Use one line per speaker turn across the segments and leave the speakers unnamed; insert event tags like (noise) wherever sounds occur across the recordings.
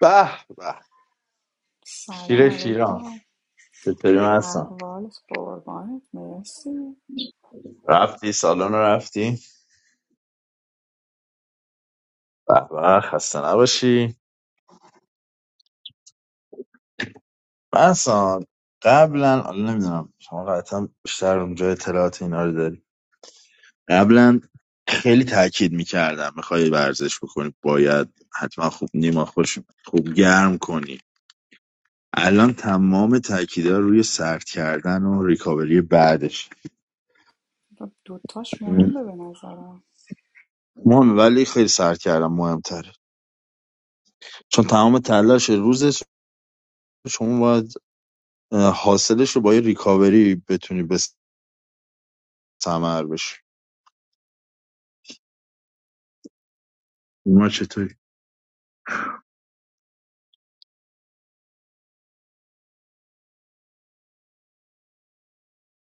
به به
Assalamu
شیر شیران
alaikum.
چطوری محسن
Ahwal, sport, man, Messi.
رفتی سالن رو رفتی به به خسته نباشی محسن قبلا حالا نمیدونم شما قطعا بیشتر اونجا اطلاعات اینا رو داری قبلا خیلی تاکید میکردم میخوای ورزش بکنی باید حتما خوب نیما خوش خوب گرم کنی الان تمام تاکیدها روی سرد کردن و ریکاوری بعدش
That two things important to me.
مهم ولی خیلی سرد کردن مهمتره چون تمام تلاش روزش شما باید حاصلش رو با یه ریکاوری بتونی به ثمر بشه ما چطوری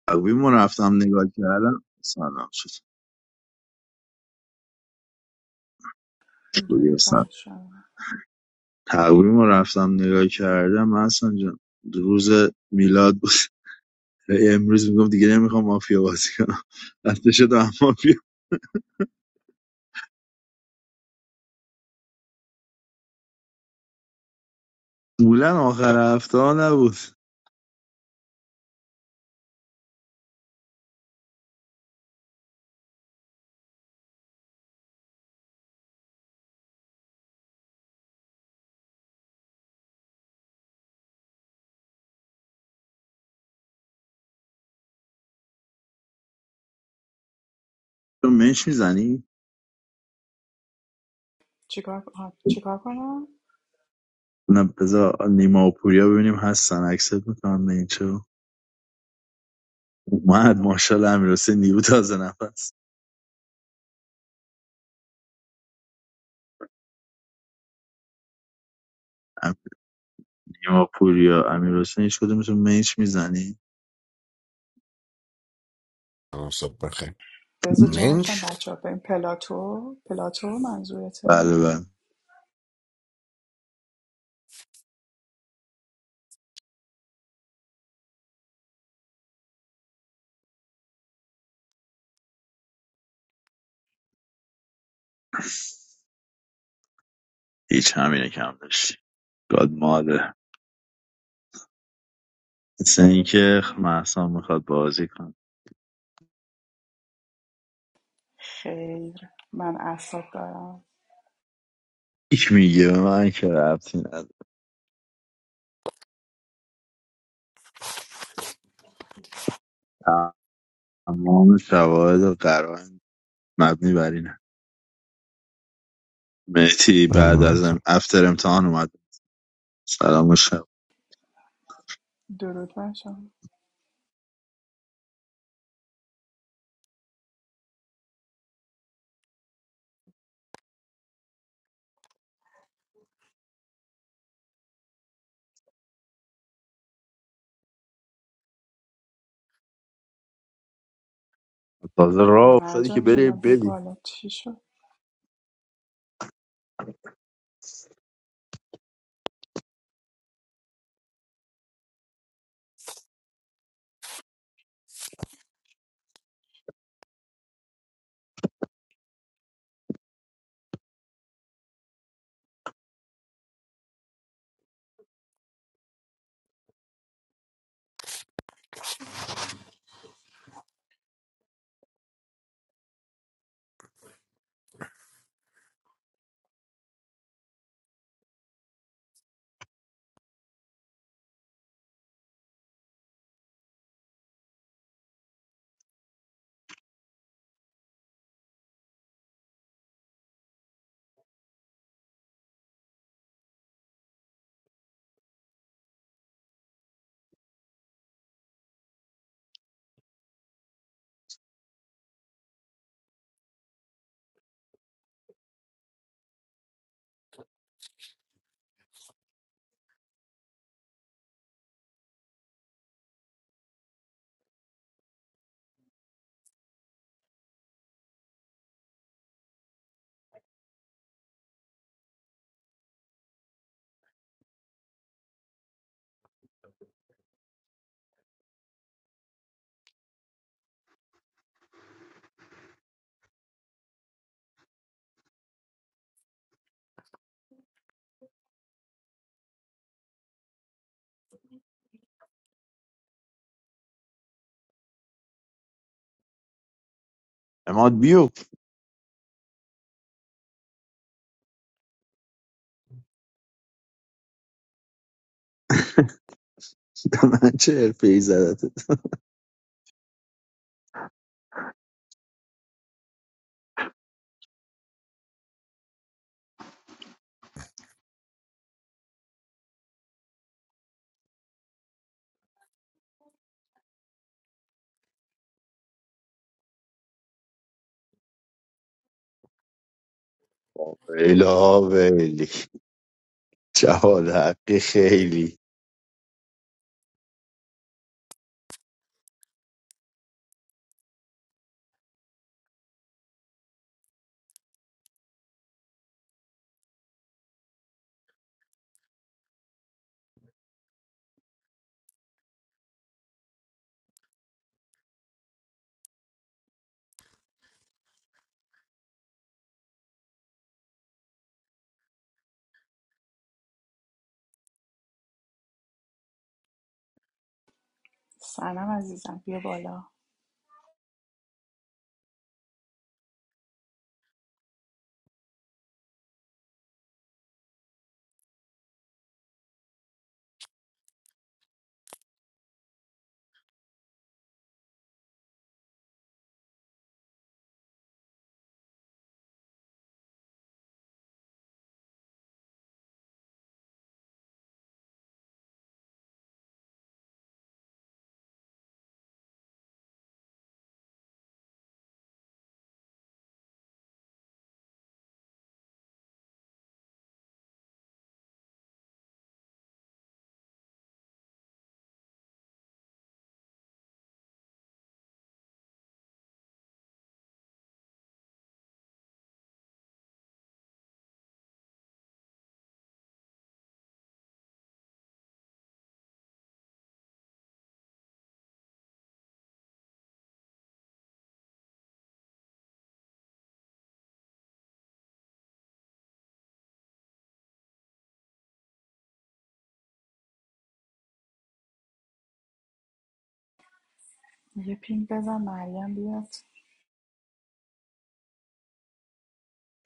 تقویم رو رفتم نگاه کردم سلام
Two
چطوری هستن
different things.
تقویم رو رفتم نگاه کردم محسن جان روز میلاد بود امروز میگم دیگه نمیخوام مافیا بازی کنم رفته شد مافیا مولا آخر هفته ها نبود تو منش میزنی؟
What What do you do?
نه بذار نیما و پوریا ببینیم هستن اکسپت میکنم به این چه اومد ماشاءالله امیر حسین نیو تازه نفس نیما پوریا امیرحسین هیچ کدومتون میچ میزنی؟
I visit gym when
Mensch
I'm a child. I'm doing pilates. Pilates, manzuye te
بله بله هیچ همینه کم داشتی گاد ماده مثل اینکه محسا میخواد بازی کن
khayr. I'm
هیچ میگه به من که ربطی نداره تمام شواهد و قرائن مبنی بر اینه مهتی بعد
سلام
از ام...
سلام
افتر امتحان اومد سلام و شب
doing it. I'm
تازه راه افتادی که
doing it.
بری
I'm
بدی اماد بیفت من (laughs) چه حرفه ای زدت ویلا ویلی جواد حقی خیلی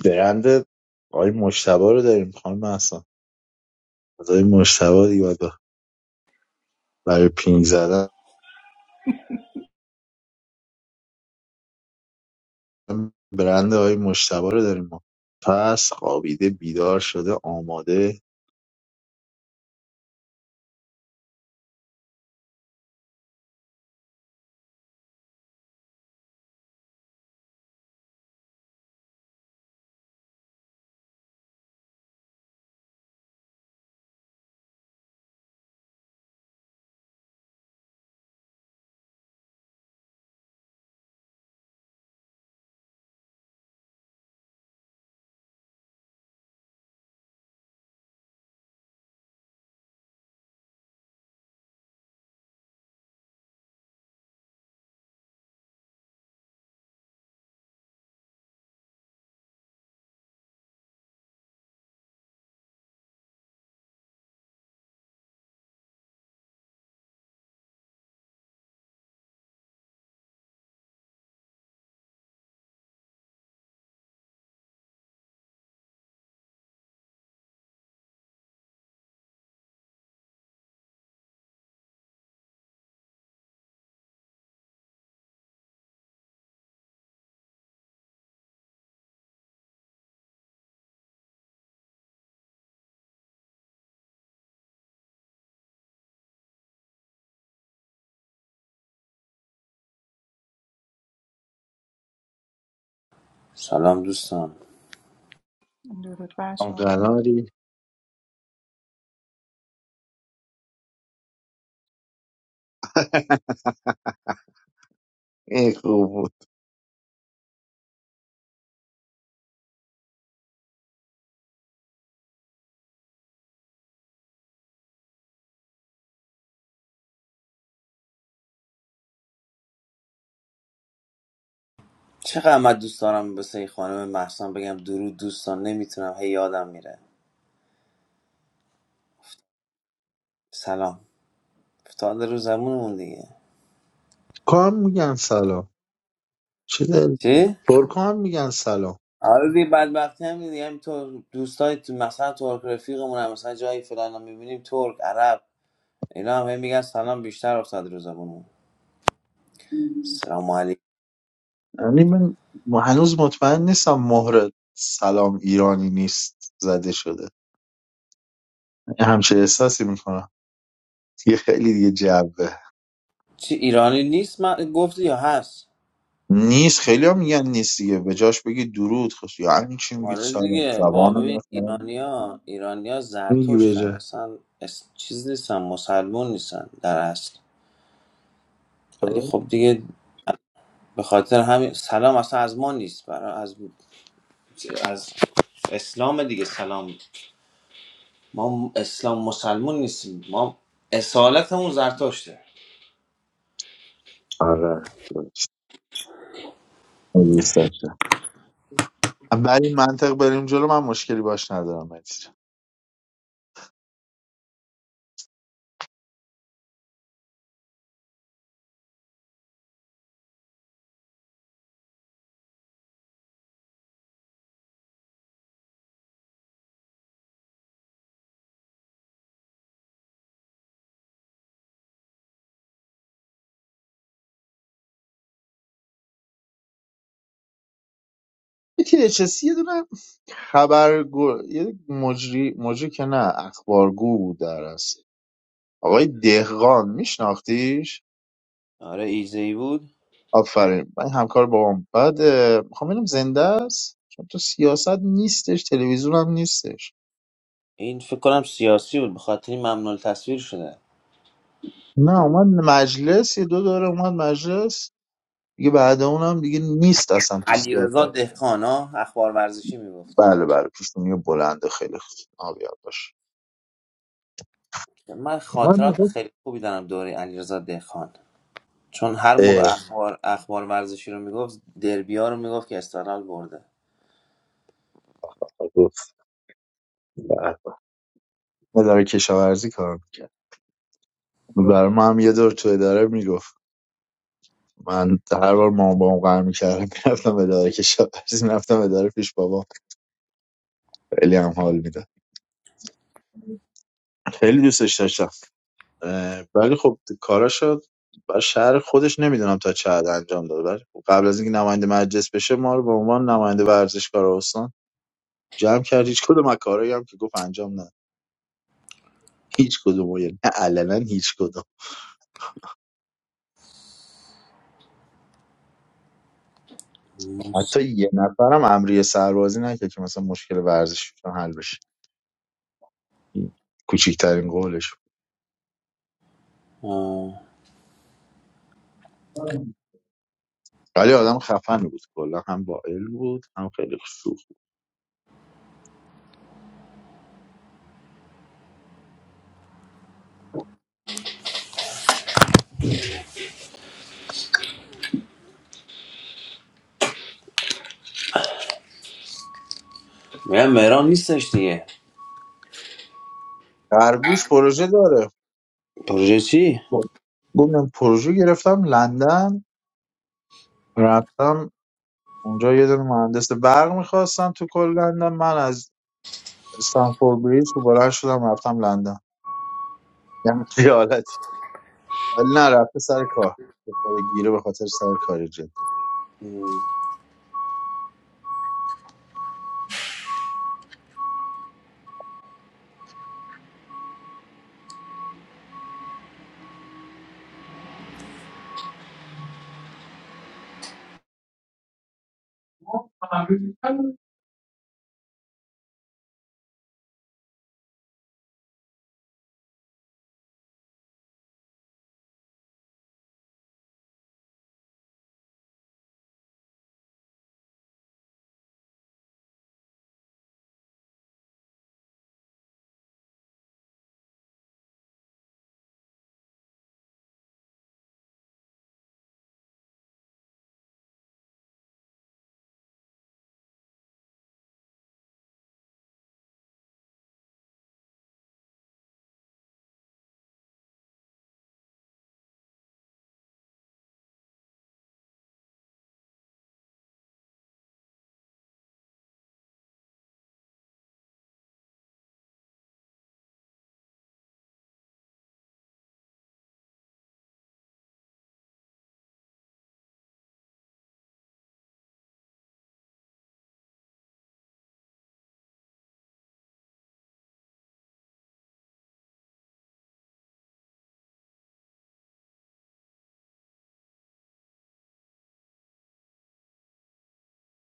برند آقای مشتبه رو داریم خانم اصلا از آقای مشتبه دیگه باید برای پینگ زدن برند آقای مشتبه رو داریم ما پس خوابیده بیدار شده آماده
سلام دوستان
هم قناری این خوب بود
چقدر من دوست دارم واسه خانم محسن بگم درود دوستان نمیتونم هی یادم میره سلام افتاده رو زبونمون دیگه
کام میگن سلام چه دل
چی؟
ترکا هم میگن سلام
آره دیگه بدبختی هم دیگه همینطور دوستای تو مثلا ترک رفیقمون هم مثلا جایی فلان هم میبینیم ترک عرب اینا هم هی میگن سلام بیشتر افتاد رو زبونمون سلام علیکم
یعنی من م- هنوز مطمئن نیستم مهر سلام ایرانی نیست زده شده یه همچه احساسی میکنم دیگه خیلی دیگه جبه
چی ایرانی نیست من گفتی یا هست
نیست خیلی هم میگن نیست دیگه به جاش بگی درود خوش یعنی چی میگید
آره
سلام
دیگه با
زبان
ببین
مثلا
ایرانیا ایرانیا
میگی به
زرتشتن
جا
اصلا اس- چیز نیستن مسلمون نیستن در اصل ولی
تو؟
خب دیگه به خاطر همین سلام اصلا از ما نیست برای از از اسلام دیگه سلام ما اسلام مسلمون نیستیم ما اصالتمون زرتشته
آره درست. من دوست داشتم ولی منطق بریم جلو من مشکلی باش ندارم متین THS یه دونه خبرگو یه مجری مجری که نه اخبارگو بود در اصل آقای دهقان میشناختیش؟
آره ایزی بود
آفرین من همکار بابام بعد اه، میخوام ببینم زنده است چون تو سیاست نیستش تلویزیون هم نیستش
این فکر کنم سیاسی بود به خاطر این ممنوع تصویر شده
نه اومد مجلس یه دو دوره اومد مجلس دیگه بعد اونم دیگه نیست اصلا تو سیاست
علیرضا دهقان ها اخبار ورزشی میگفت
بله بله پیشونی بلنده خیلی خوب آبیاد باش
من
اومد
خاطرات
میگفت
خیلی خوبی دارم دوره علیرضا دهقان چون هر موقع
اه،
اخبار اخبار ورزشی رو میگفت دربیا رو میگفت که استقلال برده
گفت بله. اداره کشاورزی کار میکرد برای ما هم یه دور تو اداره میگفت من هر بار مامان بابام قهر میکردم میرفتم اداره کشاورزی میرفتم اداره پیش بابام خیلی هم حال میده خیلی دوستش داشتم اه، ولی خب کاراشو بر شهر خودش نمیدونم تا چه حد انجام داد ولی خب قبل از اینکه نماینده مجلس بشه ما رو به عنوان نماینده ورزشکار استان جمع کرد هیچ کدوم از کارهایی هم که گفت انجام نه هیچ کدوم و یعنی نه علنا هیچ کدوم حتی یه نفرم امری سربازی نکرد که مثلا مشکل ورزش حل بشه این کوچیکترین قولش
آه.
ولی آدم خفن بود کلا هم با علم بود هم خیلی سوخت بود.
میگم مهران نیستش دیگه
خرگوش پروژه داره
پروژه چی؟
گفتم پروژه گرفتم لندن رفتم اونجا یه دونه مهندس برق میخواستم تو کل لندن من از استنفورد بریج رو بلند شدم رفتم لندن یعنی یه حالتی ولی نه رفته سر کار به خدا گیره به خاطر سر کاری جدی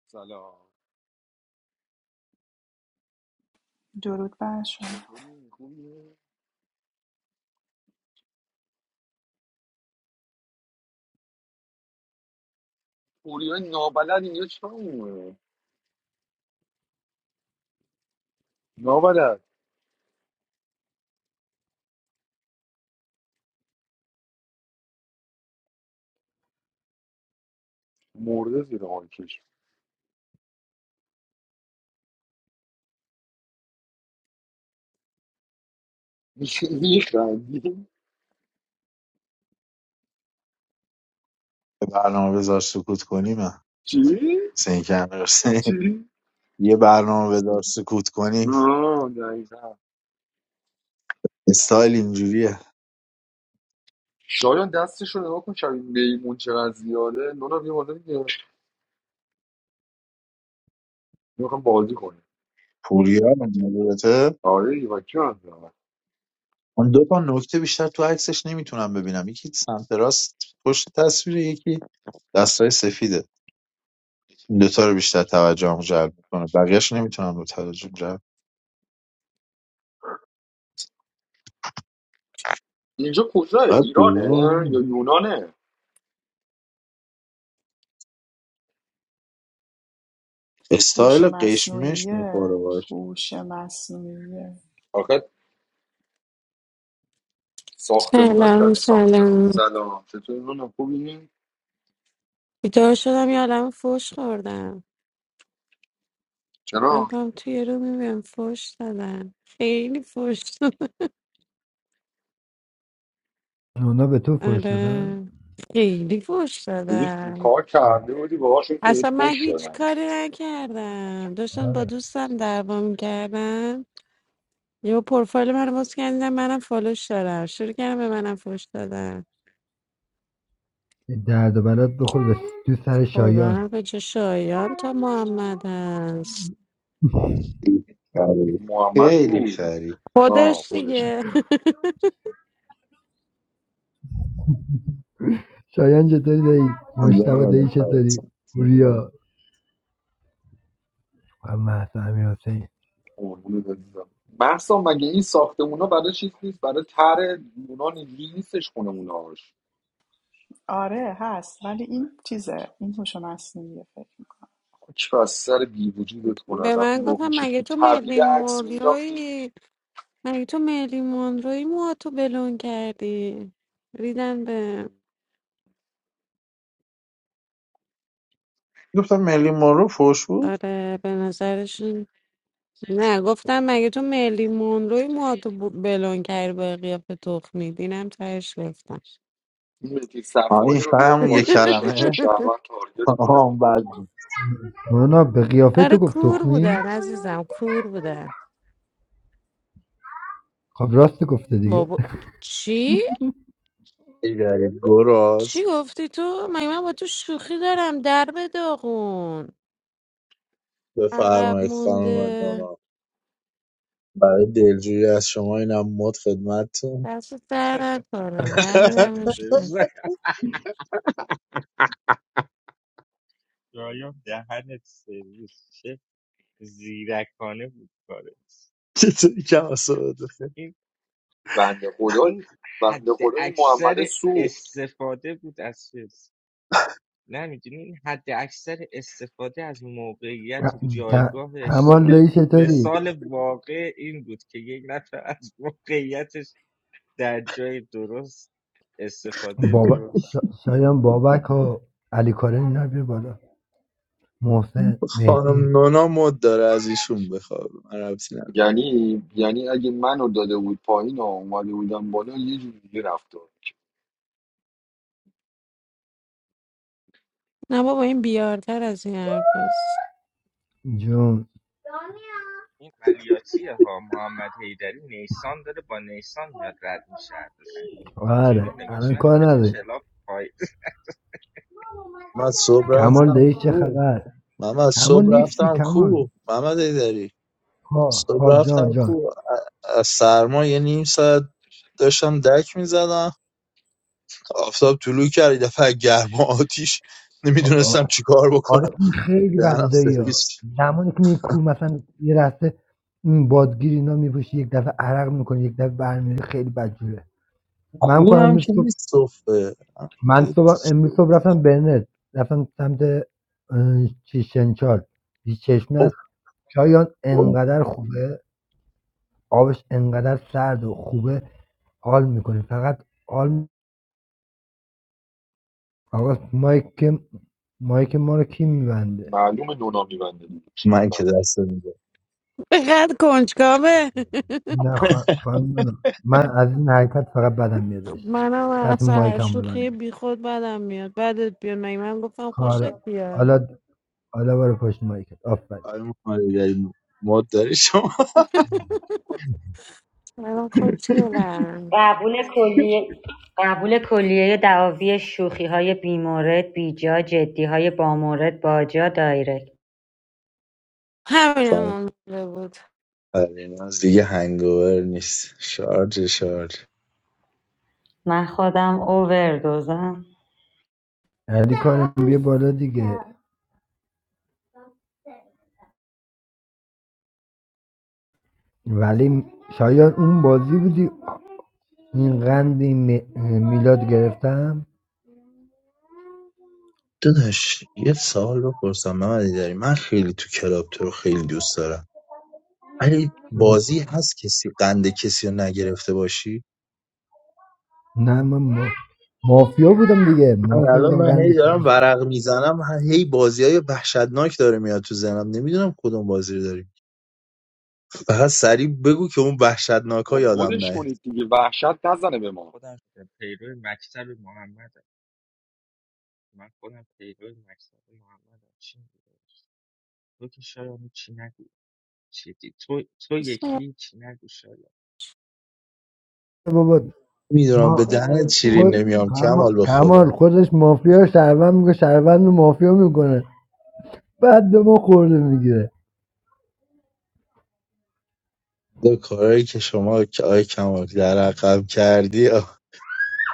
سلام
doing it. I'm doing it.
چطوری خوبی پوریا نابلد اینجا چیکار می‌کنه؟ نابلد مرده زیر آنکش میخندی
یه برنامه بذار سکوت کنیم
(laughs) چی؟
مثل اینکه همه راسته.
چی؟
یه برنامه بذار سکوت کنیم
آه دقیقا
استایل اینجوریه
شایان دستش رو نگاه کن شبیه میمون چقدر زیاده نونا بیا بالا دیگه میخوام بازی کنیم
پوریا البته
آره ایوکی هم دارم.
اون دو تا نکته بیشتر تو عکسش نمیتونم ببینم یکی سمت راست پشت تصویر یکی دستای سفیده این دوتا رو بیشتر توجهم جلب میکنه بقیهش نمیتونم به توجهم جلب
اینجا کجاه
قد
ایرانه
بزرگ
یا
نیست.
یونانه
استایل
Husha
قشمش
masnuiye,
میخوره باش
husha masnuiye.
آخه ساختمونا
سلام
شبیه ساخت
سلام
سلام چطور نونا خوبی؟
بیدار شدم یه عالم فوش خوردم
چرا؟
رفتم توی رو میبینم فوش دادن خیلی فوش دادن
اونا به تو فحش دادن؟
آره خیلی فوش
دیروز
دادن
کار کرده بودی باهاشون که بهت
اصلا من
پشت
هیچ
شدن.
کاری نکردم داشتم با
آره
دوستم دعوا میکردم یه پروفایل من رو باز کردم منم فالوش دارم شروع کردم به منم فوش دادن
این درد و بلات بخور به تو سر شایان
خدا به چه شایان تا محمد هست
خری.
محمد
خیلی
بود
خری
آه
خودش
خودش
دیگه (laughs)
شایان چطوری دایی؟ مشتبه دایی چطوری؟ پوریا و مهسا امیر حسین
قربونه بزنم محسا مگه این ساختمونا برای چیز نیست برای تر اونا نیستش خونموناش
Aree, has. But what is this? This husha masnuiye?
که از سر بی وجودت کنن
به
وقتی
من
گم
گفتم
میشه
مگه
تو
تو
طویله
مرلین
عکس مینداختی
مونروی مگه تو مرلین مونروی موهاتو بلون کردی ریدن به
گفتم ملی مارو فوش بود
آره به نظرشون نه گفتم مگه تو مرلین مونروی موهاتو ب- بلون کردی با قیافه تخمی دینم تهش گفتم
این متی
آه، این
صفایی رو بیار
فهم یه
بالا یک شیشه
کلمه
(laughs)
شهروند تارگت
آه،
کنه
اون بد بود.
مونا به قیافه
آره
تو گفت
کور
تخمی؟
بودن عزیزم کور بودن
خب راست گفته دیگه
بابا چی؟
ای داره.
چی
گراز
گفتی تو؟ مگه من
سلام.
با تو شوخی دارم در به داغون عقب
بفرمایید خانم
مونده
دانا برای دلجویی از شما اینم مد خدمتتون
دست در نکنم هر
(laughs)
دهنت سرویس
میدم
نکن. شایان دهنت سرویس چه زیرکانه بود کارت
چطوری کم آسوده؟
این
بنده خدا
این
بنده
حد
خدا این محمد
اکثر
سوخت
استفاده بود از چیز نه میدونی این حد اکثر استفاده از موقعیت و
ت-
جایگاه
کمال
اجتماعی
دایی
بود.
چطوری؟
مثال واقع این بود که یک نفر از موقعیتش در جای درست استفاده
بابا...
درست
شایان بابک و علی کارن اینا رو بالا محسن
خانم
مهدی
نونا مد داره از ایشون بخواب من ربطی ندارم
یعنی یعنی اگه منو داده بود پایین و اومده بودم بالا یه جوری رفتار
نه بابا این بیارتر از این حرف هست
جون
این عملیاتیه ها محمد حیدری نیسان داره با نیسان میاد رد میشه ازشون اینجوری
آره
نگاش
الان
نکن
کار
تو
نداری
کلاب پای
من از صبح
کمال
رفتم
دایی چه
کو
خبر؟
من از
کمان
صبح
نیستی
رفتم کو
کمان
محمد ایدری
ها
صبح
ها جان
رفتم
جان
کو از سرما یه نیم ساعت داشتم دک میزدم آفتاب طلوع کرد یه دفعه گرما آتیش نمیدونستم
آ-
چیکار
آره
بکنم
این خیلی بده
دهنم
دایی ها
سرویس
زمانی که میری کو مثلا یه رسته این بادگیر اینا میپوشی یک دفعه عرق میکنه یک دفعه برمیری خیلی بدجوره من
کو
کنم
هم
امروز
که
صبح
نیست صبح
من صبح امروز صبح رفتم برنت رفتم سمت اه، چی شنچال یه چشمه است چایان انقدر خوبه آبش انقدر سرد و خوبه حال میکنه فقط حال آقا مایک مایک ما رو کی میبنده
معلومه نونا میبنده دیگه چه
من که
بس
دست میده
بقدر کنجکاوه (laughs)
نه خوا- خانم نونو. من از این حرکت فقط بدم میادش
منم
کسی
از هر
مایکم
شوخی
ببنده
بی خود بدم میاد بدت بیاد مگه من گفتم خوشت
حالا
بیاد
حالا حالا برو پشت مایکت آفرین
آیا محمد ایدری مد داری شما
منم خوشگلم
قبول کلیهی دعاوی شوخیهای بیمورد بیجا جدیهای بامورد باجا دایرکت
همین هم
خانم
اون موقع بود
فریناز دیگه هنگوور نیست شارژ شارژ
من خودم اووردوزم
علی کارم بیا بالا دیگه ولی شاید اون بازی بودی این قندی می- میلاد گرفتم
داداش یه سوال بپرسم محمدی داری من خیلی تو کلاب تو رو خیلی دوست دارم ولی
بهش-
بازی هست کسی قند کسی رو نگرفته باشی
نه من ما... مافیا بودم دیگه
من
مافیا
الان
بودم
من هی
قندش
دارم
گرفتم
ورق میزنم هی بازی های وحشتناک داره میاد تو ذهنم نمیدونم کدوم بازی رو داری فقط سریع بگو که اون وحشتناک ها
خب
یادم
مدش
نه
کنید دیگه وحشت نزنه به ما
خودم (laughs) شده. پیرو مکتب محمدم من خودم پیرو مکتب محمدم چی میگه تو که شاید چی نگو چی دی- تو, تو
بسم الله
یکی چی نگو شاید
بابا
میدونم به
ما
الرحمن
دهنت شیرین
خود
الرحیم.
نمیام
کما-
کمال به خدا
کمال خودش مافیا شهروند میگه شهروند رو مافیا میکنه بعد به ما خورده میگیره
دو کارهایی که شما که آی کمال در عقب کردی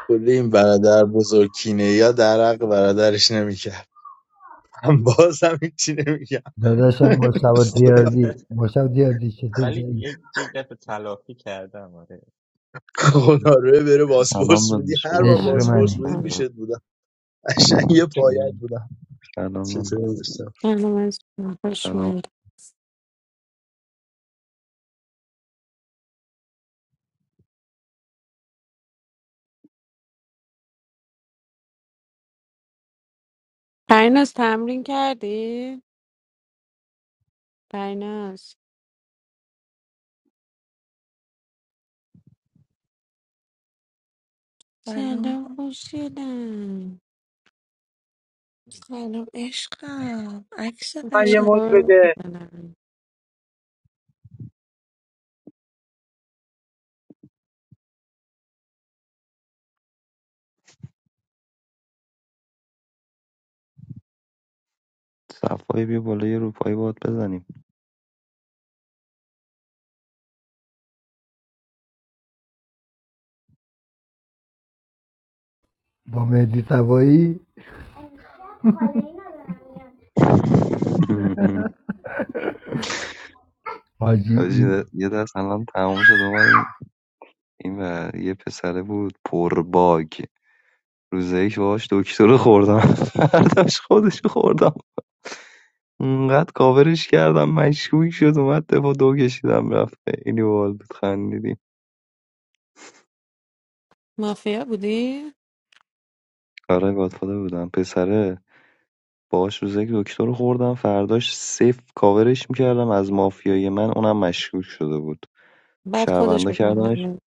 کلی این برادر بزرگ کینه یا درق برادرش نمیکرد من باز هم هیچی نمیگم
داداشم
(laughs)
مشتبه
خدا
تیاردی
(laughs)
مشتبه تیاردی چطوری
ولی
داری
یک یک دفعه تلافی کردم آره
خدا روی بره
سلام
باسپورس بودی
داداش
هر بار
قربونت
عشق
سلام
باسپورس
منی
بودی
سلام
پیشت بودم قشنگ یه
چی؟
پایت بودم
سلام داداش.
چطوری داشتم
سلام عزیزم. خوش
سلام
اومدی. پریناز تمرین کردی؟ پریناز سلام
سلام
خوشگلم
سلام عشقم عکس
من یه
قشنگ
مد بده
صفایی بیا بالا یه روپایی باد بزنیم
با مهدی تبایی
(laughs)
حاجی
حاجی،
این
یه دست الان تمام شد اومدیم این و یه پسره بود پر باگ روز یک باش دکتر رو خوردم (laughs) فرداش خودش رو خوردم اونقدر کاورش کردم مشکوک شد اومد دفعه دو کشیدم رفت اینی باحال بود خندیدیم
مافیا بودی؟
آره گادفادر بودم پسره باهاشون دکتر خوردم فرداش صفر کاورش میکردم از مافیای من اونم مشکوک شده بود
بعد خودش
شهروندا کردنش
بکنم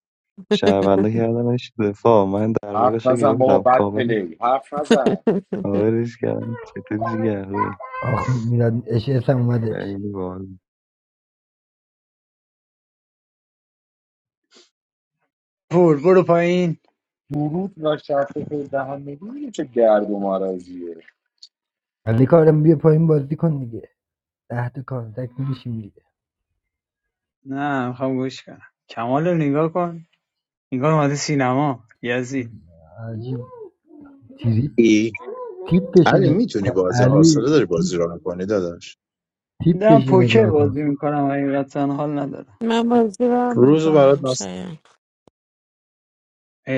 شهروندا کردنش دفاع من
حرف
دربارهش رو
نزن بابا
گرفتم
بد
کاور
پلی حرف نزن
(laughs)
کاورش کردم چطوری جیگر روی
آخ میراد اشعس هم اومدش
خیلی باحال
پور برو پایین
درود و شرط خیلی دهن میدونی چه گرد و مرزیه
علی کارم بیا پایین بازی کن دیگه ده تا کانتک میشیم دیگه
نه میخوام گوش کنم کمال رو نگاه کن نگاه اومده سینما یزید
حاجی تیری
ای
تیپ
علی
بشه
میتونی بازی حوصله
علی
داری بازی
تیپ
رو کنی داداش
تیپ
دارم
بشه
پوکر
نگاه کن
بازی میکنم حقیقتا حال ندارم
من بازی رو هم
روز برات
میکنم
نست
شاید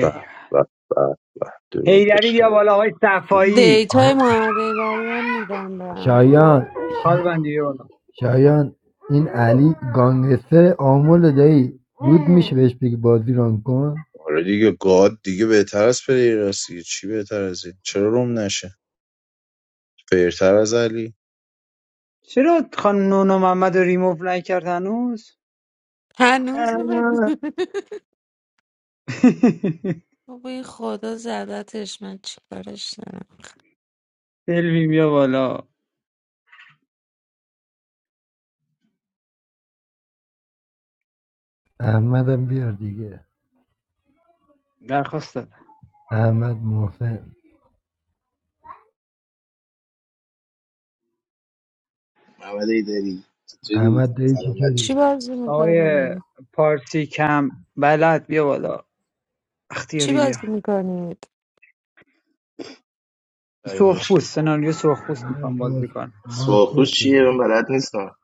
به به به به درود به
هیدری بیا
شهر
بالا های صفایی
دیتای های محمد ایدری هم میدم به همتون
شایان
خال بندی بیا بالا
شایان این علی گانگستر آمول دایی بود میشه بهش بگی بازی ران کن
آره دیگه گاد دیگه بهتر از پلیراست دیگه چی بهتر از این چرا روم نشه بهتر از علی
چرا خانم نونا محمد رو ریموف نکرد هنوز
هنوز رو بگو
(laughs)
(laughs) بابا این خدا زدتش من چیکارش دارم
سلوی بیا بالا
احمدم بیار دیگه
درخواست دادم
احمد محسن
محمد ایدری چطوری
احمد دایی
سلام بچه
چی
چطوری
بازی
آقای
میکنیم؟
پارسی کم بلد بیا بالا
چی
اختیاری بیا
بازی میکنید؟
های مشت
سرخپوست سناریو سرخپوست
نه،
میخوام
باز
بازی کنم
بازپرس
سرخوش چیه
بده
من بلد نیستم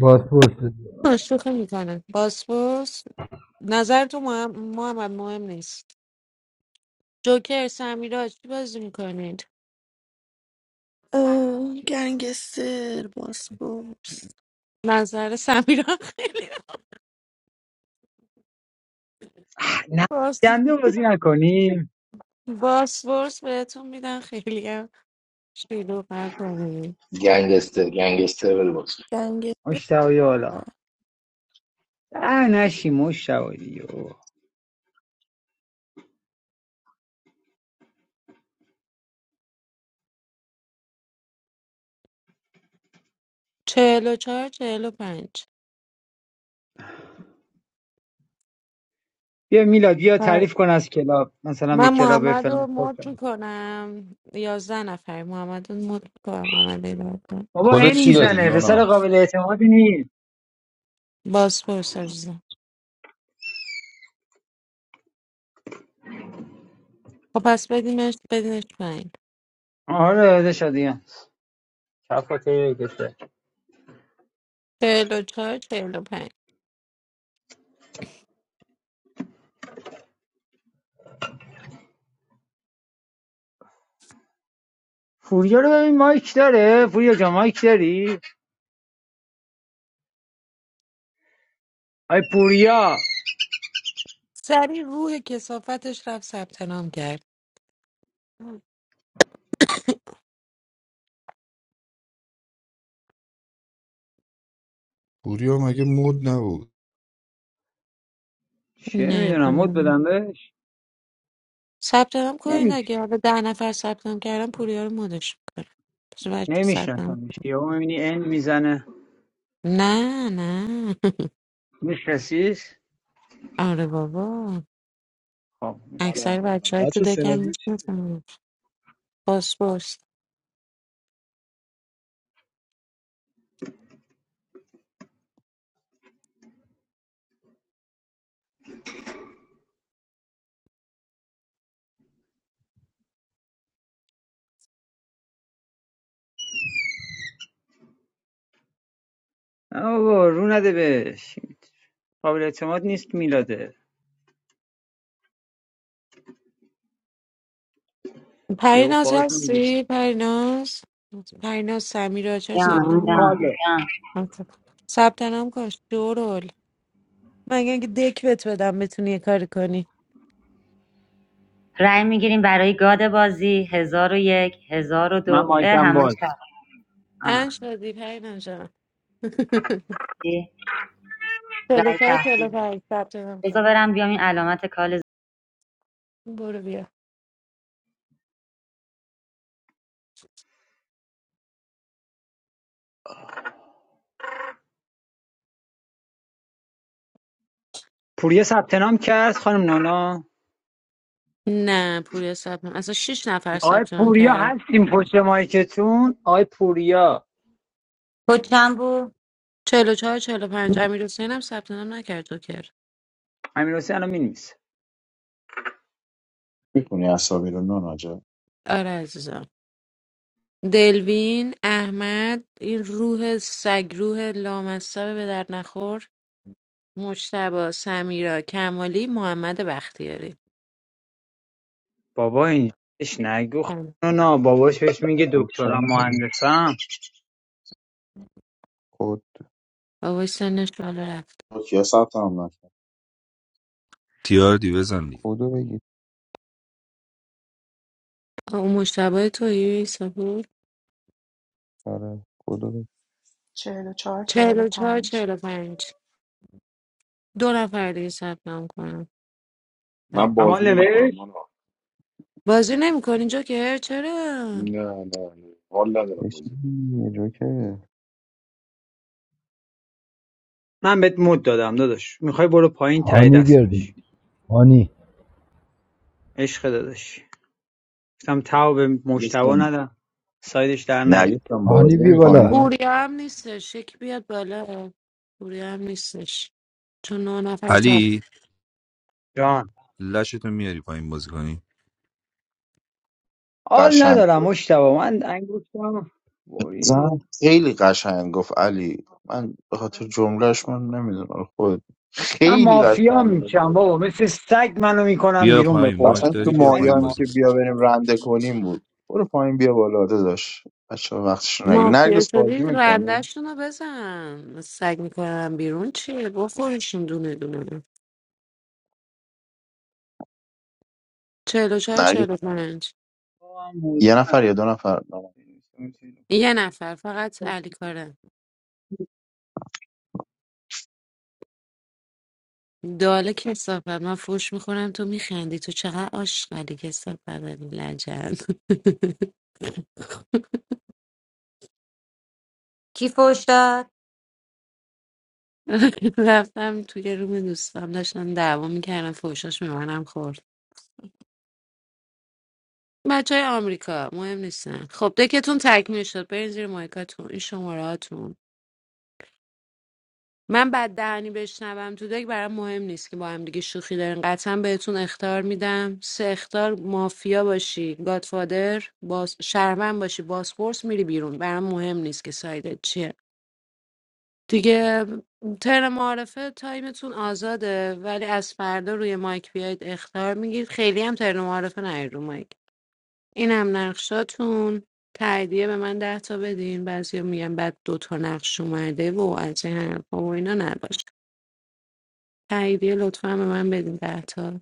بازپرس بده
شوخی میکنه باسپورس نظر تو مهم... محمد مهم نیست جوکر سمیرا چی بازی میکنید؟
اه، گنگستر باسپورس
نظر سمیرا خیلی
نماینده بازی نکنیم
باسپورس بهتون میدن خیلی هم شلوغ نکنیم
گنگستر گنگستر بره باز
گنگستر
مشتاقی حالا اه نشی مشتاقی دیگه بابا.
چهل و چهار چهل و پنج
بیا میلاد بیا
بله.
تعریف کن از کلاب مثلا به
من
کلاب
محمد رو
فلان خورد
مد میکنم یازده نفر محمد رو مد میکنم محمد ایدارتون
بابا
کد
این
چی دادی
میزنه پسر
نونا
قابل اعتمادی نیست
باسپورس عزیزم خب پس بدیمش بدینش پایین
آره ده شدیم کفاته بکشه
چهل و چهار چهل و پنج
پوریا رو ببین مایک داره پوریا جا مایک داری آی پوریا
سریع روح کسافتش رفت ثبت نام کرد
پوریا مگه مود نبود
چه
نه
میدونم مد
پایین
بدم بهش
ثبت نام کنید
نمی
اگه حالا ده نفر ثبت نام کردن پوریا رو مدش میکنم
نمیشناسمش یهو میبینی این میزنه
نه نه (laughs)
میشناسیش
آره بابا
خب
سلام
اکثر
میشناسی
سلام
بچه های تو
بچه
دکم
سناریو چیه
میشناسن پاسپورت
نه بابا رو نده بهش قابل اعتماد نیست میلاده یهو
پریناز
فاز میگه
هستی پریناز پریناز سمیر آچار ثبت
جان
نام
جان
کن
روکاله
جان
آخه. ثبت نام کن شورول مگه اینکه دک بهت بدم بتونی یه کاری کنی
رای میگیریم برای گاد بازی هزار و یک هزار و
من
دو اه،
مایکم
همش
باز
تخت آه
ان شدی پریناز جان (laughs)
دی-
چلو
رأی
چهار
تخفیه.
چلو پنج ثبت نام
بذار
کن
برم بیام این علامت کال ز-
برو بیا
پوریا ثبت نام کرد خانم نانا
نه پوریا ثبت نام اصلا شیش نفر
آقای
ثبت نام
پوریا
کردن
هستیم پشت مایکتون آقای پوریا
کد چند بود
چلو چهار چلو پنج امیر حسین هم ثبت نام نکرد جوکر
امیر حسین الان مینویسه
میکنی اصابی رو ناناجا
آره عزیزم دلوین احمد این روح سگ روح لامصب به در نخور مجتبا سمیرا کمالی محمد بختیاری
بابا اینش نگو خانم
هم.
نانا باباش بهش میگه
کد
دکترم
چند داره
مهندسم
کد
بابای سنش بالا رفت
با کیا ثبت نام نکرد
تیاردی بزن دیگه
کدو بگید
آه، اون مجتبا توی سپور
آره کدو بگید
Forty-four,
چهل و چهار
forty-five.
چهل و پنج دو نفر دیگه ثبت نام کنم
من
اما
بازی نمیکنم
نوشت
من
بازی نمیکنی اینجا که چرا
نه نه نه حال ندارم بازی
بشین جوکر
من بهت مد دادم داداش میخوای برو پایین تای
هانی
دست
بیار
بشی
دیگه هانی
عشق داداش گفتم تاو به مشتبه
گفتم
ندم سایدش در نیاد
نگفتم
هانی
بازی
بیا
خب
بالا
میکنی
پوریا هم نیستش یکی بیاد بالا پوریا هم نیستش چون نه نفر
علی
جان
لشتو میاری پایین بازی کنی
حال
قشنگ
ندارم
گفت
مشتبه من انگشتم بری
زن خیلی قشنگ گفت علی من به خاطر جملهش من نمیدونم خود
من
خیلی
مافیا
قشنگ
میشم
گفت
بابا مثل سگ منو میکنم
بیا
بیرون به
پایین
قرآن
مایک
اصلا تو
داری بیا پایین
مطمئنم
مایان
بازی
که
کنی
مافیا
بیا بریم رنده کنیم بود برو پایین بیا بالا آره داشت بچه وقتش رو نگیر
مافیا
نرگس بازی
شدید
میکنی
رندشون رو بزن سگ میکنم بیرون چیه بخورشون دونه دونه چهل و چهار
نرگس
چهل و پنج
بابا من موضوع
یه نفر یا
ندارم.
دو نفر
یه نفر فقط علی کاره داله کسافت من فوش میخورم تو میخندی تو چقدر عاشقی کسافت لجن
کی فوش داد
(laughs) رفتم توی روم دوستم داشتن دعوا میکردن فوشاش میمنم خورد بچه های آمریکا مهم نیستن خب دکتون تکمیل شد برین زیر مایکاتون این شماره هاتون من بد دهنی بشنوم تو دک برام مهم نیست که با هم دیگه شوخی دارین قطعا بهتون اختار میدم سه اختار مافیا باشی گادفادر باز شهروند باشی بازپرس میری بیرون برام مهم نیست که سایدت چیه دیگه تر معارفه تایمتون آزاده ولی از فردا روی مایک بیاید اختار میگیرید خیلی هم تر معارفه نرید رو مایک اینم نقشاتون تاییدیه به من ده تا بدین بعضیا میگن بعد دو تا نقش اومده و از این حرفا و اینا نباشه تاییدیه لطفا به من بدین ده تا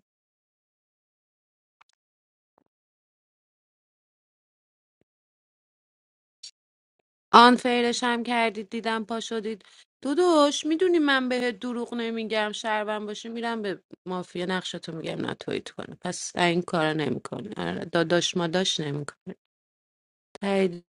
آن فیرش هم کردید دیدم پا شدید داداش میدونی من بهت دروغ نمیگم شربم باشه میرم به مافیا نقشتو میگم ناتویت کنه پس این کارا نمیکنه آره، داداش ماداش نمیکنه تاییدیه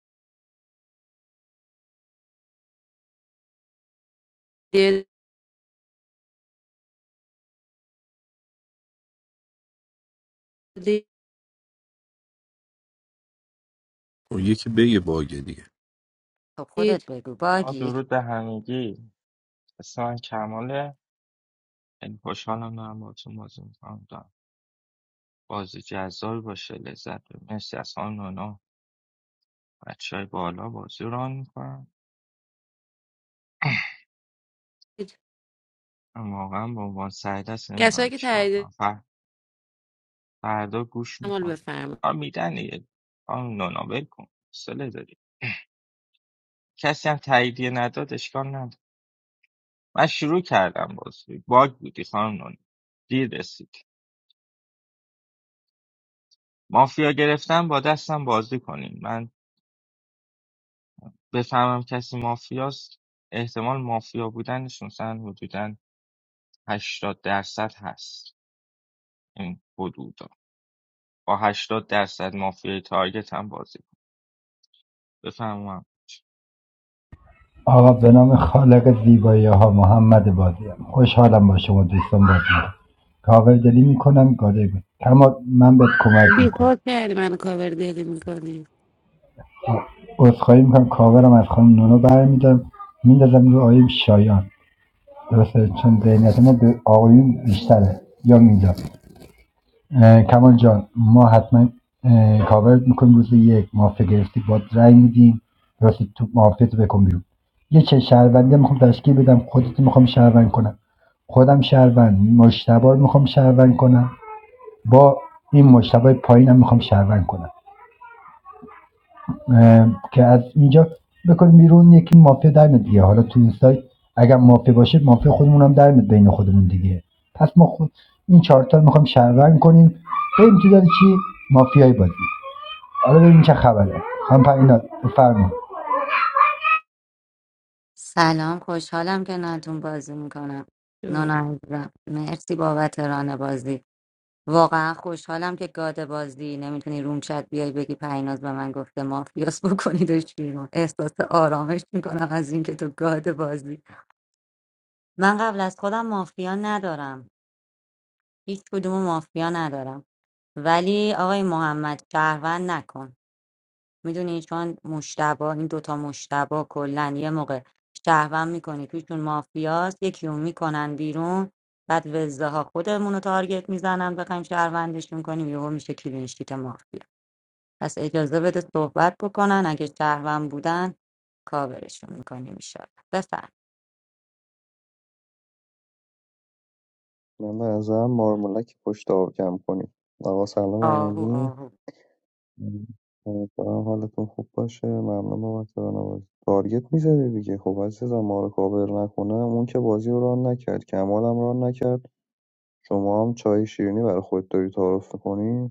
خب یکی بگه باگه دیگه
خب خودت
دید
بگو
آ
باگی
درود به همگی اسم من کماله خیلی خوشحالم دارم با تو موضوع بازی جذابی باشه لذت ببریم مرسی از خانم نونا بچه های بالا بازی رو ران میکنن واقعا به عنوان سعید است
کسایی
نمیدونم
که
چیکار
تاییدیه
کنم فر... فردا گوش
عمل
میکنم
بفرما
آ میدن دیگه خانم نونا ول کن حوصله داری کسی هم تاییدیه نداد اشکال نداره من شروع کردم بازی باگ بودی خانم نونا دیر رسید مافیا گرفتن با دستم بازی کنیم من بفهمم کسی مافیاست احتمال مافیا بودنشون مثلا حدودا 80 درصد هست این حدودا با 80 درصد مافیای تارگت هم بازی کن بفهمم
آقا به نام خالق زیبایی ها محمد بازی خوشحالم با شما دوستان بازی می‌کنم. کاور دلی میکنم گاده بود تمام من بهت کمک میکنم
بیخود کردی من کاور دلی میکنی
عذرخواهی میکنم کاورم از خانم نونو برمیدارم میندازم رو آیب شایان درسته چون ذهنیت ما به آقایون بیشتره یا میندازم اه، کمال جان ما حتما اه، کاورت میکنیم روز یک مافیا گرفتی با رای میدیم راستی تو مافیا تو بکن بیرون یه چه شهروندی میخوام تشکیل بدم خودت میخوام شهروند کنم خودم شهروند مشتبه رو میخوام شهروند کنم با این مشتبه پایینم میخوام شهروند کنم که از اینجا بکنیم بیرون یکی مافیا در دیگه حالا تو این سایت اگر مافیا باشه مافیا خودمون هم در میاد بین خودمون دیگه پس ما خود این چهار تا رو میخوایم شهروند کنیم بریم تو داری چی مافیای بازی حالا ببین چه خبره هم پرینا بفرما
سلام خوشحالم که نتون بازی میکنم نونا عزیزم مرسی بابت ران بازی واقعا خوشحالم که گاد بازی نمیتونی روم چت بیای بگی پیناز به من گفته مافیاس بکنیدش بیرون احساس آرامش میکنم از اینکه تو گاد بازی من قبل از خودم مافیا ندارم هیچ کدوم مافیا ندارم ولی آقای محمد شهروند نکن میدونی چون مشتبا این دوتا مشتبا کلا یه موقع شهروند میکنی تویشون مافیاست یکی رو میکنن بیرون بعد وزده ها خودمون رو تارگت میزنن بخوایم شهروندشون کنیم یهو میشه کلینشیت مافیا پس اجازه بده صحبت بکنن اگه شهروند بودن کاورشون میکنیم ایشالا بفهم
من به نظرم مارمولک پشت آب کم کنید آقا سلام
آهو
همگی
آهو
امیدوارم حالتون خوب باشه ممنون بابت بازی تارگت میزدی دیگه خب عزیزم ما رو کاور نکنم اون که بازی رو ران نکرد کمال هم ران نکرد شما هم چای شیرینی برای خود داری تعارف میکنی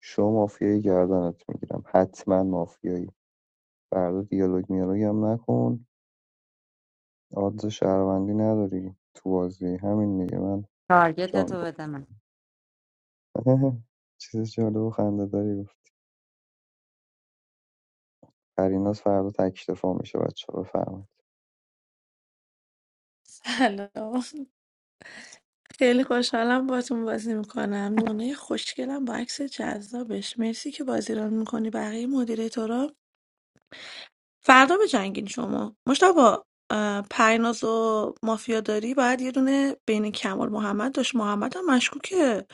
شما مافیایی گردنت میگیرم حتما مافیایی فردا دیالوگ میالوگ هم نکن آدز شهروندی نداری تو بازی همین میگه من
تارگت
جان
تو
رو
بده من
(laughs) چیز جالب و خنده داری گفت پریناز فردا تک دفاع میشه بچه بفرمایید
سلام خیلی خوشحالم باتون بازی میکنم نونه خوشگلم با عکس جذابش مرسی که بازی ران میکنی بقیه مدیریتورا فردا به جنگین شما مشتبا پریناز و مافیا داری باید یه دونه بین کمال محمد داشت محمد هم مشکوکه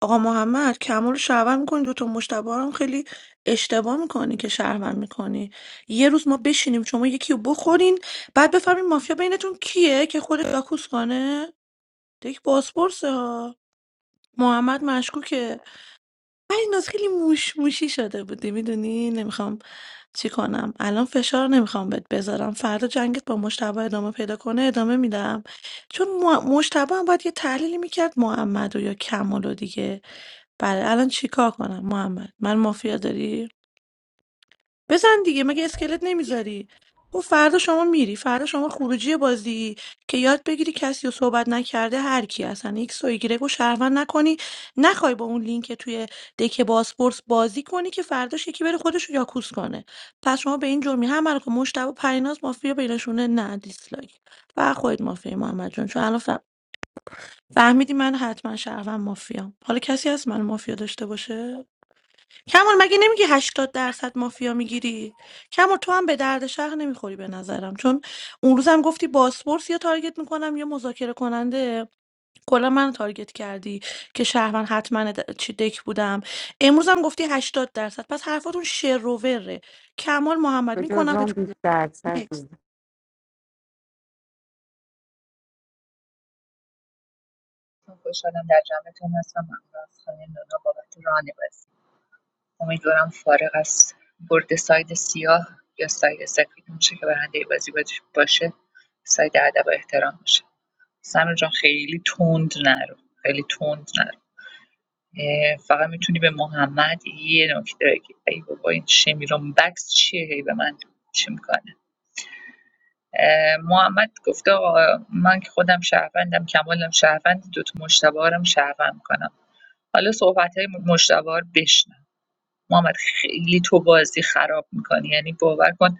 آقا محمد کمال رو شهروند میکنی دوتا مشتبه رو هم خیلی اشتباه میکنی که شهروند میکنی یه روز ما بشینیم شما یکی رو بخورین بعد بفهمین مافیا بینتون کیه که خود یاکوس کنه یک بازپرسه ها محمد مشکوکه ناز خیلی موش موشی شده بودی میدونی نمیخوام چی کنم الان فشار نمیخوام بهت بذارم فردا جنگت با مشتبه ادامه پیدا کنه ادامه میدم چون مو- مشتبه هم باید یه تحلیلی میکرد محمد و یا کمال و دیگه بله الان چیکار کنم محمد من مافیا داری بزن دیگه مگه اسکلت نمیذاری خب فردا شما میری فردا شما خروجی بازی که یاد بگیری کسی رو صحبت نکرده هر کی اصلا ایکس و ایگرگ رو شهروند نکنی نخوای با اون لینک توی دک بازپورس بازی کنی که فرداش یکی بره خودش رو یاکوس کنه پس شما به این جرمی هم رو که مشتبه و پریناز مافیا بینشونه نه دیسلایک و خودت مافیا محمد جون چون الان ف- فهمیدی من حتما شهروند مافیا حالا کسی هست من مافیا داشته باشه کمال مگه نمیگی هشتاد درصد مافیا میگیری کمال تو هم به درد شهر نمیخوری به نظرم چون اون روزم گفتی باسپورس یا تارگت میکنم یا مذاکره کننده کلا من تارگت کردی که شهرمن حتما د- چی دک بودم امروز هم گفتی 80 درصد پس حرفاتون شروره کمال محمد
به
میکنم به
جزم
تو
بیشتر سر
نکس
بود.
خوشحالم در جمعتون هستم ممنون از خانم نونا بابت ران بازی امیدوارم فارغ از برد ساید سیاه یا ساید سفید میشه که برنده بازی باش- باشه ساید ادب و احترام باشه سمیر جان خیلی تند نرو خیلی تند نرو اه، فقط میتونی به محمد یه نکته بگی ای بابا این شمیرون بکس چیه هی به من چی میکنه محمد گفته آقا من که خودم شهروندم کمالم شهروند دوتا مشتبه هارم شهروند میکنم حالا صحبت‌های مجتبی رو بشنوم محمد خیلی تو بازی خراب می‌کنی یعنی باور کن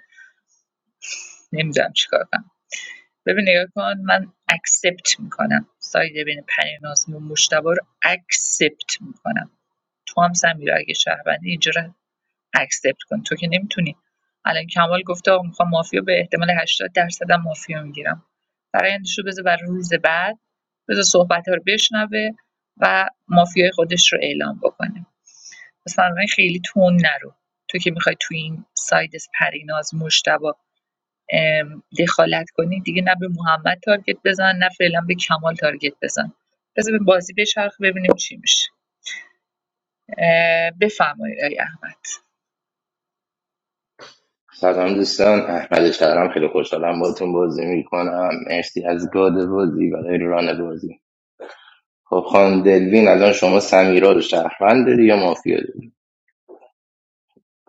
نمی‌دونم چیکار کنم ببین نگاه کن من اکسپت می‌کنم ساید بین پریناز و مجتبی رو اکسپت می‌کنم تو هم سمیرا اگه شهروندی اینجا رو اکسپت کن تو که نمیتونی الان کمال گفته آقا میخوام مافیا به احتمال 80 درصد هم مافیا میگیرم برایندش رو بذار برای روز بعد بذار صحبت رو بشنوه و مافیای خودش رو اعلام بکنه مثلا خیلی تون نرو تو که میخوای تو این ساید پریناز مشتبا ام، دخالت کنی دیگه نه به محمد تارگت بزن نه فعلا به کمال تارگت بزن بذار به بازی بچرخه ببینیم چی میشه اه، بفرمایید آقای احمد
سلام دوستان احمد شهرام خیلی خوشحالم باتون بازی میکنم مرسی از گاد بازی برای ران بازی خب خان دلوین الان شما سمیرا رو شهروند داری یا مافیا داری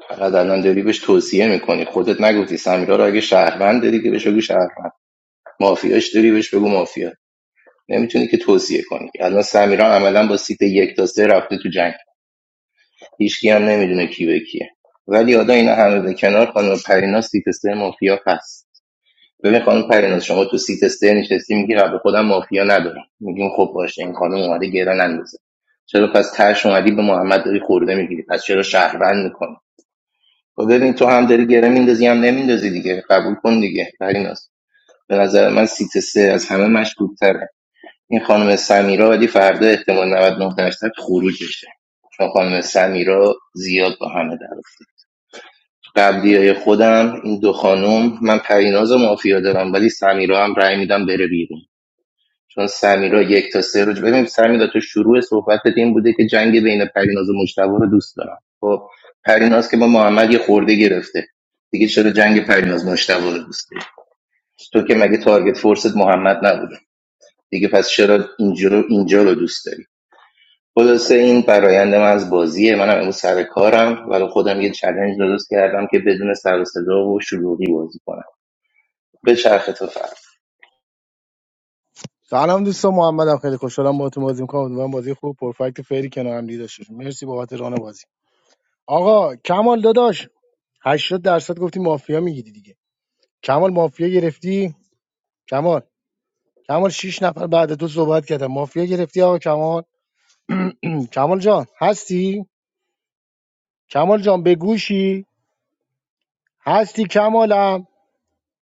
فقط الان داری بهش توصیه میکنی خودت نگفتی سمیرا رو اگه شهروند داری که بهش بگو شهروند مافیاش داری بهش بگو مافیا نمیتونی که توصیه کنی الان سمیرا عملا با سیت یک تا سه رفته تو جنگ هیچکی هم نمیدونه کی به کیه ولی حالا اینا همه به کنار خانم پرینا سیت سه مافیا هست ببین خانم پرینا شما تو سیت سه نشستی میگی رب خودم مافیا ندارم میگیم خب باشه این خانم اومده گران اندازه چرا پس ترش اومدی به محمد داری خورده میگیری پس چرا شهروند میکنی خب ببین تو هم داری گره میندازی هم نمیندازی دیگه قبول کن دیگه پریناس به نظر من سیت سه از همه مشکوک‌تره این خانم سمیرا ولی فردا احتمال 99 درصد خروجشه چون خانم سمیرا زیاد با همه در قبلیای خودم این دو خانم من پریناز مافیا دارم ولی سمیرا هم رأی میدم بره بیرون چون سمیرا یک تا سه رو ببین سمیرا تو شروع صحبتت این بوده که جنگ بین پریناز و مجتبی رو دوست دارم خب پریناز که با محمد یه خورده گرفته دیگه چرا جنگ پریناز مجتبی رو دوست داری تو که مگه تارگت فورست محمد نبوده دیگه پس چرا اینجا رو اینجا رو دوست داری خلاصه این برایند من از بازیه منم امروز سر کارم ولی خودم یه چلنج درست کردم که بدون سر و صدا و شلوغی بازی کنم به چرخ تو فرق
سلام دوستان محمدم خیلی خوشحالم باهاتون بازی می‌کنم امیدوارم بازی خوب پرفکت فری کنار هم دیگه داشته باشیم. مرسی بابت ران بازی آقا کمال داداش 80 درصد گفتی مافیا میگیری دیگه کمال مافیا گرفتی کمال کمال 6 نفر بعد تو صحبت کردم مافیا گرفتی آقا کمال (clears throat) کمال جان هستی کمال جان به گوشی هستی کمالم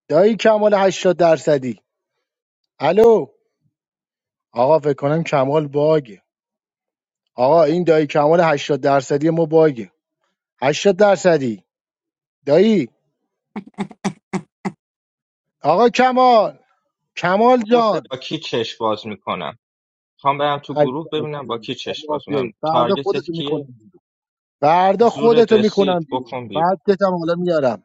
دایی کمال 80 درصدی الو آقا فکر کنم کمال باگه آقا این دایی کمال هشتاد درصدی ما باگه 80 درصدی دایی آقا کمال
تو
کمال
گروه ببین
جان
با کی چش باز میکنم خوام برم تو
عزیزم.
گروه ببینم با کی
ما
چش باز میکنم
مافیاییم. فردا
تارگتت
خودتو میکنم
کیه
بیرون فردا
زور
خودتو میکنم
رسید
بیرون
بکن بیرون
فکتت هم حالا میارم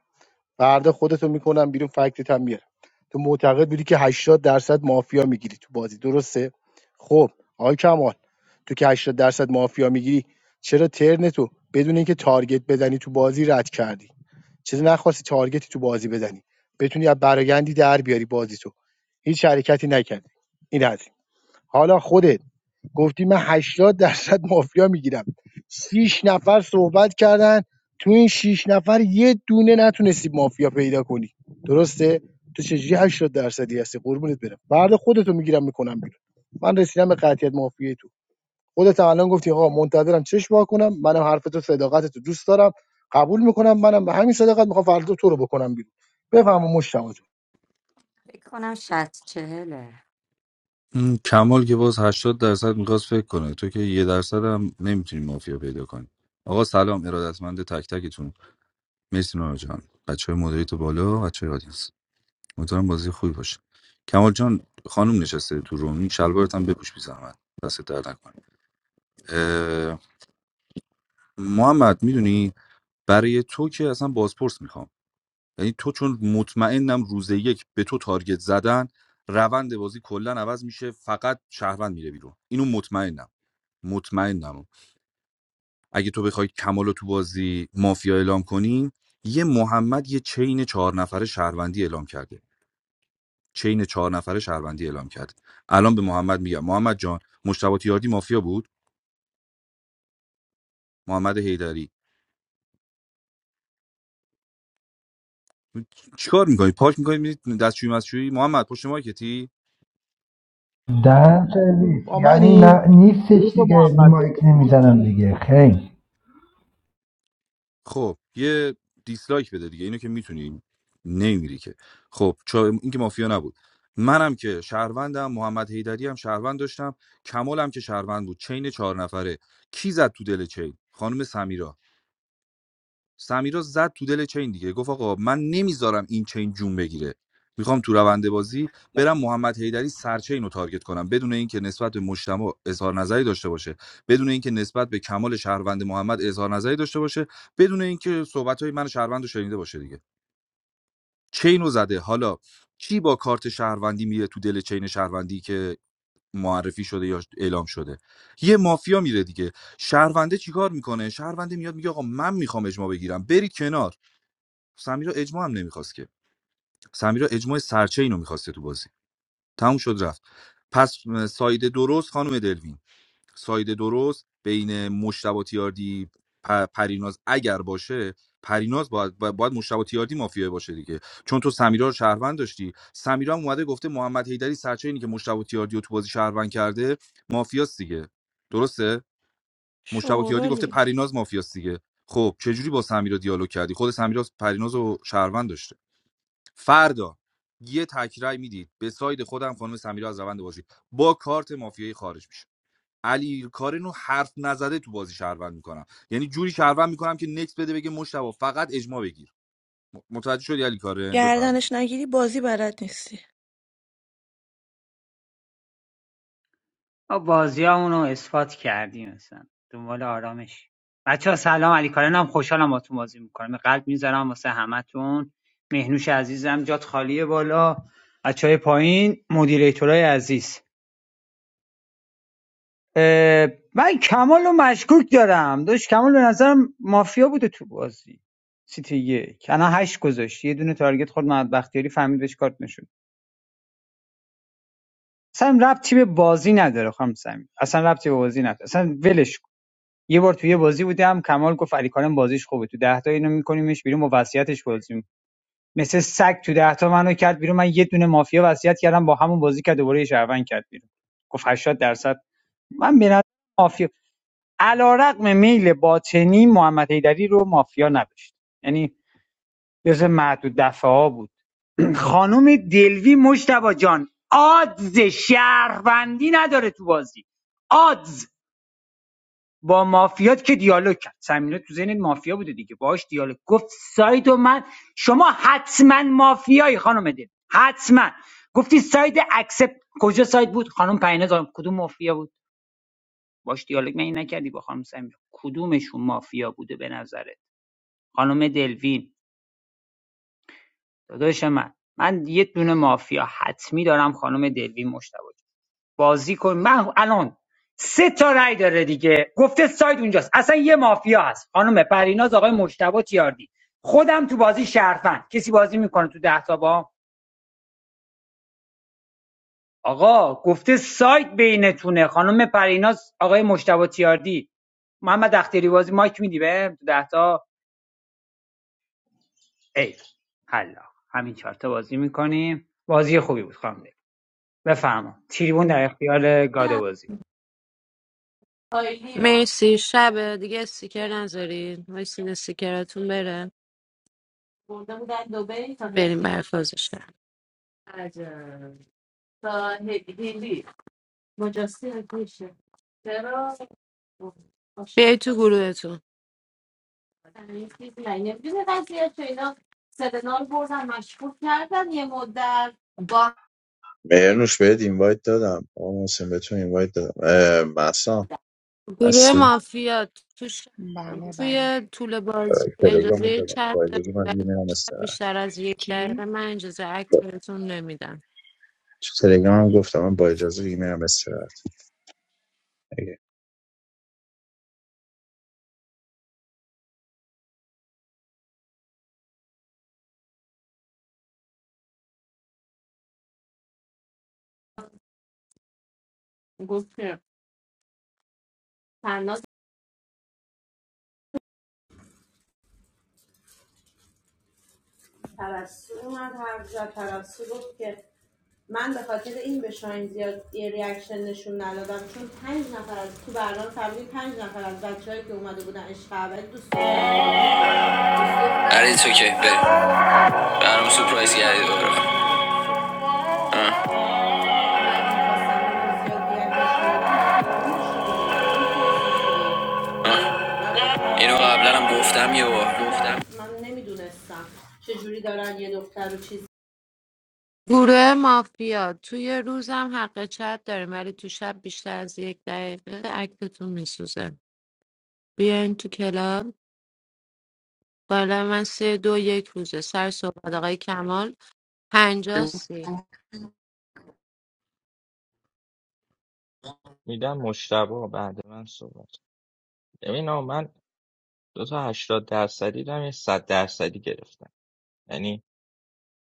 فردا خودتو میکنم بیرون فکتت هم میارم تو معتقد بودی که هشتاد درصد مافیا میگیری تو بازی درسته خب آقای کمال تو که هشتاد درصد مافیا میگیری چرا ترنتو بدون اینکه تارگت بزنی تو بازی رد کردی چیزی نخواستی تارگتی تو بازی بزنی بتونی از برایندی در بیاری بازیتو هیچ حرکتی نکردی این از این. حالا خودت گفتی من 80 درصد مافیا میگیرم 6 نفر صحبت کردن تو این 6 نفر یه دونه نتونستی مافیا پیدا کنی درسته تو چجوری 80 درصدی هستی قربونت برم فردا خودتو میگیرم میکنم بیرون من رسیدم به قطعیت مافیا خودت هم الان گفتی آقا منتظرم چشم وا کنم منم حرف تو دوست دارم قبول میکنم منم به همین صداقت میخوام فردا تو رو بکنم بیرون بفهم مشتاق جون
فکر کنم شست چهله
این کمال که باز 80 درصد میخواست فکر کنه تو که یه درصد هم نمیتونی مافیا پیدا کنی آقا سلام ارادتمند تک تکتون مرسی نونا جان بچه های مدیریت بالا بچه های آدینس امیدوارم بازی خوبی باشه کمال جان خانم نشسته تو رومی شلوارت هم بپوش بی زحمت دست در نکنه محمد میدونی برای تو که اصلا بازپرس میخوام یعنی تو چون مطمئنم روز یک به تو تارگت زدن روند بازی کلا عوض میشه فقط شهروند میره بیرون اینو مطمئنم مطمئنم اگه تو بخوای کمال تو بازی مافیا اعلام کنی یه محمد یه چین چهار نفره شهروندی اعلام کرده چین چهار نفره شهروندی اعلام کرده الان به محمد میگم محمد جان مشتبه تیاردی مافیا بود محمد حیدری چیکار میکنی پاک میکنی میری دستشویی مسشویی محمد پشت مایکتی
دهن سرویس
با
یعنی
منی
نه
یه
نیستش
تو
دیگه
محمد
مایک
داری
نمیزنم دیگه خیلی
خب یه دیسلایک بده دیگه اینو که میتونی نمیری که خب چا... این که مافیا نبود منم که شهروندم محمد حیدری هم شهروند داشتم کمالم که شهروند بود چین چهار نفره کی زد تو دل چین خانم سمیرا سمیرا زد تو دل چین دیگه گفت آقا من نمیذارم این چین جون بگیره میخوام تو روند بازی برم محمد حیدری سرچین رو تارگت کنم بدون اینکه نسبت به مجتمع اظهار نظری داشته باشه بدون اینکه نسبت به کمال شهروند محمد اظهار نظری داشته باشه بدون اینکه صحبت های من شهروند رو شنیده باشه دیگه چین رو زده حالا کی با کارت شهروندی میره تو دل چین شهروندی که معرفی شده یا اعلام شده یه مافیا میره دیگه شهرونده چیکار میکنه شهرونده میاد میگه آقا من میخوام اجماع بگیرم برید کنار سمیرا اجماع هم نمیخواست که سمیرا اجماع سرچه اینو میخواسته تو بازی تموم شد رفت پس م، ساید درست خانم دلوین ساید درست بین مشتبه تیاردی پ- پریناز اگر باشه پریناز باید, با- باید مشتبه تیاردی مافیا باشه دیگه چون تو سمیرا رو شهروند داشتی سمیرا هم اومده گفته محمد حیدری سرچه اینی که مشتبه تیاردی رو تو بازی شهروند کرده مافیاست دیگه درسته مشتبه تیاردی گفته
شورولی
پریناز مافیاست دیگه خب چجوری با سمیرا دیالوگ کردی خود سمیرا پریناز و شهروند داشته فردا یه تکرای میدید به ساید خودم خانم سمیرا از روند بازی با کارت مافیایی خارج میشه علی کارنو حرف نزده تو بازی شهروند میکنم یعنی جوری شهروند میکنم که نکس بده بگه مشتبه فقط اجماع بگیر متوجه شدی علی کارن بفهم
گردنش نگیری بازی بلد نیستی
ما بازیامونو اثبات کردیم مثلا دنبال آرامش بچه ها سلام علی کارنم خوشحالم باتون بازی میکنم قلب میذارم واسه همتون مهنوش عزیزم جات خالیه بالا بچه های پایین مدیریتورای عزیز اه، من کمال رو مشکوک دارم داشت کمال به نظرم مافیا بوده تو بازی سیتی یک الان هشت گذاشت یه دونه تارگت خورد محمد بختیاری فهمید بهش کارت نشد اصلا ربطی به بازی نداره خانم سمی اصلا ربطی به بازی نداره اصلا ولش کن یه بار تو یه بازی بودم کمال گفت علی کارم بازیش خوبه تو ده تا اینو میکنیمش بیرون با وصیتش بازی می‌کنیم. مثل سگ تو ده تا منو کرد بیرون من یه دونه مافیا وصیت کردم با همون بازی کرد دوباره یه شهروند کرد بیرون گفت 80 درصد من به نظر مافیا علیرغم میل باطنی محمد حیدری رو مافیا نداشت یعنی جز معدود دفعه ها بود خانم دلوی مشتبا جان آدز شهروندی نداره تو بازی آدز با مافیات که دیالوگ کرد سمینا تو ذهن مافیا بوده دیگه باهاش دیالوگ گفت ساید و من شما حتما مافیایی خانم دل حتما گفتی ساید اکسپت کجا ساید بود خانم پریناز کدوم مافیا بود باش دیالوگ من این نکردی با خانم سمینا کدومشون مافیا بوده به نظرت؟ خانم دلوین داداش من من یه دونه مافیا حتمی دارم خانم دلوین مشتبه بازی کن من الان سه تا رأی داره دیگه گفته ساید اونجاست اصلا یه مافیا هست خانم پریناز آقای مشتبه تیاردی خودم تو بازی شرفن کسی بازی میکنه تو ده تا با آقا گفته ساید بینتونه خانم پریناز آقای مشتبه تیاردی محمد اختیاری بازی مایک میدی به تو ده تا ای حالا همین چهار تا بازی میکنیم بازی خوبی بود خانم بفرما تریبون در اختیار گاده بازی
مرسی شب دیگه استیکر نذارین وایسین استیکراتون بره این برفازش بیای تو گروهتون
مهرنوش بهت اینوایت دادم آقا محسن به تو اینوایت دادم اه، مهسا
گروه
هستی
مافیا تو ش-
Yes, yes.
توی طول بازی
تلگرام
اجازه چت
با
دارید،
اجازه من
ولی
یه میرم
شب
استراحت
بیشتر از یک
G.
دقیقه من اجازه اکت
با-
بهتون نمیدم
تو تلگرام هم گفتم من با اجازه دیگه میرم استراحت
آره تو که بریم برام سورپرایز کردی دوباره آه. اینو قبلا هم گفتم یه بار گفتم گروه مافیا توی روزم حق چت داریم ولی تو شب بیشتر از یک دقیقه اکتتون میسوزه بیاین تو کلاب بالا من سه دو یک روزه سر صحبت آقای کمال پنجاه سی
میدم مشتبه بعد من صحبت کن. ببین آقا من دو تا 80 درصدی دارم یه 100 درصدی گرفتم یعنی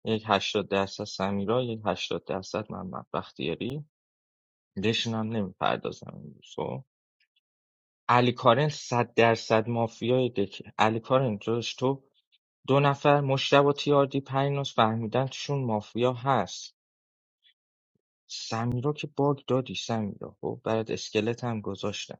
یک 80 درصد سمیرا یک 80 درصد محمد بختیاری دشنم نمیپردازم این علی علیکارن صد درصد مافیای دکه علی کارن داداش تو دو نفر مشتبه تیاردی پریناز فهمیدن توشون مافیا هست سمیرا که باگ دادی سمیرا خب برات اسکلت هم گذاشتم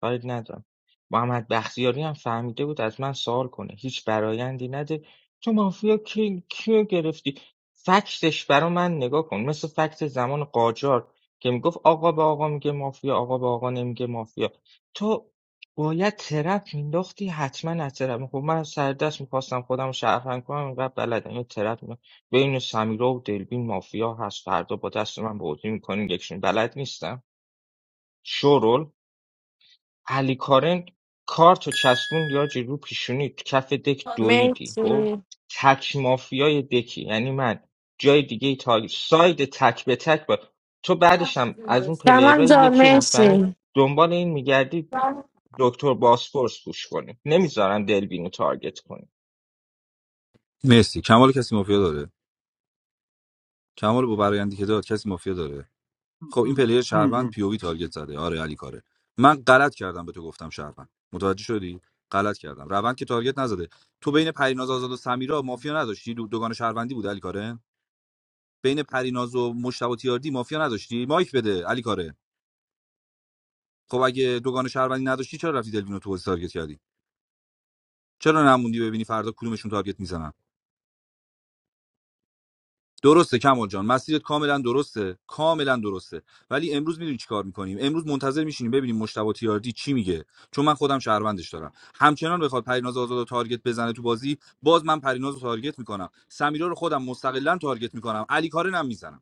کاری ندارم محمد بختیاری هم فهمیده بود از من سوال کنه هیچ برایندی نده تو مافیا کی کیو گرفتی فکتش برا من نگاه کن مثل فکت زمان قاجار که میگفت آقا به آقا میگه مافیا آقا به آقا نمیگه مافیا تو باید ترپ مینداختی حتما از ترپ خب من سردست میخواستم خودم رو شرفن کنم اینقدر بلدم یه ترپ بین سمیرا و دلبین مافیا هست فردا با دست من بازی میکنین یکشون بلد نیستم شورول علی کارن کارتو چسبون یا رو پیشونی تو کف دک دویدی خب
مرسی
تک مافیای دکی یعنی من جای دیگه ای تا ساید تک به تک با تو بعدش هم از اون
سامان
پلیرای
جان
یکی رو میفهمی
مرسی
دنبال این میگردی دکتر باسپورس گوش کنی نمیذارم دلبینو تارگت کنی
مرسی کمال کسی مافیا داره کمال با برایندی که داد کسی مافیا داره خب این پلیر شهروند پیوی تارگت زده آره علی کاره من غلط کردم به تو گفتم شهروند متوجه شدی غلط کردم روند که تارگت نزده تو بین پریناز آزاد و سمیرا مافیا نداشتی دو دوگان شهروندی بود علی کاره بین پریناز و مشتبه تیاردی مافیا نداشتی مایک بده علی کاره خب اگه دوگان شهروندی نداشتی چرا رفتی دلوینو تو بازی تارگت کردی چرا نموندی ببینی فردا کدومشون تارگت میزنن درسته کمال جان مسیرت کاملا درسته کاملا درسته ولی امروز میدونی چیکار میکنیم امروز منتظر میشینیم ببینیم مشتبه تیاردی چی میگه چون من خودم شهروندش دارم همچنان بخواد پریناز آزاد تارگت بزنه تو بازی باز من پرینازو تارگت میکنم سمیرا رو خودم مستقلا تارگت میکنم علی کارن هم میزنم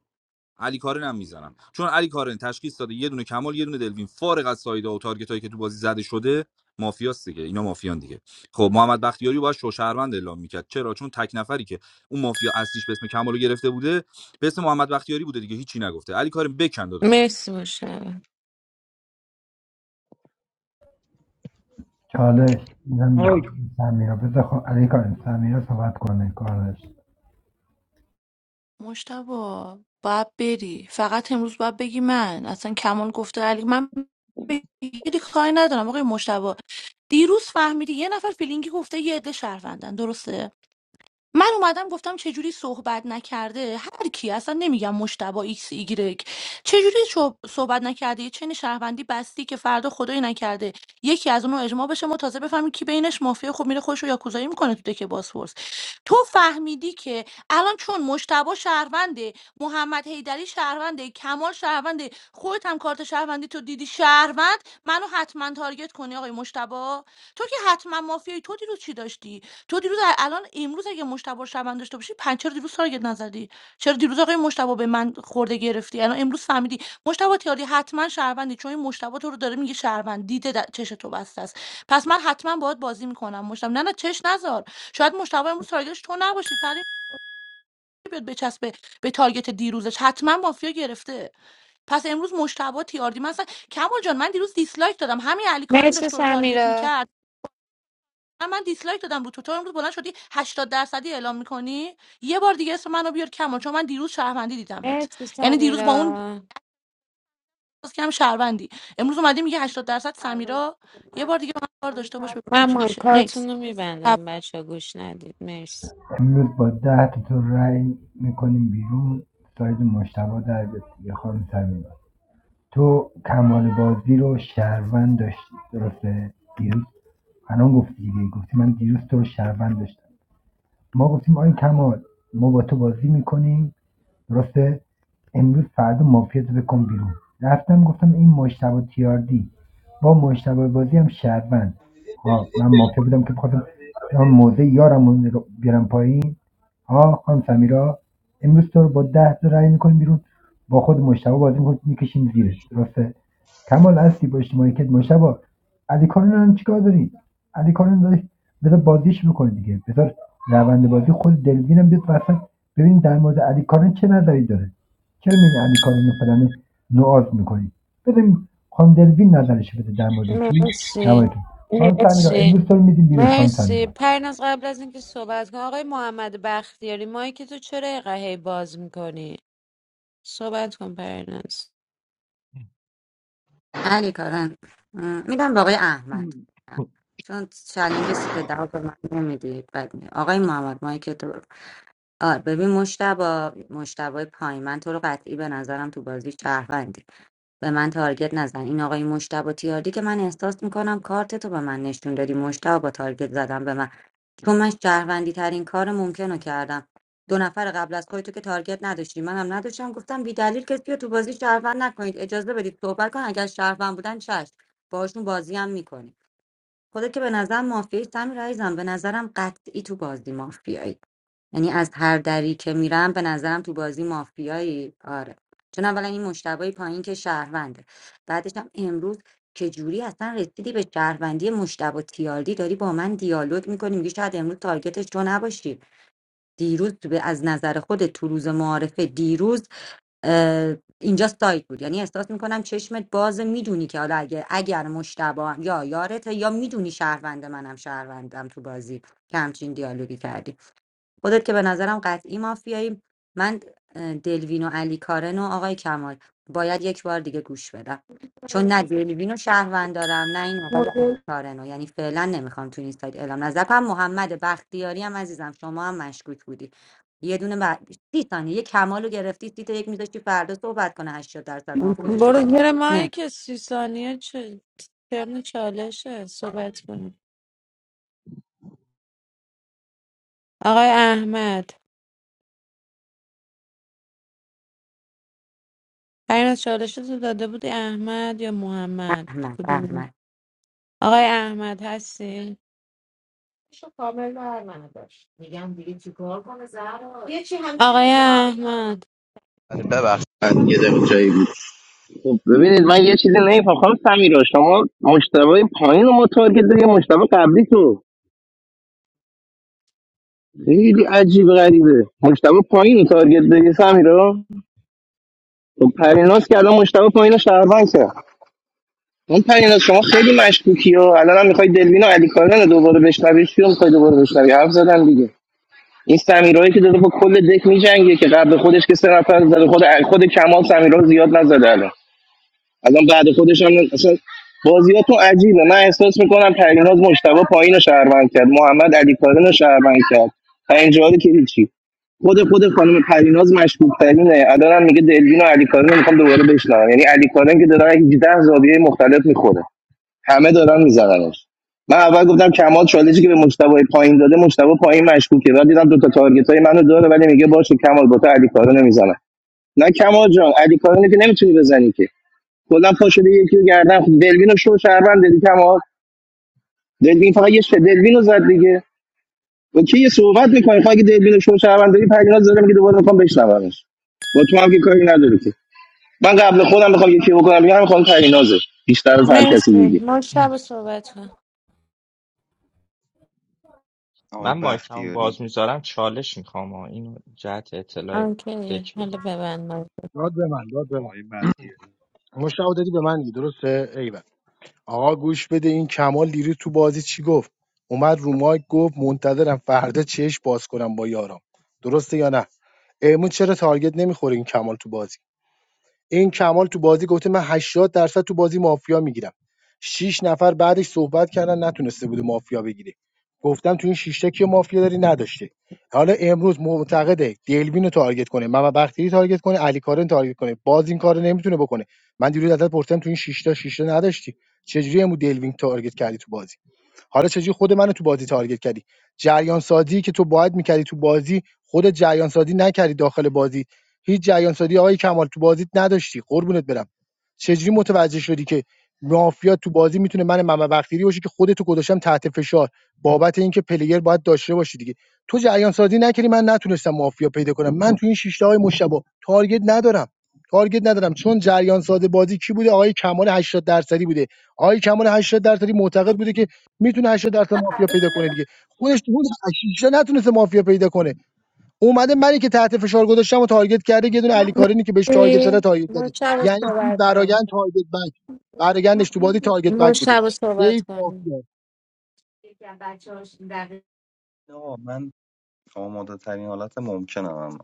علی کارن هم میزنم چون علی کارن تشخیص داده یه دونه کمال یه دونه دلوین فارغ از سایدا و تارگتایی که تو بازی زده شده مافیاست دیگه اینا مافیان دیگه خب محمد بختیاری رو باید شوشهروند اعلام میکرد چرا چون تک نفری که اون مافیا اصلیش به اسم کمال گرفته بوده به اسم محمد بختیاری بوده دیگه هیچی نگفته علی کارن بکن داداش
مرسی باشه
چالش میزنم بخوام سمیرا بذار خب علی کار سمیرا صحبت کنه کارش
مشتبا باید بری فقط امروز باید بگی من اصلا کمال گفته علی من بگیری کاری ندارم آقای مشتبا دیروز فهمیدی یه نفر فیلینگی گفته یه عده شهروندن درسته من اومدم گفتم چجوری صحبت نکرده هر کی اصلا نمیگم مشتبه ایکس ایگرگ چجوری شو- صحبت نکرده یه چین شهروندی بستی که فردا خدایی نکرده یکی از اونو اجماع بشه ما تازه بفهمیم کی بینش مافیا خب میره خوش رو یاکوزایی میکنه تو دکه باسفورس تو فهمیدی که الان چون مشتبه شهرونده محمد حیدری شهرونده کمال شهرونده خودت هم کارت شهروندی تو دیدی شهروند منو حتما تارگت کنی آقای مشتبه تو که حتما مافیای تو دیروز چی داشتی تو دیروز ا الان امروز اگه مجتبی رو شهروند داشته باشی پس چرا دیروز تارگت نزدی؟ چرا دیروز آقای مجتبی به من خورده گرفتی؟ الان امروز فهمیدی مجتبی تیاری حتما شهروندی چون این مجتبی تو رو داره میگه شهروند دیده در چش تو بسته است. پس من حتما باهات بازی میکنم مجتبی نه نه چش نذار. شاید مجتبی امروز تارگتش تو نباشی پری بیاد بچسبه به تارگت دیروزش حتما مافیا گرفته. پس امروز مشتبه تیاردی مثلا کمال جان من دیروز دیسلایک دادم همین علی کارن
مرسی
داشت تو رو تارگت میکرد
سمیرا
من من دیسلایک دادم بود تو امروز بلند شدی هشتاد درصدی اعلام میکنی یه بار دیگه اسم منو بیار کمان چون من دیروز شهروندی دیدمت
مرسی
یعنی دیروز با
سمیرا
اون باز کم شهروندی امروز اومدی میگه هشتاد درصد سمیرا یه بار دیگه با من کار داشته باش ببینم
من
چی میشه نیکس
مایکاتون رو میبندم بچه گوش ندید مرسی
امروز با ۱۰ تا تو رای میکنیم بیرون ساید مجتبی در بیاد دیگه خانم صمیمه تو کمال بازی رو شهروند داشتی درسته دیروز الان گفتی دیگه گفتی من دیروز تو رو شهروند داشتم ما گفتیم آی کمال ما با تو بازی میکنیم درسته؟ امروز فردا مافیاتو بکن بیرون رفتم گفتم این مجتبا تیاردی با مجتبا بازی هم شهروند ها من مافیا بودم که بخواستم اون موزه یارم رو بیارم پایین ها خانم سمیرا امروز تو رو با ده تا رأی میکنیم بیرون با خود مجتبا بازی میکنیم میکشیم زیره درسته کمال هستی با اجتماعی که مجتبا علی کارن چیکار داری علی کارن داری بذار بازیش بکنه دیگه بذار روند بازی خود دلوینم بیاد وسط ببین در مورد علی کارن چه نظری داره چرا میین علی کارن رو فلان نوعاز میکنی ببین خانم دلوین نظرش بده در مورد کی در
مرسی
مورد کی خانم سمیرا امروز تو رو میدیم بیرون خانم
مرسی
سمیرا
پرناز قبل از اینکه صحبت کن آقای محمد بختیاری مایک تو چرا اینقدر هی باز میکنی صحبت کن پرناز
علی کارن م، میدم به آقای احمد چون چلنج سیت دو به من نمیدی بد می آقای محمد مایی که تو آه ببین مشتبا مشتبای پای من تو رو قطعی به نظرم تو بازی شهروندی به من تارگت نزن این آقای مشتبا تیاردی که من احساس میکنم کارت تو به من نشون دادی مشتبا با تارگت زدم به من تو من شهروندی ترین کار ممکن رو کردم دو نفر قبل از خودتو که تارگت نداشتی من هم نداشتم گفتم بی دلیل کسی رو تو بازی شهروند نکنید اجازه بدید صحبت کن اگر شهروند بودن چش باشون بازی هم میکنی خودت که به نظر مافیایی سمی رایزم به نظرم قطعی تو بازی مافیایی یعنی از هر دری که میرم به نظرم تو بازی مافیایی آره چون اولا این مشتبه پایین که شهرونده بعدش هم امروز که جوری اصلا رسیدی به شهروندی مشتبه تیاردی داری با من دیالوگ میکنی میگی شاید امروز تارگتش تو نباشی دیروز تو به- از نظر خود تو روز معارفه دیروز اه، اینجا سایت بود یعنی احساس میکنم چشمت باز میدونی که حالا اگه اگر مشتبه هم یا یارته یا میدونی شهروند منم شهروندم تو بازی که همچین دیالوگی کردی خودت که به نظرم قطعی مافیایی من اه، دلوین و علی کارن و آقای کمال باید یک بار دیگه گوش بدم چون نه دلوین و شهروند دارم نه این آقای علی کارن رو. یعنی فعلا نمیخوام تو این سایت اعلام نظر کنم محمد بختیاری هم عزیزم شما هم مشکوک بودی یه دونه بعد سی ثانیه یه کمال رو گرفتی سی تا یک میذاشتی فردا صحبت کنه 80 درصد مافیاشو
برو
بگی
زیر
نه
مایک سی ثانیه چه ترم چالشه صحبت کن آقای احمد پرین از چالشتو داده بودی احمد یا محمد
احمد
کدوم
احمد
بود؟ آقای احمد هستی احمد
من یه دقیقه جایی بود خب ببینید من یه چیزی نمیفهم خانم سمیرا شما مشتبه پایین رو ما تارگت داری مشتبه قبلی تو خیلی عجیب غریبه مشتبه پایین رو تارگت داری سمیرا خب پریناز که الان مشتبه پایین رو شهروند کرد اون پریناز شما خیلی مشکوکی و الان هم میخوای دلوین و علی کارن رو دوباره بشنوی چی رو میخوای دوباره بشنوی حرف زدن دیگه این سمیرایی که داره با کل دک میجنگه که قبل خودش که سه نفر زده خود خود کمال سمیرا زیاد نزده الان الان بعد خودش هم اصلا بازیاتون عجیبه من احساس میکنم پریناز مشتبه پایین رو شهروند کرد محمد علی کارن رو شهروند کرد پنجاری که هیچی خود خود خانم پریناز مشکوک ترینه الان هم میگه دلوین و علی کارن رو میخوام دوباره بشنوم یعنی علی کارن که داره 18 زاویه مختلف میخوره همه دارن میزننش من اول گفتم کمال چالشی که به مجتبی پایین داده مجتبی پایین مشکوکه بعد دیدم دو تا تارگت منو داره ولی میگه باشه کمال با تو علی کارو نمیزنم نه کمال جان علی کارو که نمیتونی بزنی که کلا پا شده یکی رو گردن خود دلوینو شو شهروند دیدی کمال دلوین فقط یه شه دلوینو زد دیگه و کی یه صحبت میکنه فقط دلوینو شو شهروند داری پریناز زدم میگه دوباره میخوام بشنومش با تو هم که کاری نداری که من قبل خودم میخوام یکی بکنم میگم میخوام پرینازه بیشتر از کسی
مرسی
دیگه
مشتب صحبت کن
من
آقای
مایکمو
بختیاری
باز میذارم چالش میخوام اینو جهت اطلاع
اوکی
دک
حالا
بگم
ببند مایک.
داد به من داد به من
آقای بختیاری
مشتاق دادی به من دیگه، درسته ایول آقا گوش بده این کمال دیروز تو بازی چی گفت اومد رو مایک گفت منتظرم فردا چش باز کنم با یارم درسته یا نه امون چرا تارگت نمیخوره این کمال تو بازی این کمال تو بازی گفته من 80 درصد تو بازی مافیا میگیرم شش نفر بعدش صحبت کردن نتونسته بوده مافیا بگیره گفتم تو این شش تا کی مافیا داری نداشته حالا امروز معتقده دلوین رو تارگت کنه محمد بختیاری تارگت کنه علی کارن تارگت کنه باز این کارو نمیتونه بکنه من دیروز ازت پرسیدم تو این شش تا شش تا نداشتی چجوری امو دلوین تارگت کردی تو بازی حالا چجوری خود منو تو بازی تارگت کردی جریان سازی که تو باید میکردی تو بازی خودت جریان سازی نکردی داخل بازی هیچ جریان سازی آقای کمال تو بازیت نداشتی قربونت برم چجوری متوجه شدی که مافیا تو بازی میتونه من ممه وقتیری باشه که خودت تو گذاشتم تحت فشار بابت اینکه پلیر باید داشته باشی دیگه تو جریان سازی نکردی من نتونستم مافیا پیدا کنم من تو این شش شیشته های مشتبه تارگت ندارم تارگت ندارم چون جریان ساز بازی کی بوده آقای کمال 80 درصدی بوده آقای کمال 80 درصدی معتقد بوده که میتونه 80 درصد مافیا پیدا کنه دیگه خودش تو حدود 80 نتونسته مافیا پیدا کنه اومده منی که تحت فشار گذاشتم و تارگت کرده یه دونه علی کارینی که بهش تارگت داده
مرسی
تارگت داده
مشتب
یعنی تو
صحبت کن
برایند تارگت بک برایندش تو بازی تارگت بک بوده
مشتب صحبت
سیف
کن
مافیا
آقا من آماده ترین حالت ممکنم هم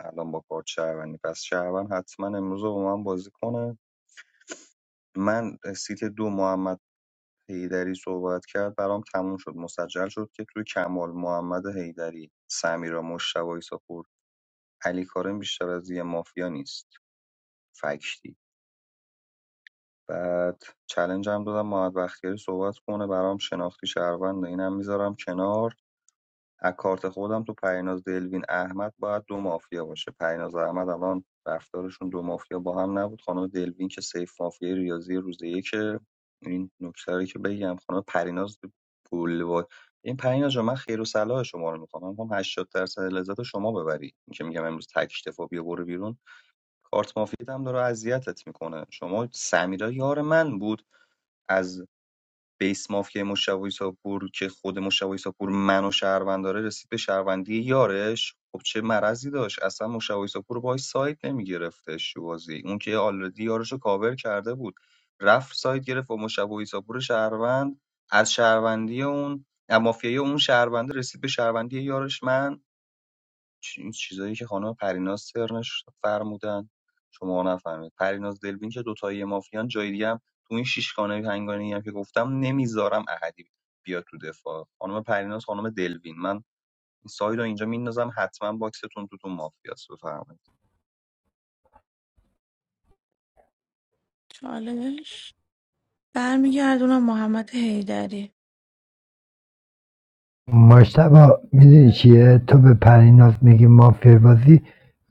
الان با کارت شهروندی پس شهروند حتما امروز رو با من بازی کنه من سیت دو محمد حیدری صحبت کرد برام تموم شد مسجل شد که توی کمال محمد حیدری سمیرا مشتبه سپور علی کارم بیشتر از یه مافیا نیست فکتی بعد چلنج هم دادم محمد بختیاری صحبت کنه برام شناختی شهرونده اینم میذارم کنار از کارت خودم تو پریناز دلوین احمد باید دو مافیا باشه پریناز احمد الان رفتارشون دو مافیا با هم نبود خانم دلوین که سیف مافیا ریاضی روز که این نکته رو که بگم خانم پریناز پول این پریناز جان من خیر و صلاح شما رو میخوام من میخوام 80 درصد لذت رو شما ببری این که میگم امروز تک اشتفا بیا برو بیرون کارت مافیت هم داره اذیتت میکنه شما سمیرا یار من بود از بیس مافیای مشوی ساپور که خود مشوی ساپور منو شهروند داره رسید به شهروندی یارش خب چه مرضی داشت اصلا مشوی ساپور باهاش سایت نمیگرفتش تو بازی اون که آلردی یارش رو کاور کرده بود رفت سایت گرفت با مشوی ساپور شهروند از شهروندی اون از مافیای اون شهرونده رسید به شهروندی یارش من چ- این چیزایی که خانم پریناز سرنش فرمودن شما نفهمید پریناز دلوین که دوتایی مافیان جای دیگه هم تو این شیشگانه پنگانی هم که گفتم نمیذارم احدی بیاد تو دفاع خانم پریناز خانم دلوین من این سایل رو اینجا میندازم حتما باکستون تو تو مافیاس بفرمایید
چالش برمیگردونم محمد حیدری
مشتبه میدونی چیه تو به پریناز میگی مافیا بازی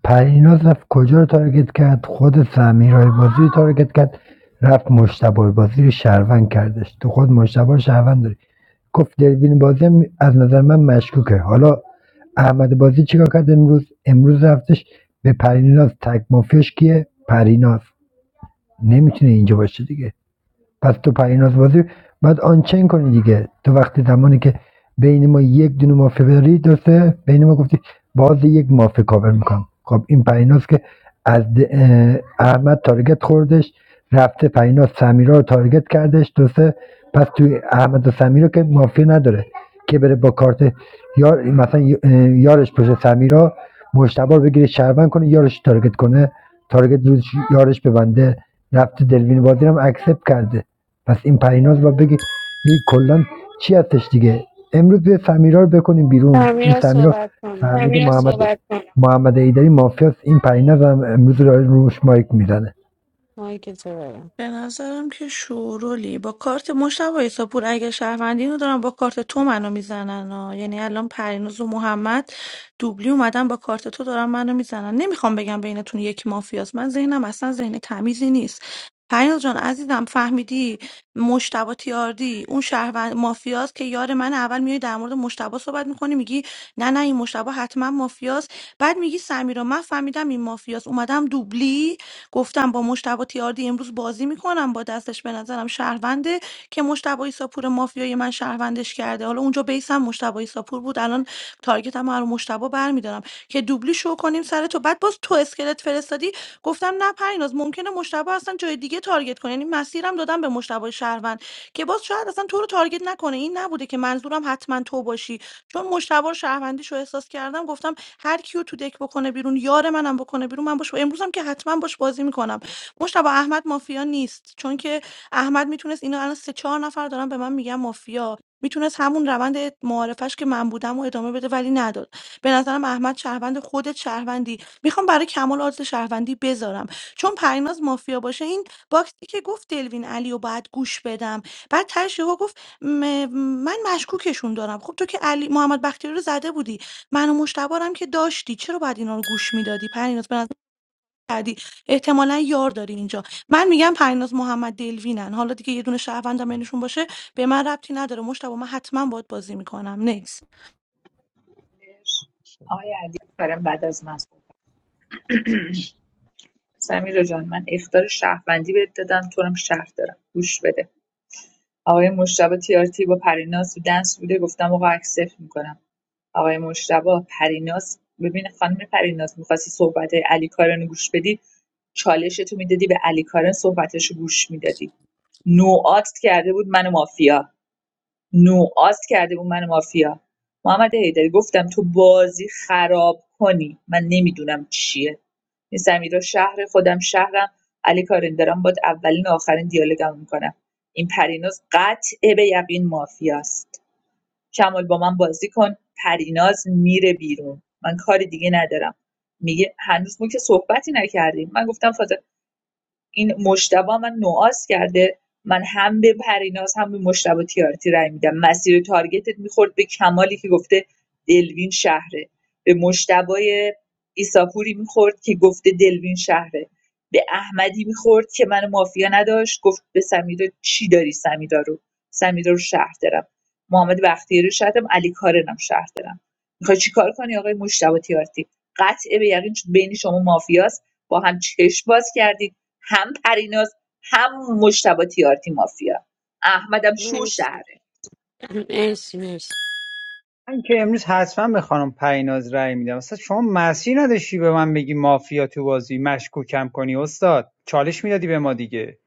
پریناز رفت کجا رو تارگت کرد خود سمیرای بازی رو تارگت کرد رفت مشتبه بازی رو شهروند کردش تو خود مشتبه رو شهروند داری گفت دلوین بازی از نظر من مشکوکه حالا احمد بازی چیکار کرد امروز امروز رفتش به پریناز تک مافیاش کیه پریناز نمیتونه اینجا باشه دیگه پس تو پریناز بازی بعد آنچین کنی دیگه تو وقتی زمانی که بین ما یک دونه مافیا داری درسته بین ما گفتی باز یک مافیا کاور میکنم خب این پریناز که از احمد تارگت خوردش رفته پریناز سمیرا رو تارگت کردش درسته پس توی احمد و سمیرا که مافیا نداره که بره با کارت یار مثلا یارش پشت سمیرا مشتبه رو بگیره شربن کنه یارش رو تارگت کنه تارگت روش یارش ببنده رفته دلوین بازی رو هم اکسپ کرده پس این پریناز و بگی این کلان چی هستش دیگه امروز به سمیرا رو بکنیم بیرون این
سمیرا
سمیرا
صحبت کنم
فهمیدی محمد محمد ایدری مافیاست این پریناز هم امروز رو روش مایک میزنه
مایک تو برم
به نظرم که شورولی با کارت مشتبه ایساپور اگه شهروندی رو دارن با کارت تو منو میزنن ها. یعنی الان پریناز و محمد دوبلی اومدن با کارت تو دارن منو میزنن نمیخوام بگم بینتون یکی مافیاست من ذهنم اصلا ذهن تمیزی نیست پریناز جان عزیزم فهمیدی مشتبه تیاردی اون شهروند مافیاست که یار من اول میای در مورد مشتبه صحبت میکنی میگی نه نه این مشتبه حتما مافیاست بعد میگی سمیرا من فهمیدم این مافیاست اومدم دوبلی گفتم با مشتبه تیاردی امروز بازی میکنم با دستش به نظرم شهرونده که مشتبه ایساپور مافیای من شهروندش کرده حالا اونجا بیسم مشتبه ایساپور بود الان تارگتم رو مشتبه برمیدارم که دوبلی شو کنیم سر تو بعد باز تو اسکلت فرستادی گفتم نه شهربناز ممکنه مشتبه اصلا جای دیگه تارگت کنه یعنی مسیرم دادم به مشتبه شهروند که باز شاید اصلا تو رو تارگت نکنه این نبوده که منظورم حتما تو باشی چون مشتبه رو شهروندیش رو احساس کردم گفتم هر کیو تو دک بکنه بیرون یار منم بکنه بیرون من باش امروزم که حتما باش بازی میکنم مشتبه احمد مافیا نیست چون که احمد میتونست اینو الان سه چهار نفر دارن به من میگن مافیا میتونست همون روند معارفش که من بودم و ادامه بده ولی نداد به نظرم احمد شهروند خودت شهروندی میخوام برای کمال آدرس شهروندی بذارم چون پریناز مافیا باشه این باکسی که گفت دلوین علی و باید گوش بدم بعد ترش یهو گفت م- من مشکوکشون دارم خب تو که علی محمد بختیاری رو زده بودی من و مشتبه رو هم که داشتی چرا باید اینا رو گوش میدادی پریناز به نظر کردی احتمالا یار داری اینجا من میگم پریناز محمد دلوینن حالا دیگه یه دونه شهروندم بینشون باشه به من ربطی نداره مشتبه من حتما باید بازی میکنم نکس
آقای علی کارم بعد از من صحبت کن. سمیرا جان من اختار شهروندی بهت دادم تو هم شهر دارم گوش بده آقای مشتبه تیارتی با پریناز تو دنس بوده گفتم آقا عکس صفر می‌کنم. آقای مشتبه پریناس ببین خانم پریناس میخواستی صحبت علی کارن رو گوش بدی چالش تو میدادی به علی کارن صحبتش رو گوش میدادی نوعات کرده بود من و مافیا نوعات کرده بود من و مافیا محمد حیدری گفتم تو بازی خراب کنی من نمیدونم چیه این سمیرا شهر خودم شهرم علی کارن دارم باد اولین و آخرین دیالوگم میکنم این پریناز قطع به یقین مافیاست کمال با من بازی کن پریناز میره بیرون من کاری دیگه ندارم میگه هنوز ما که صحبتی نکردیم من گفتم فاطمه این مجتبی من نوعاز کرده من هم به پریناز هم به مجتبی تیارتی رای میدم مسیر تارگتت میخورد به کمالی که گفته دلوین شهره به مجتبی ایساپوری میخورد که گفته دلوین شهره به احمدی میخورد که من مافیا نداشت گفت به سمیرا چی داری سمیرا رو سمیرا رو شهر دارم محمد بختیاری رو شهر دارم علی کارنم شهر دارم میخوای چیکار کنی آقای مجتبی تیارتی قطعه به یقین بین شما مافیاست با هم چشم باز کردید هم پریناز هم مجتبی تیاردی مافیا احمدم شو
مرسی
شهره
مرسی مرسی مرسی.
من که امروز حتما به خانم پریناز رأی میدم اصلا شما مسیر نداشتی به من بگی مافیا تو بازی مشکوکم کنی استاد چالش میدادی به ما دیگه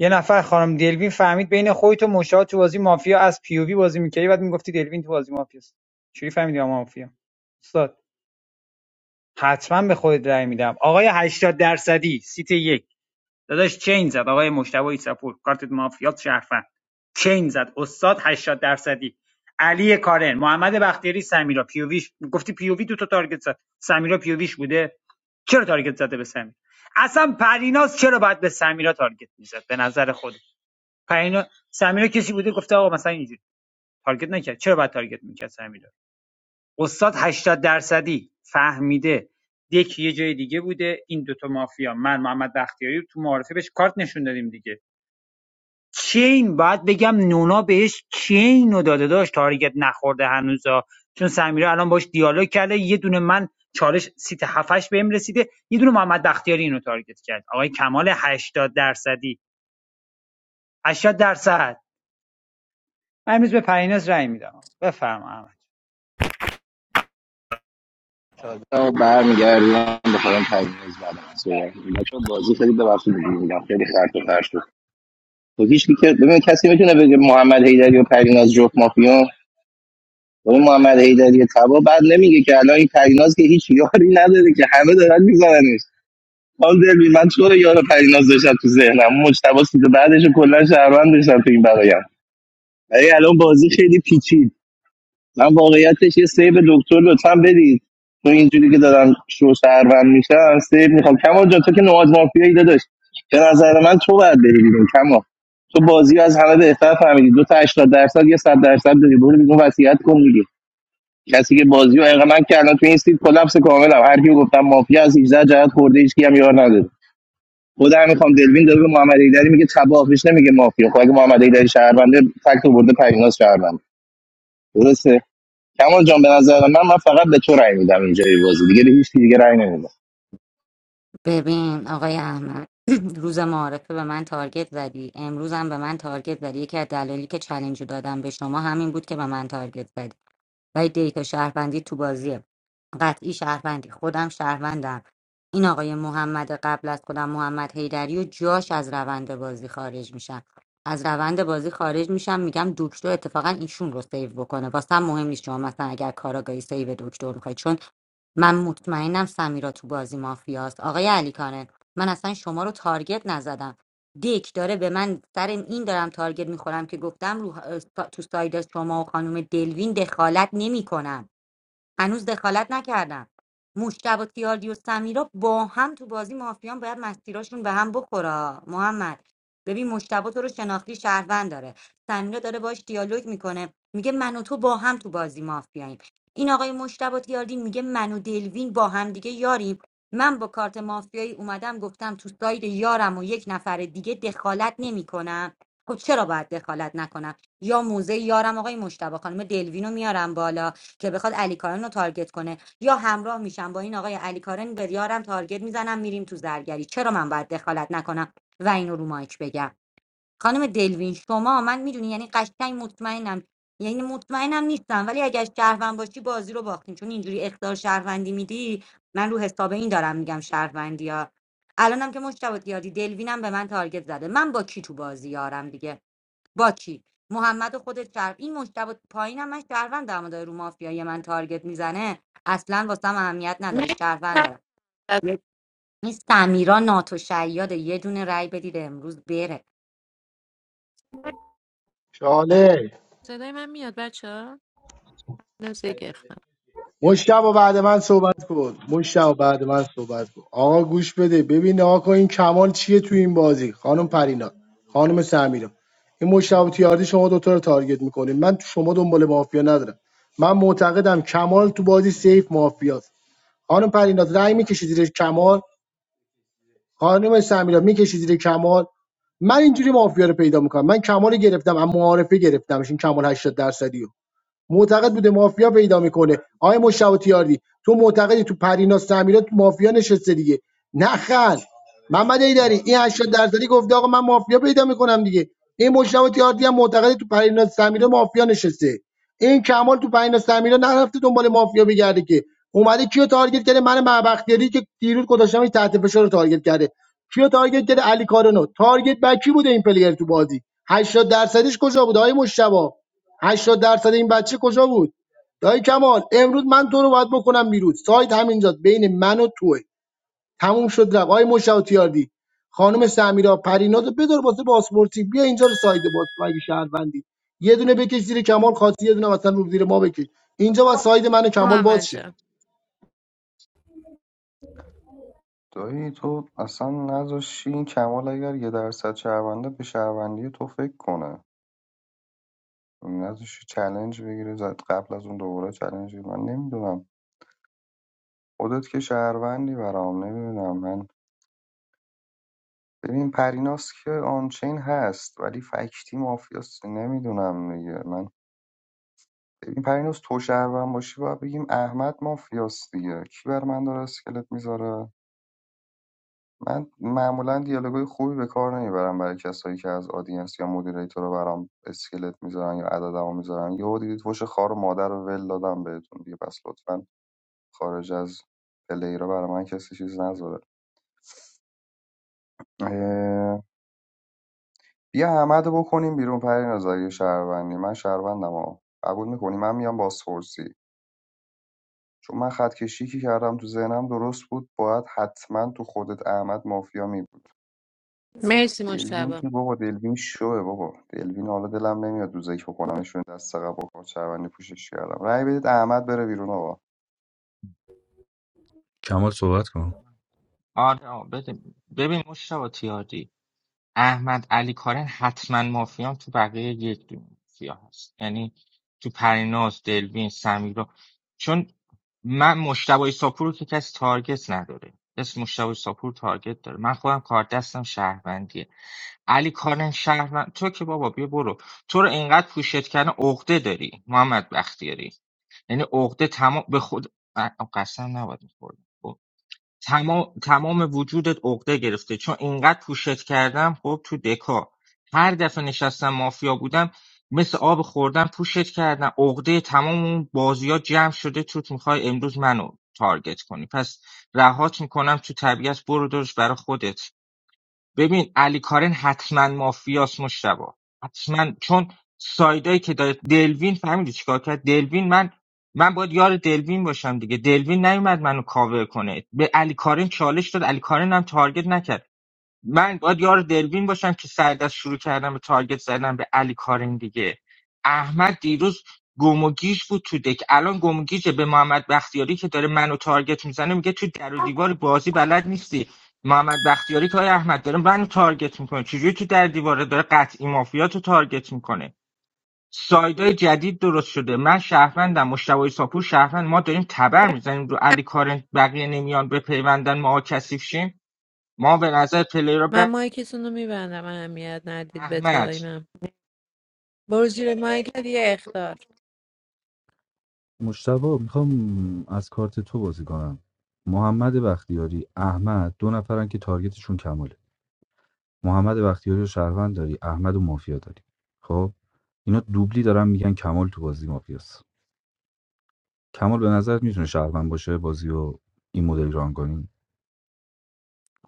یه نفر خانم دلوین فهمید بین خودت و مشتاق تو بازی مافیا از پی او وی بازی میکردی بعد میگفتی دلوین تو بازی مافیاست چجوری فهمیدی ما مافیا استاد حتما به خودت رأی میدم آقای 80 درصدی سیت یک داداش چین زد آقای مشتبه ایساپور کارت مافیات شرفن چین زد استاد 80 درصدی علی کارن محمد بختیاری سمیرا پیوویش گفتی پیووی دو تا تارگت زد سمیرا پیوویش بوده چرا تارگت زده به سمیر اصلا پریناز چرا باید به سمیرا تارگت میزد به نظر خود پرینا سمیرا کسی بوده گفته آقا مثلا اینجوری تارگت نکرد چرا باید تارگت میکرد سمیرا استاد 80 درصدی فهمیده دک یه جای دیگه بوده این دوتا مافیا من محمد بختیاری تو معارفه بهش کارت نشون دادیم دیگه چین باید بگم نونا بهش چین رو داده داشت تارگت نخورده هنوزا چون سمیرا الان باش دیالوگ کرده یه دونه من چالش سیت هفتش بهم رسیده یه دونه محمد بختیاری اینو تارگت کرد آقای کمال هشتاد درصدی هشتاد درصد من امروز به پریناز رأی میدم بفرما احمد
سلام برمیگردم به خودم تبریز بعد از صحبت کنم. بچه‌ها بازی خیلی ببخشید دیگه میگم خیلی خرد و خرد شد تو هیچ که ببین کسی میتونه بگه محمد حیدری و پریناز جفت مافیا ولی محمد حیدری تبا بعد نمیگه که الان این پریناز که هیچ یاری نداره که همه دارن میزننش حال دل من تو رو یار پریناز داشتم تو ذهنم مجتبی سید بعدش رو کلا شهروند داشتم تو این برایم ولی الان بازی خیلی پیچید من واقعیتش یه سیب دکتر لطفا بدید تو اینجوری که دارن شو شهروند میشن سیب میخوام کما جا تو که نواز مافیایی داداش به نظر من تو باید بری بیرون کما تو بازی رو از همه بهتر فهمیدی دو تا 80 درصد یا 100 درصد داری برو بیرون وصیت کن دیگه کسی که بازی رو انقدر من که الان تو این سیت کلاپس کاملم هر کیو گفتم مافیا از 18 جهت خورده هیچ کی هم یار نداره خودم میخوام دلوین داره به محمد ایدری میگه تباه بهش نمیگه مافیا خب اگه محمد ایدری شهرونده فکت برده پریناز شهرونده درسته کمال جان به نظر من من فقط به تو رأی میدم اینجای بازی دیگه به هیچ کی دیگه رأی نمیدم
ببین آقای احمد (clears throat) روز معارفه به من تارگت زدی امروز هم به من تارگت زدی یکی از دلایلی که چلنج رو دادم به شما همین بود که به من تارگت زدی ولی دیتا شهروندی تو بازیه قطعی شهروندی خودم شهروندم این آقای محمد قبل از خودم محمد حیدری و جاش از روند بازی خارج میشم از روند بازی خارج میشم میگم دکتر اتفاقا ایشون رو سیو بکنه واسه هم مهم نیست شما مثلا اگر کاراگاهی سیو دکتر میخواید چون من مطمئنم سمیرا تو بازی مافیاست آقای علی کانه من اصلا شما رو تارگت نزدم دیک داره به من سر این دارم تارگت میخورم که گفتم رو تو ساید شما و خانم دلوین دخالت نمیکنم هنوز دخالت نکردم مشتب و تیاردی و سمیرا با هم تو بازی مافیان باید مسیراشون به هم بخورا محمد ببین مشتبه تو رو شناختی شهروند داره سمیرا داره باش دیالوگ میکنه میگه من و تو با هم تو بازی مافیاییم این آقای مشتبه تیاردی میگه من و دلوین با هم دیگه یاریم من با کارت مافیایی اومدم گفتم تو ساید یارم و یک نفر دیگه دخالت نمیکنم خب چرا باید دخالت نکنم یا موزه یارم آقای مشتبه خانم دلوینو میارم بالا که بخواد علی کارن رو تارگت کنه یا همراه میشم با این آقای علی کارن به ریارم تارگت میزنم میریم تو زرگری چرا من باید دخالت نکنم و اینو رو مایک بگم خانم دلوین شما من میدونی یعنی قشنگ مطمئنم یعنی مطمئنم نیستم ولی اگر شهروند باشی بازی رو باختیم چون اینجوری اختار شهروندی میدی من رو حساب این دارم میگم شهروندی ها الانم که مشتبه یادی دلوینم به من تارگت زده من با کی تو بازی یارم دیگه با کی محمد خودت شهر این مشتبه پایینم من شهروند اما داره رو مافیای من تارگت میزنه اصلا واسم اهمیت نداره شهروند دارم یه- این سمیرا ناتو شیاد یه دونه رای بدید امروز بره
چاله
صدای من میاد بچه ها نزدیک اخت
مشتبه بعد من صحبت کن مشتبه بعد من صحبت کن آقا گوش بده ببین آقا این کمال چیه تو این بازی خانم پرینا خانم سمیرا این مشتبه تیاردی شما دوتا رو تارگت میکنین من تو شما دنبال مافیا ندارم من معتقدم کمال تو بازی سیف مافیاست خانم پرینا رأی میکشی زیر کمال خانم سمیرا میکشی زیر کمال من اینجوری مافیا رو پیدا میکنم من کمال رو گرفتم اما معارفه گرفتمش این کمال 80 درصدیو معتقد بوده مافیا پیدا میکنه آقای مشتاق تیاردی تو معتقدی تو پریناز تعمیرات مافیا نشسته دیگه نخل محمد ایدری این 80 درصدی گفته آقا من مافیا پیدا میکنم دیگه این مشتاق تیاردی هم معتقد تو پریناز تعمیرات مافیا نشسته این کمال تو پریناز تعمیرات نرفته دنبال مافیا بگرده که اومده کیو تارگت کرده من معبختیاری که دیروز گذاشتمش تحت فشار رو تارگت کرده کیو تارگت کرده علی کارونو تارگت بکی بوده این پلیر تو بازی 80 درصدش کجا بوده آقای مشتاق 80 درصد این بچه کجا بود دایی کمال امروز من تو رو باید بکنم بیرون سایت همینجاست بین من و توه تموم شد رفت آقای مشاوتیاردی خانم سمیرا پریناز رو بدار واسه پاسپورتی بیا اینجا رو ساید باز کن اگه شهروندی یه دونه بکش زیر کمال خاصی یه دونه مثلا رو زیر ما بکش اینجا با ساید من و کمال
محمد
باز شه
جان
دایی تو اصلا نذاشتی این کمال اگر یه درصد شهرونده به شهروندی تو فکر کنه نذاشتی چلنج بگیره زد قبل از اون دوباره چلنج بگیره. من نمیدونم خودت که شهروندی برام نمیدونم من ببین پریناس که آنچین هست ولی فکتی مافیاست نمیدونم دیگه من ببین پریناس تو شهروند باشی باید بگیم احمد مافیاست دیگه کی بر من داره اسکلت میذاره من معمولا دیالوگای خوبی به کار نمیبرم برای کسایی که از آدینس یا مدیریتور رو برام اسکلت میذارن یا عددمو میذارن یهو دیدید فوش خار و مادر رو ول دادم بهتون دیگه پس لطفا خارج از پلی رو برای من کسی چیز نذاره بیا احمدو بکنیم بیرون پریناز اگه شهروندی من شهروندم ها قبول میکنی من میام بازپرسی چون من خط کشی که کردم تو ذهنم درست بود باید حتما تو خودت احمد مافیا می بود
مرسی
دلوین
مشتبه
که بابا دلوین شوه بابا دلوین حالا دلم نمیاد دوزک بکنمشون دست قبل با کارت شهروندی پوشش کردم رأی بدید احمد بره بیرون آقا
کمال صحبت کن
آره آه، بده- ببین مشتبه تیاردی احمد علی کارن حتما مافیان تو بقیه یک دو مافیا هست یعنی تو پریناز دلوین سمیرا چون من مشتبه ساپور رو که کسی تارگت نداره اسم مشتبه ساپور تارگت داره من خودم کار دستم شهروندیه علی کارن شهروند تو که بابا بیا برو تو رو اینقدر پوشت کردن عقده داری محمد بختیاری یعنی عقده تمام به خود آه، قسم نباید میخورد تمام تمام وجودت عقده گرفته چون اینقدر پوشت کردم خب تو دکا هر دفعه نشستم مافیا بودم مثل آب خوردم، پوشت کردم عقده تمام اون بازی ها جمع شده توت میخوای امروز منو تارگت کنی پس رهات میکنم تو طبیعت برو درش برا خودت ببین علی کارن حتما مافیاس مشتبا حتما چون سایدایی که داره دلوین فهمیدی چیکار کرد دلوین من من باید یار دلوین باشم دیگه دلوین نیومد منو کاور کنه به علی کارن چالش داد علی کارن هم تارگت نکرد من باید یار دلوین باشم که سر دست شروع کردم به تارگت زدن به علی کارین دیگه احمد دیروز گم و گیج بود تو دک الان گم و گیجه به محمد بختیاری که داره منو تارگت میزنه میگه تو در و دیوار بازی بلد نیستی محمد بختیاری که آقای احمد داره منو تارگت میکنه چجوری تو در دیواره داره قطعی مافیا تو تارگت میکنه سایدای جدید درست شده من شهروندم مشتبه ساپور شهروند ما داریم تبر میزنیم رو علی کارن بقیه نمیان به پیوندن ما کثیف شیم ما به نظر
من
پلیر
مایکتون رو میبندم اهمیت ندید به
احمد
تایمم برو زیر مایکت یه اختار
مشتبه میخوام از کارت تو بازی کنم محمد بختیاری احمد دو نفرن که تارگتشون کماله محمد بختیاری رو شهروند داری احمد و مافیا داری خب اینا دوبلی دارن میگن کمال تو بازی مافیاست کمال به نظرت میتونه شهروند باشه بازی و این مدل ران کنیم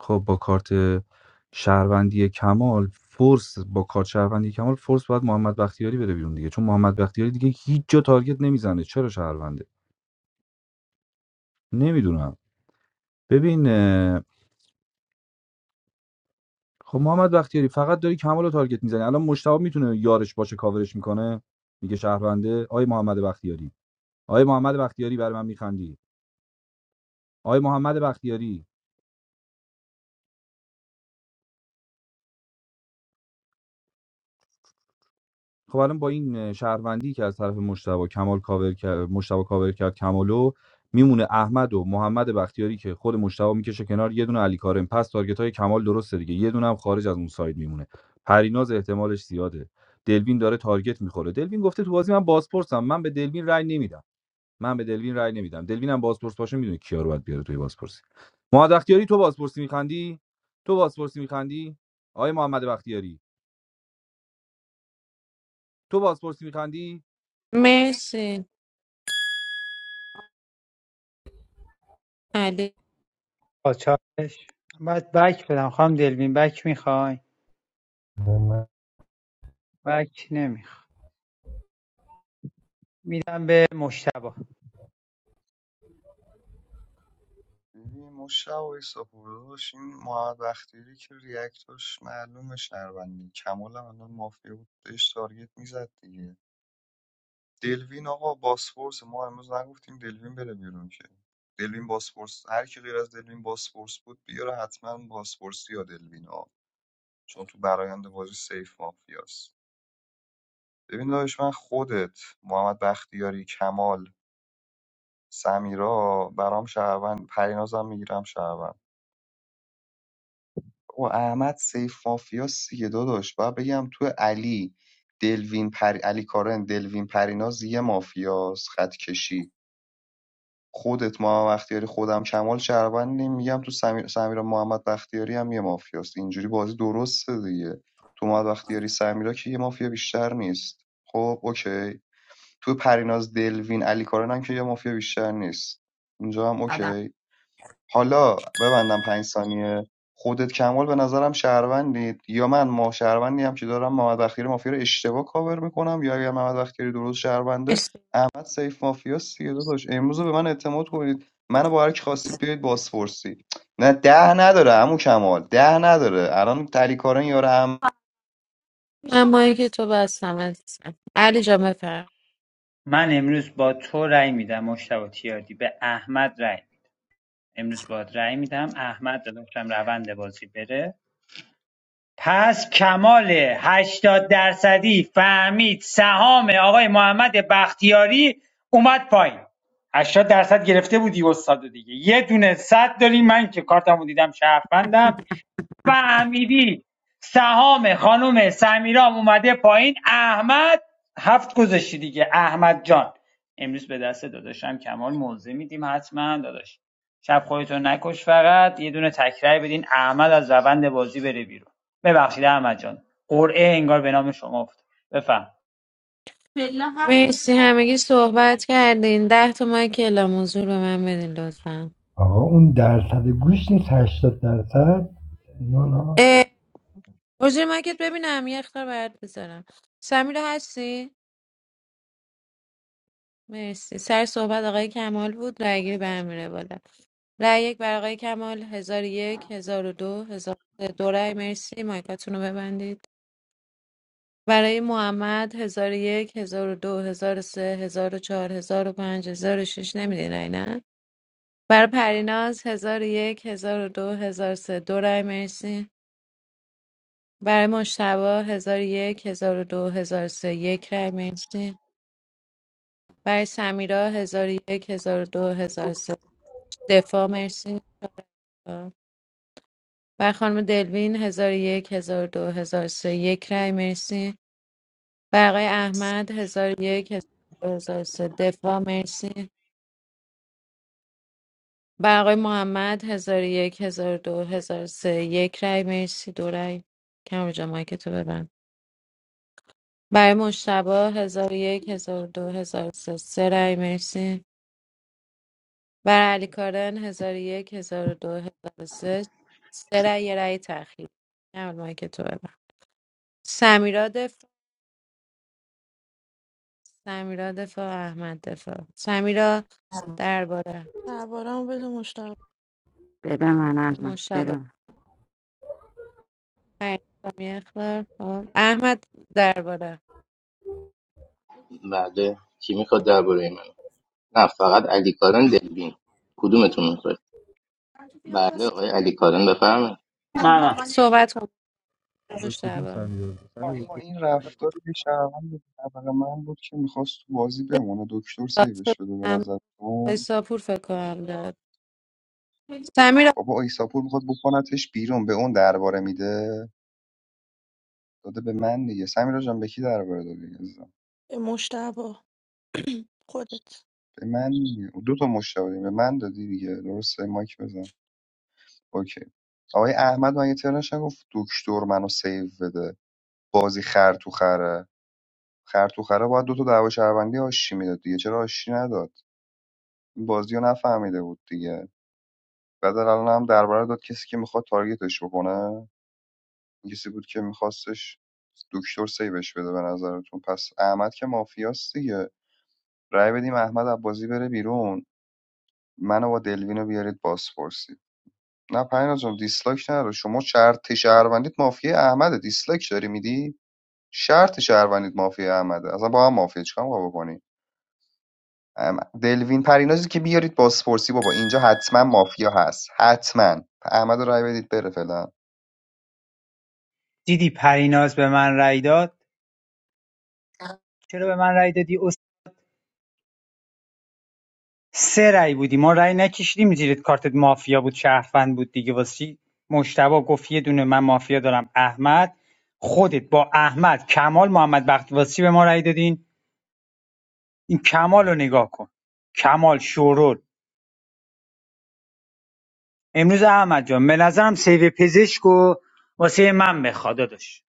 خب با کارت شهروندی کمال فورس با کارت شهروندی کمال فورس باید محمد بختیاری بره بیرون دیگه چون محمد بختیاری دیگه هیچ جا تارگت نمیزنه چرا شهرونده نمیدونم ببین اه، خب محمد بختیاری فقط داری کمال رو تارگت میزنی الان مشتاق میتونه یارش باشه کاورش میکنه میگه شهرونده آی محمد بختیاری آقای محمد بختیاری برای من میخندی آقای محمد بختیاری خب الان با این شهروندی که از طرف مشتبه کمال کاور کرد مشتبه کاور کرد کمالو میمونه احمد و محمد بختیاری که خود مشتبه میکشه کنار یه دونه علی کارم پس تارگت های کمال درسته دیگه یه دونه هم خارج از اون ساید میمونه پریناز احتمالش زیاده دلوین داره تارگت میخوره دلوین گفته تو بازی من بازپرسم من به دلوین رأی نمیدم من به دلوین رأی نمیدم دلوین هم بازپرس باشه میدونه کیا رو باید بیاره توی بازپرسی محمد بختیاری تو بازپرسی میخندی تو بازپرسی میخندی آقای محمد بختیاری تو بازپرسی میخندی
مرسی علی
با چالش باید بک بدم خواهم دلوین بک میخوای بک نمیخوام میدم به مشتبه
ببین مشتاق ایساپورداش این محمد بختیاری که ریاکتاش معلومه شهروندی کمال هم الان مافیا بود بهش تارگت میزد دیگه دلوین آقا باسپورس ما امروز نگفتیم دلوین بره بیرون که دلوین باسپورس هر کی غیر از دلوین باسپورس بود بیاره حتما باسپورسی یا دلوین ها چون تو برایند بازی سیف مافیاست ببین داداش من خودت محمد بختیاری کمال سمیرا برام شهروند پرینازم میگیرم شهروند او احمد سیف مافیا سیه داداش باید بگم تو علی دلوین پر... علی کارن دلوین پریناز یه مافیاس خط کشی خودت محمد بختیاری خودم کمال شهروندیم میگم تو سمیر, سمیرا محمد بختیاری هم یه مافیاست اینجوری بازی درسته دیگه تو محمد بختیاری سمیرا که یه مافیا بیشتر نیست خب اوکی تو پریناز دلوین علی کارن هم که یه مافیا بیشتر نیست اینجا هم اوکی حالا ببندم پنج ثانیه خودت کمال به نظرم شهروندید یا من ما شهروندی هم که دارم محمد بختیاری مافیا رو اشتباه کاور میکنم یا اگر محمد بختیاری درست شهرونده
مرسی
احمد سیف مافیا سیه داداش امروز رو به من اعتماد کنید منو با هر کی خواستید بیاید بازپرسی نه ده نداره عمو کمال ده نداره الان تریکارن یار هم
من مایک تو بستم عزیزم علی جا بفرم
من امروز با تو رأی میدم مشتبه تیاردی به احمد رأی امروز باید رأی میدم احمد داده باشم روند بازی بره پس کمال 80 درصدی فهمید سهام آقای محمد بختیاری اومد پایین 80 درصد گرفته بودی استاد دیگه یه دونه صد داری من که کارتمو دیدم شهروندم و امیری سهام خانم سمیرام اومده پایین احمد هفت گذاشتی دیگه احمد جان امروز به دست داداشم کمال موضع میدیم حتما داداش شب خودتون نکش فقط یه دونه تکرار بدین احمد از روند بازی بره بیرون ببخشید احمد جان قرعه انگار به نام شما افتاد بفهم
همگی صحبت کردین ده تا مایک اعلام موضوع به من بدین لطفا
آقا اون درصد گوش نیست هشتاد درصد نه نه
اه، برو زیر مایکت ببینم یه اختار برات بذارم سمیرا هستی؟ مرسی سر صحبت آقای کمال بود رای گیری برمیره بالا رای یک برای آقای کمال هزار و یک هزار و دو هزار و سه. دو رای مرسی مایکاتون رو ببندید برای محمد هزار و یک هزار و دو هزار و سه هزار و چهار هزار و پنج هزار و شش نمیدین رای نه برای پریناز هزار و یک هزار و دو هزار و سه دو رای مرسی برای مشتبا هزار و یک هزار و دو هزار و سه یک رای مرسی برای سمیرا هزار و یک هزار و دو هزار و سه دفاع مرسی برای خانم دلوین هزار و یک هزار و دو هزار و سه یک رای مرسی برای آقای احمد هزار و یک هزار و دو، هزار و سه دفاع مرسی بر آقای محمد هزار و یک هزار و دو هزار و سه یک رای مرسی دو رای کم جا مایک تو ببند برای مشتبه هزار و یک هزار و دو هزار و سه سه رای مرسی برای علی کارن هزار و یک هزار و دو هزار و سه سه رای یه رای تأخیر کم جا مایک تو ببند سمیرا دفاع سمیرا دفاع احمد دفاع سمیرا درباره
درباره‌مو بده مشتبه
بده من الان. بده
مشتبه
من.
خیر، یه اخبار. خب. احمد درباره
بله کی میخواد درباره من نه فقط علی کارن دلبین کدومتون میخواد بله آقای علی کارن
من
بفرمایید
منم
صحبت کن
به کدوم
مشتبه
سمیار
آقا
سمیار
این رفتار یه شهروند طبقه من بود که میخواست تو بازی بمونه دکتر
راست فکر
سیوش بده به
کنم
نظر
آقای ساپور فکر کنم داد سمیرا
بابا ایساپور میخواد بکنتش بیرون به اون درباره میده داده به من دیگه سمیرا جان به کی درباره دادی عزیزم
مشتبه خودت
به من دیگه. دو تا مشتاق داری. به من دادی دیگه درسته مایک بزن اوکی آقای احمد من یه ترنش گفت دکتر منو سیو بده بازی خر تو خره خر تو خره باید دو تا دعوا شهروندی آشی میداد دیگه چرا آشی نداد این بازی رو نفهمیده بود دیگه بعد الان هم درباره داد کسی که میخواد تارگتش بکنه این بود که میخواستش دکتر سیوش بده به نظرتون پس احمد که مافیاست دیگه رأی بدیم احمد عباسی بره بیرون منو با دلوینو بیارید بازپرسی نه پریناز جان دیسلایک نرو شما شرط شهروندیت مافیا احمده دیسلایک داری میدی شرط شهروندیت مافیا احمده اصلا با هم مافیا چیکار ما بکنی ام، دلوین پرینازی که بیارید بازپرسی بابا اینجا حتما مافیا هست حتما احمد رو رأی بدید بره فعلا
دیدی پریناز به من رأی داد چرا به من رأی دادی سه رای بودی ما رای نکشیدیم زیرت کارتت مافیا بود شهروند بود دیگه واسه مشتبه گفت یه دونه من مافیا دارم احمد خودت با احمد کمال محمد بختیواسی به ما رای دادین این کمال رو نگاه کن کمال شورول امروز احمد جان به نظرم سیو پزشک و واسه من بخواد داداش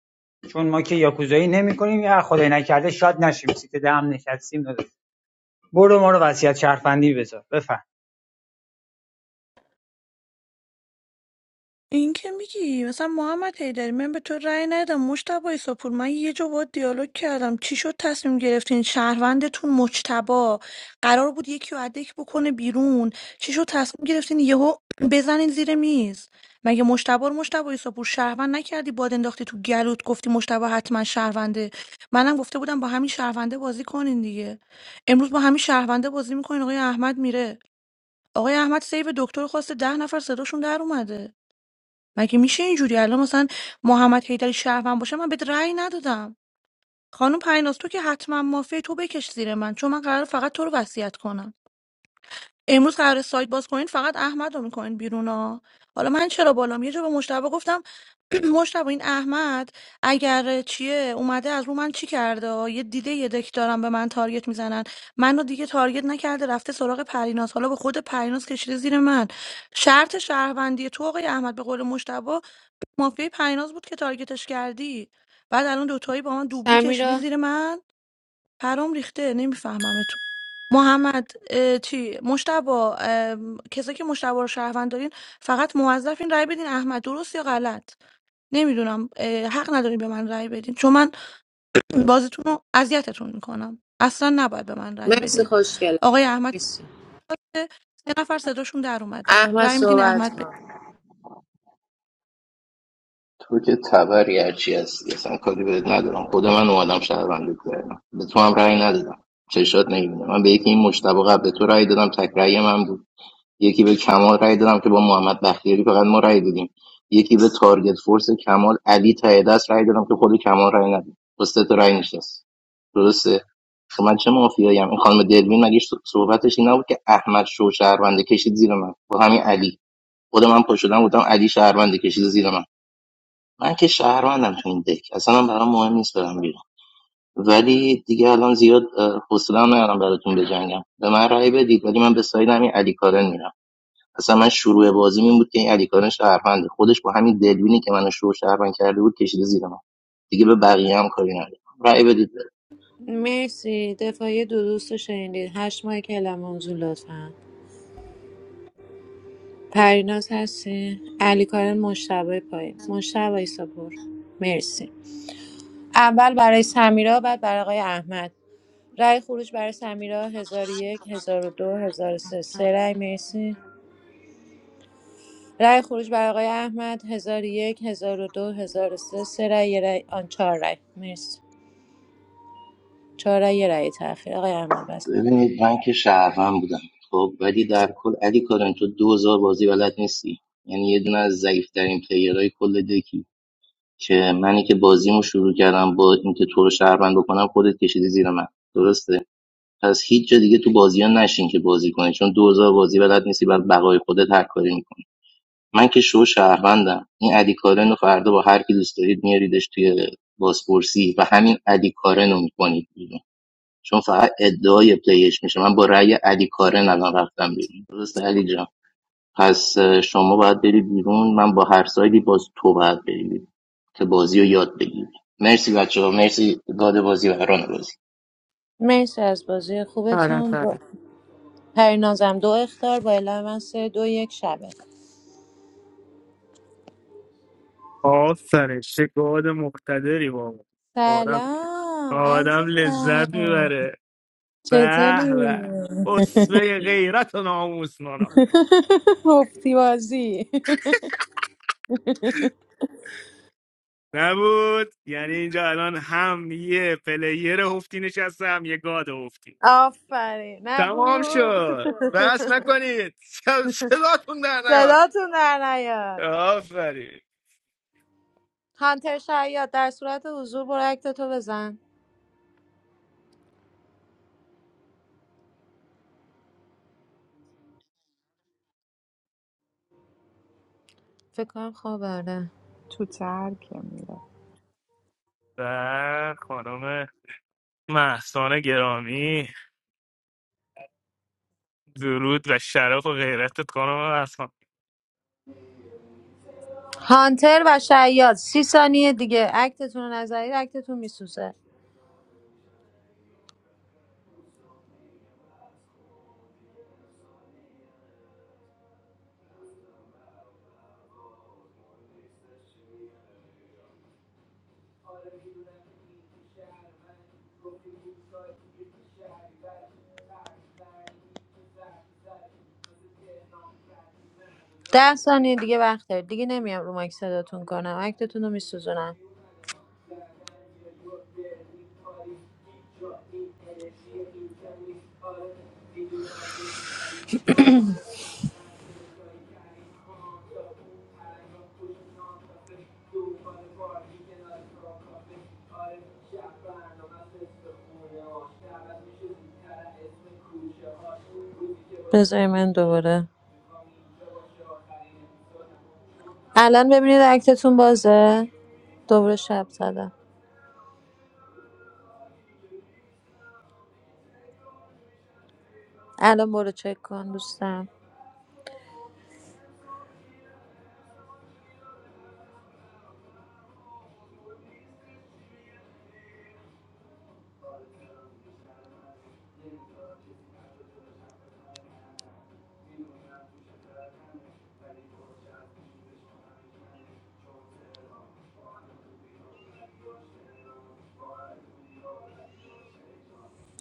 چون ما که یاکوزایی نمی‌کنیم یا خدای نکرده شاد نشیم سیت ده هم نشستیم داداش برو ما رو وصیت شرفندی بذار بفهم
این که میگی مثلا محمد حیدری من به تو رأی ندادم مشتبه ایساپور من یه جا با دیالوگ کردم چی شد تصمیم گرفتین شهروندتون مجتبا قرار بود یکی رو ادک بکنه بیرون چی شد تصمیم گرفتین یهو بزنین زیر میز مگه مشتبه رو مشتبه ایساپور شهروند نکردی باد انداختی تو گلوت گفتی مشتبه حتما شهرونده منم گفته بودم با همین شهرونده بازی کنین دیگه امروز با همین شهرونده بازی میکنین آقای احمد میره آقای احمد سیو دکتر خواسته ده نفر صداشون در اومده مگه میشه اینجوری الان مثلا محمد حیدری شهروند باشه من بهت رأی ندادم خانم پریناز تو که حتما مافیای تو بکش زیر من چون من قرار فقط تو رو وصیت کنم امروز قرار سایت باز کنین فقط احمد رو میکنین بیرون ها حالا من چرا بالام یه جا به مشتبه گفتم (clears throat) مشتبه این احمد اگر چیه اومده از رو من چی کرده یه دیده یه دک دارم به من تارگت میزنن منو دیگه تارگت نکرده رفته سراغ پریناز حالا به خود پریناز کشیده زیر من شرط شهروندی تو آقای احمد به قول مشتبه مافیای پریناز بود که تارگتش کردی بعد الان دوتایی با من دوبلی کشیدی
سمیرا
زیر من پرام ریخته نمیفهمم تو محمد اه، چی مشتبا کسایی که مشتبا رو شهروند دارین فقط موظفین رأی بدین احمد درست یا غلط نمیدونم حق ندارین به من رأی بدین چون من بازیتون رو اذیتتون میکنم اصلا نباید به من رأی
مرسی
بدین
خوشگل
آقای احمد
مرسی
سه نفر صداشون در اومده
احمد
رأی میدین
صحبت
احمد به
کن
تو که تبری هرچی هستی اصلا کاری بهت ندارم خود من اومدم شهروندی کردم به تو هم رأی ندادم چشات نمیبینه من به یکی این مشتبه قبل تو رأی دادم تک رأی من بود. یکی به کمال رای دادم که با محمد بختیاری فقط ما رای دادیم یکی به تارگت فورس کمال علی ته دست رای دادم که خود کمال رای ندیم با سه تا رای نشست درسته خب من چه مافیایی ام؟ این خانم دلوین مگه ش- صحبتش این نبود که احمد شو شهرونده کشید زیر من با همین علی خود من پا شدم بودم علی شهرونده کشید زیر من من که شهروندم تو این دک اصلا من برام مهم نیست برم بیرون ولی دیگه الان زیاد اه، حوصله هم ندارم براتون بجنگم به من رای بدید ولی من به ساید همین علی کارن میرم اصلا من شروع بازیم این بود که این علیکان شهرونده خودش با همین دلبینی که منو شروع شهروند کرده بود کشیده زیر من دیگه به بقیه هم کاری ندارم رأی بدید بره.
مرسی دفاعی دو دوست رو شنیدید هشت ماه کلم موضوع لطفا پریناز هستی علی کارن مشتبه پایین مشتبه ساپور مرسی اول برای سمیرا بعد برای آقای احمد رأی خروج برای سمیرا هزار و یک هزار و دو هزار و سه سه رأی مرسی رای خروج برای آقای احمد 1001 1002 1003 سه سه رأی یه رأی آن چهار رای مرسی چهار رأی یه رأی تأخیر آقای احمد بس
ببینید من که شهروند بودم خب ولی در کل علی کارن تو 2000 بازی بلد نیستی یعنی یه دونه از ضعیف‌ترین پلیرهای کل دکی که منی که بازیمو شروع کردم با اینکه تو رو شهروند بکنم خودت کشیدی زیر من درسته پس هیچ جا دیگه تو بازی ها نشین که بازی کنی چون 2000 بازی بلد نیستی بر بقای خودت هر کاری می‌کنی. من که شو شهروندم این علی کارن رو فردا با هر کی دوست دارید میاریدش توی بازپرسی و همین علی کارن رو میکنید بیرون چون فقط ادعای پلیش میشه من با رأی علی کارن الان رفتم بیرون درست علی جان پس شما باید بری بیرون من با هر سایدی باز تو باید بری بیرون که بازی رو یاد بگیری مرسی بچه مرسی گاد بازی و ران بازی
مرسی از بازی
آره
خوبتون با
آره
پرینازم دو اختار با اعلام من سه دو یک شبه
آفرین چه گاد مقتدری بابا آدم
سلام
آدم لذت
عزیزم
میبره به
چطوری؟
به اسوه غیرت و ناموس مانا
(laughs) مفتی بازی
نبود یعنی اینجا الان هم یه پلیر هفتی نشسته هم یه گاد هفتی
آفرین
تمام
نبود
شد بس نکنید س- صداتون در نیاد
صداتون در نیاد
آفرین
هانتر شیاد در صورت حضور برو اکتتو بزن فکر کنم خواب برده
What is
و خانم محسان گرامی درود و شرف و غیرتت خانم محسان
هانتر و شیاد سی ثانیه دیگه اکتتون رو نظرید اکتتون میسوزه ده ثانیه دیگه وقت دارید دیگه نمیام رو مایک صداتون کنم اکتتون رو میسوزونم بذاری من دوباره الان ببینید اکتتون بازه دوباره شب زدم الان برو چک کن دوستم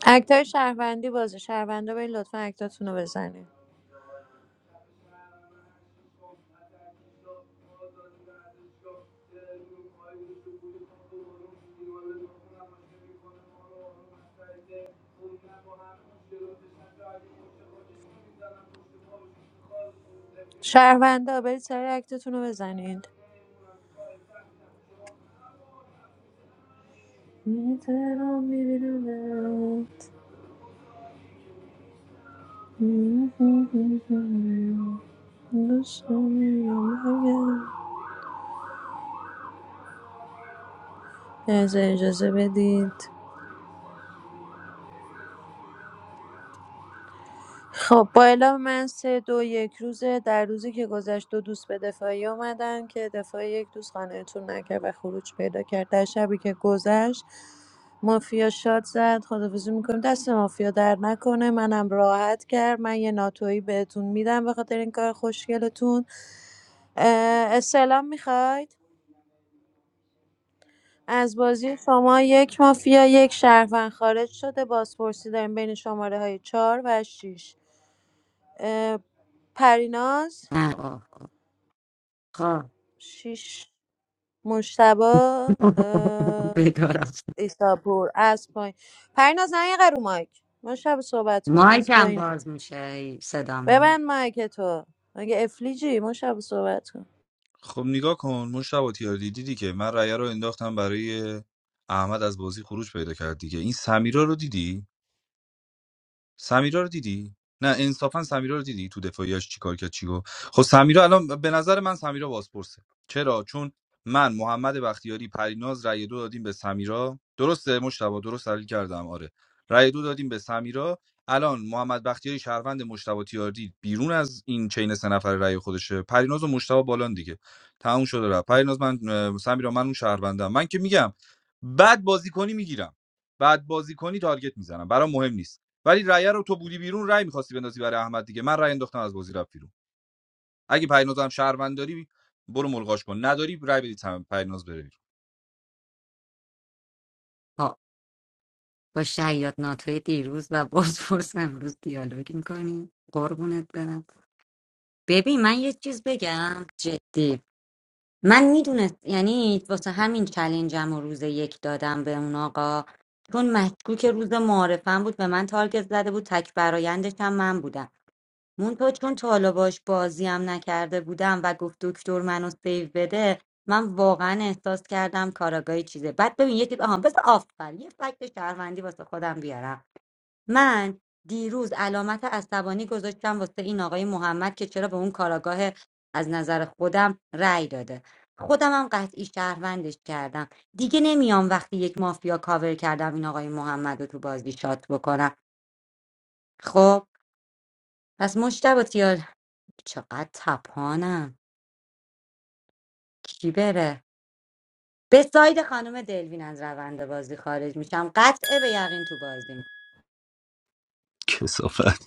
اکتای شهروندی بازه شهروندا برید لطفا اکتاتون رو بزنید شهروندا برید سر اکتتون رو بزنید یه ترام میبینم داشتم میگم اگه اجازه بدید خب با اعلام من ۳ دو یک روزه در روزی که گذشت دو دوست به دفاعی آمدن که دفاع یک دوست قانعتون نکرد و خروج پیدا کرد در شبی که گذشت مافیا شاد زد خدافزی میکنم دست مافیا در نکنه منم راحت کرد من یه ناتویی بهتون میدم به خاطر این کار خوشگلتون اه، استعلام میخواید از بازی شما یک مافیا یک شهروند خارج شده بازپرسی داریم بین شماره های چهار و 6 اه، پریناز
نه آخا
شیش مشتبا اه،
بدارم (laughs)
ایساپور از پایین پریناز نه یه قرو مایک مشتبا صحبت کن از
مایکم
پایینه
باز میشه ای، صدام میاد.
ببند مایک تو مگه افلیجی مشتبا صحبت کن
خب نگاه کن مشتبه تیاردی دیدی که من رأی رو انداختم برای احمد از بازی خروج پیدا کرد دیگه این سمیرا رو دیدی سمیرا رو دیدی نه انصافا سمیرا رو دیدی تو دفاعیاش چیکار کرد چی گفت خب سمیرا الان به نظر من سمیرا بازپرسه چرا چون من محمد بختیاری پریناز رأی دو دادیم به سمیرا درسته مشتبه درست تحلیل کردم آره رأی دو دادیم به سمیرا الان محمد بختیاری شهروند مشتبه تیاردی بیرون از این چین سه نفر رأی خودشه پریناز و مشتبه بالان دیگه تموم شده رفت پریناز من اه، سمیرا من اون شهروندم من که میگم بد بازی کنی میگیرم بعد بازی کنی تارگت میزنم برام مهم نیست ولی رأی رو تو بودی بیرون رأی می‌خواستی بندازی برای احمد دیگه من رأی انداختم از بازی رفت بیرون اگه پریناز هم شهروند داری برو ملغاش کن نداری رأی بدی تمام پریناز بره بیرون
با با شیاد ناتوی دیروز و بازپرس امروز دیالوگ میکنی قربونت برم ببین من یه چیز بگم جدی من میدونست یعنی واسه همین چلنجم و روز یک دادم به اون آقا چون مشکوک روز معارفم بود به من تارگت زده بود تک برایندش هم من بودم مونتو چون تا حالا باش بازی هم نکرده بودم و گفت دکتر منو سیو بده من واقعا احساس کردم کاراگاهی چیزه بعد ببین یکی آها بس آفر یه فکت شهروندی واسه خودم بیارم من دیروز علامت عصبانی گذاشتم واسه این آقای محمد که چرا به اون کاراگاه از نظر خودم رأی داده خودم هم قطعی شهروندش کردم دیگه نمیام وقتی یک مافیا کاور کردم این آقای محمد رو تو بازی شات بکنم خب پس مشتبه تیار چقدر تپانم کی بره به ساید خانم دلوین از روند بازی خارج میشم قطعه به یقین تو بازی
کسافت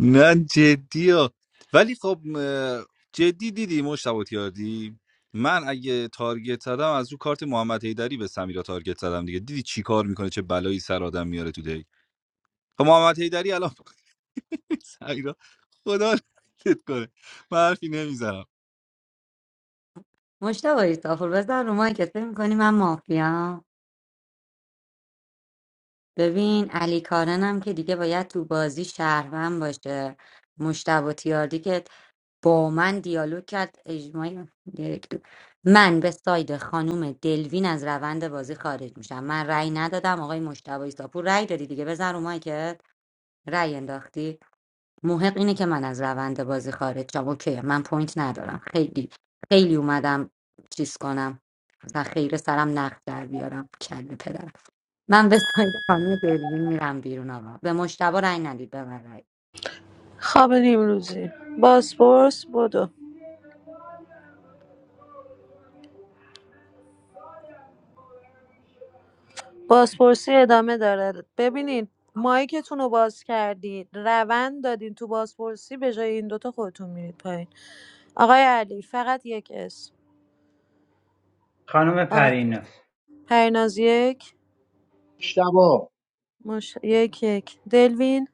نه جدی ها ولی خب اه، جدی دیدی مشتبه تیاردی من اگه تارگت زدم از رو کارت محمد حیدری به سمیرا تارگت زدم دیگه دیدی چی کار میکنه چه بلایی سر آدم میاره تو دی خب محمد حیدری الان (laughs) سمیرا خدا لعنتت کنه من حرفی نمیزنم
مشتبه ایستافور بزن رو مایکت فکر می‌کنی من مافیام ببین علی کارنم که دیگه باید تو بازی شهروند باشه مشتبه تیاردی که با من دیالوگ کرد اجماعی یک دو. من به ساید خانوم دلوین از روند بازی خارج میشم من رأی ندادم آقای مشتبه ایساپور رأی دادی دیگه بزن رو که رأی انداختی محق اینه که من از روند بازی خارج شم اوکی من پوینت ندارم خیلی خیلی اومدم چیز کنم و خیر سرم نقد در بیارم کل پدر من به سایت خانم دلوین میرم بیرون آقا به مشتبه رنگ ندید به من رنگ
خواب نیمروزی باسپورس بدو بازپرسی ادامه داره ببینین مایکتون رو باز کردین روند دادین تو بازپرسی به جای این دوتا خودتون میرید پایین آقای علی فقط یک اسم
خانم
آقا
پریناز
پریناز یک
اشتباه
ماش... یک یک دلوین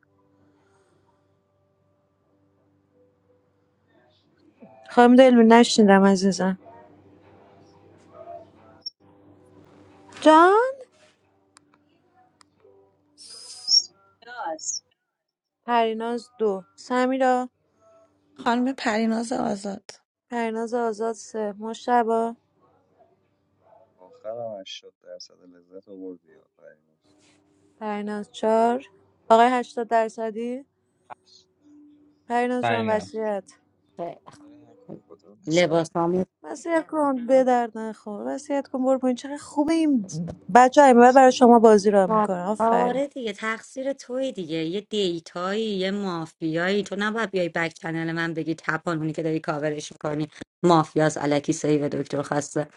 خانم دلوین نشنیدم عزیزم جان پریناز دو سمیرا
خانم پریناز آزاد
پریناز آزاد سه مشتبا
آخرم 80 درصد لذت آوردی یا پریناز
پریناز چهار آقای هشتاد درصدی پریناز جان
فرینا
وصیت
آره نکن خدا
لباس
مسخرت
وصیت کن به درد نخور وصیت کن برو پایین چقدر خوبه این بچه های من برای شما بازی را میکنه آفرین
آره دیگه تقصیر توی دیگه یه دیتایی یه مافیایی تو نباید بیای بک چنل من بگی تپانونی که داری کاورش میکنی مافیاس الکی سیو دکتر خواسته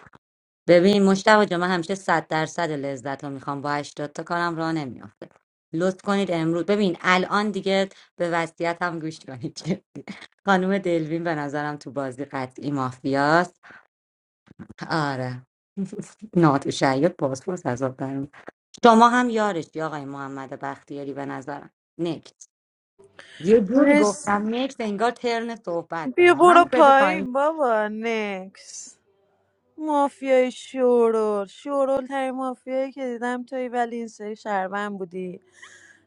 ببین مشتبه جا من همیشه صد درصد لذت رو میخوام با 80 تا کارم راه نمیافته لطف کنید امروز ببین الان دیگه به وضعیت هم گوش کنید که خانم دلوین به نظرم تو بازی قطعی مافیاست آره نات شعیات پاسپورت از آب برمی شما هم یارشی آقای محمد بختیاری به نظرم نکت یه جوری
مرسی
گفتم نکت انگار ترن صحبت
بیا
دارم من
برو
بده پایین
پایین بابا نکس مافیای شورول شورول ترین مافیایی که دیدم توی ولی این سری شهروند بودی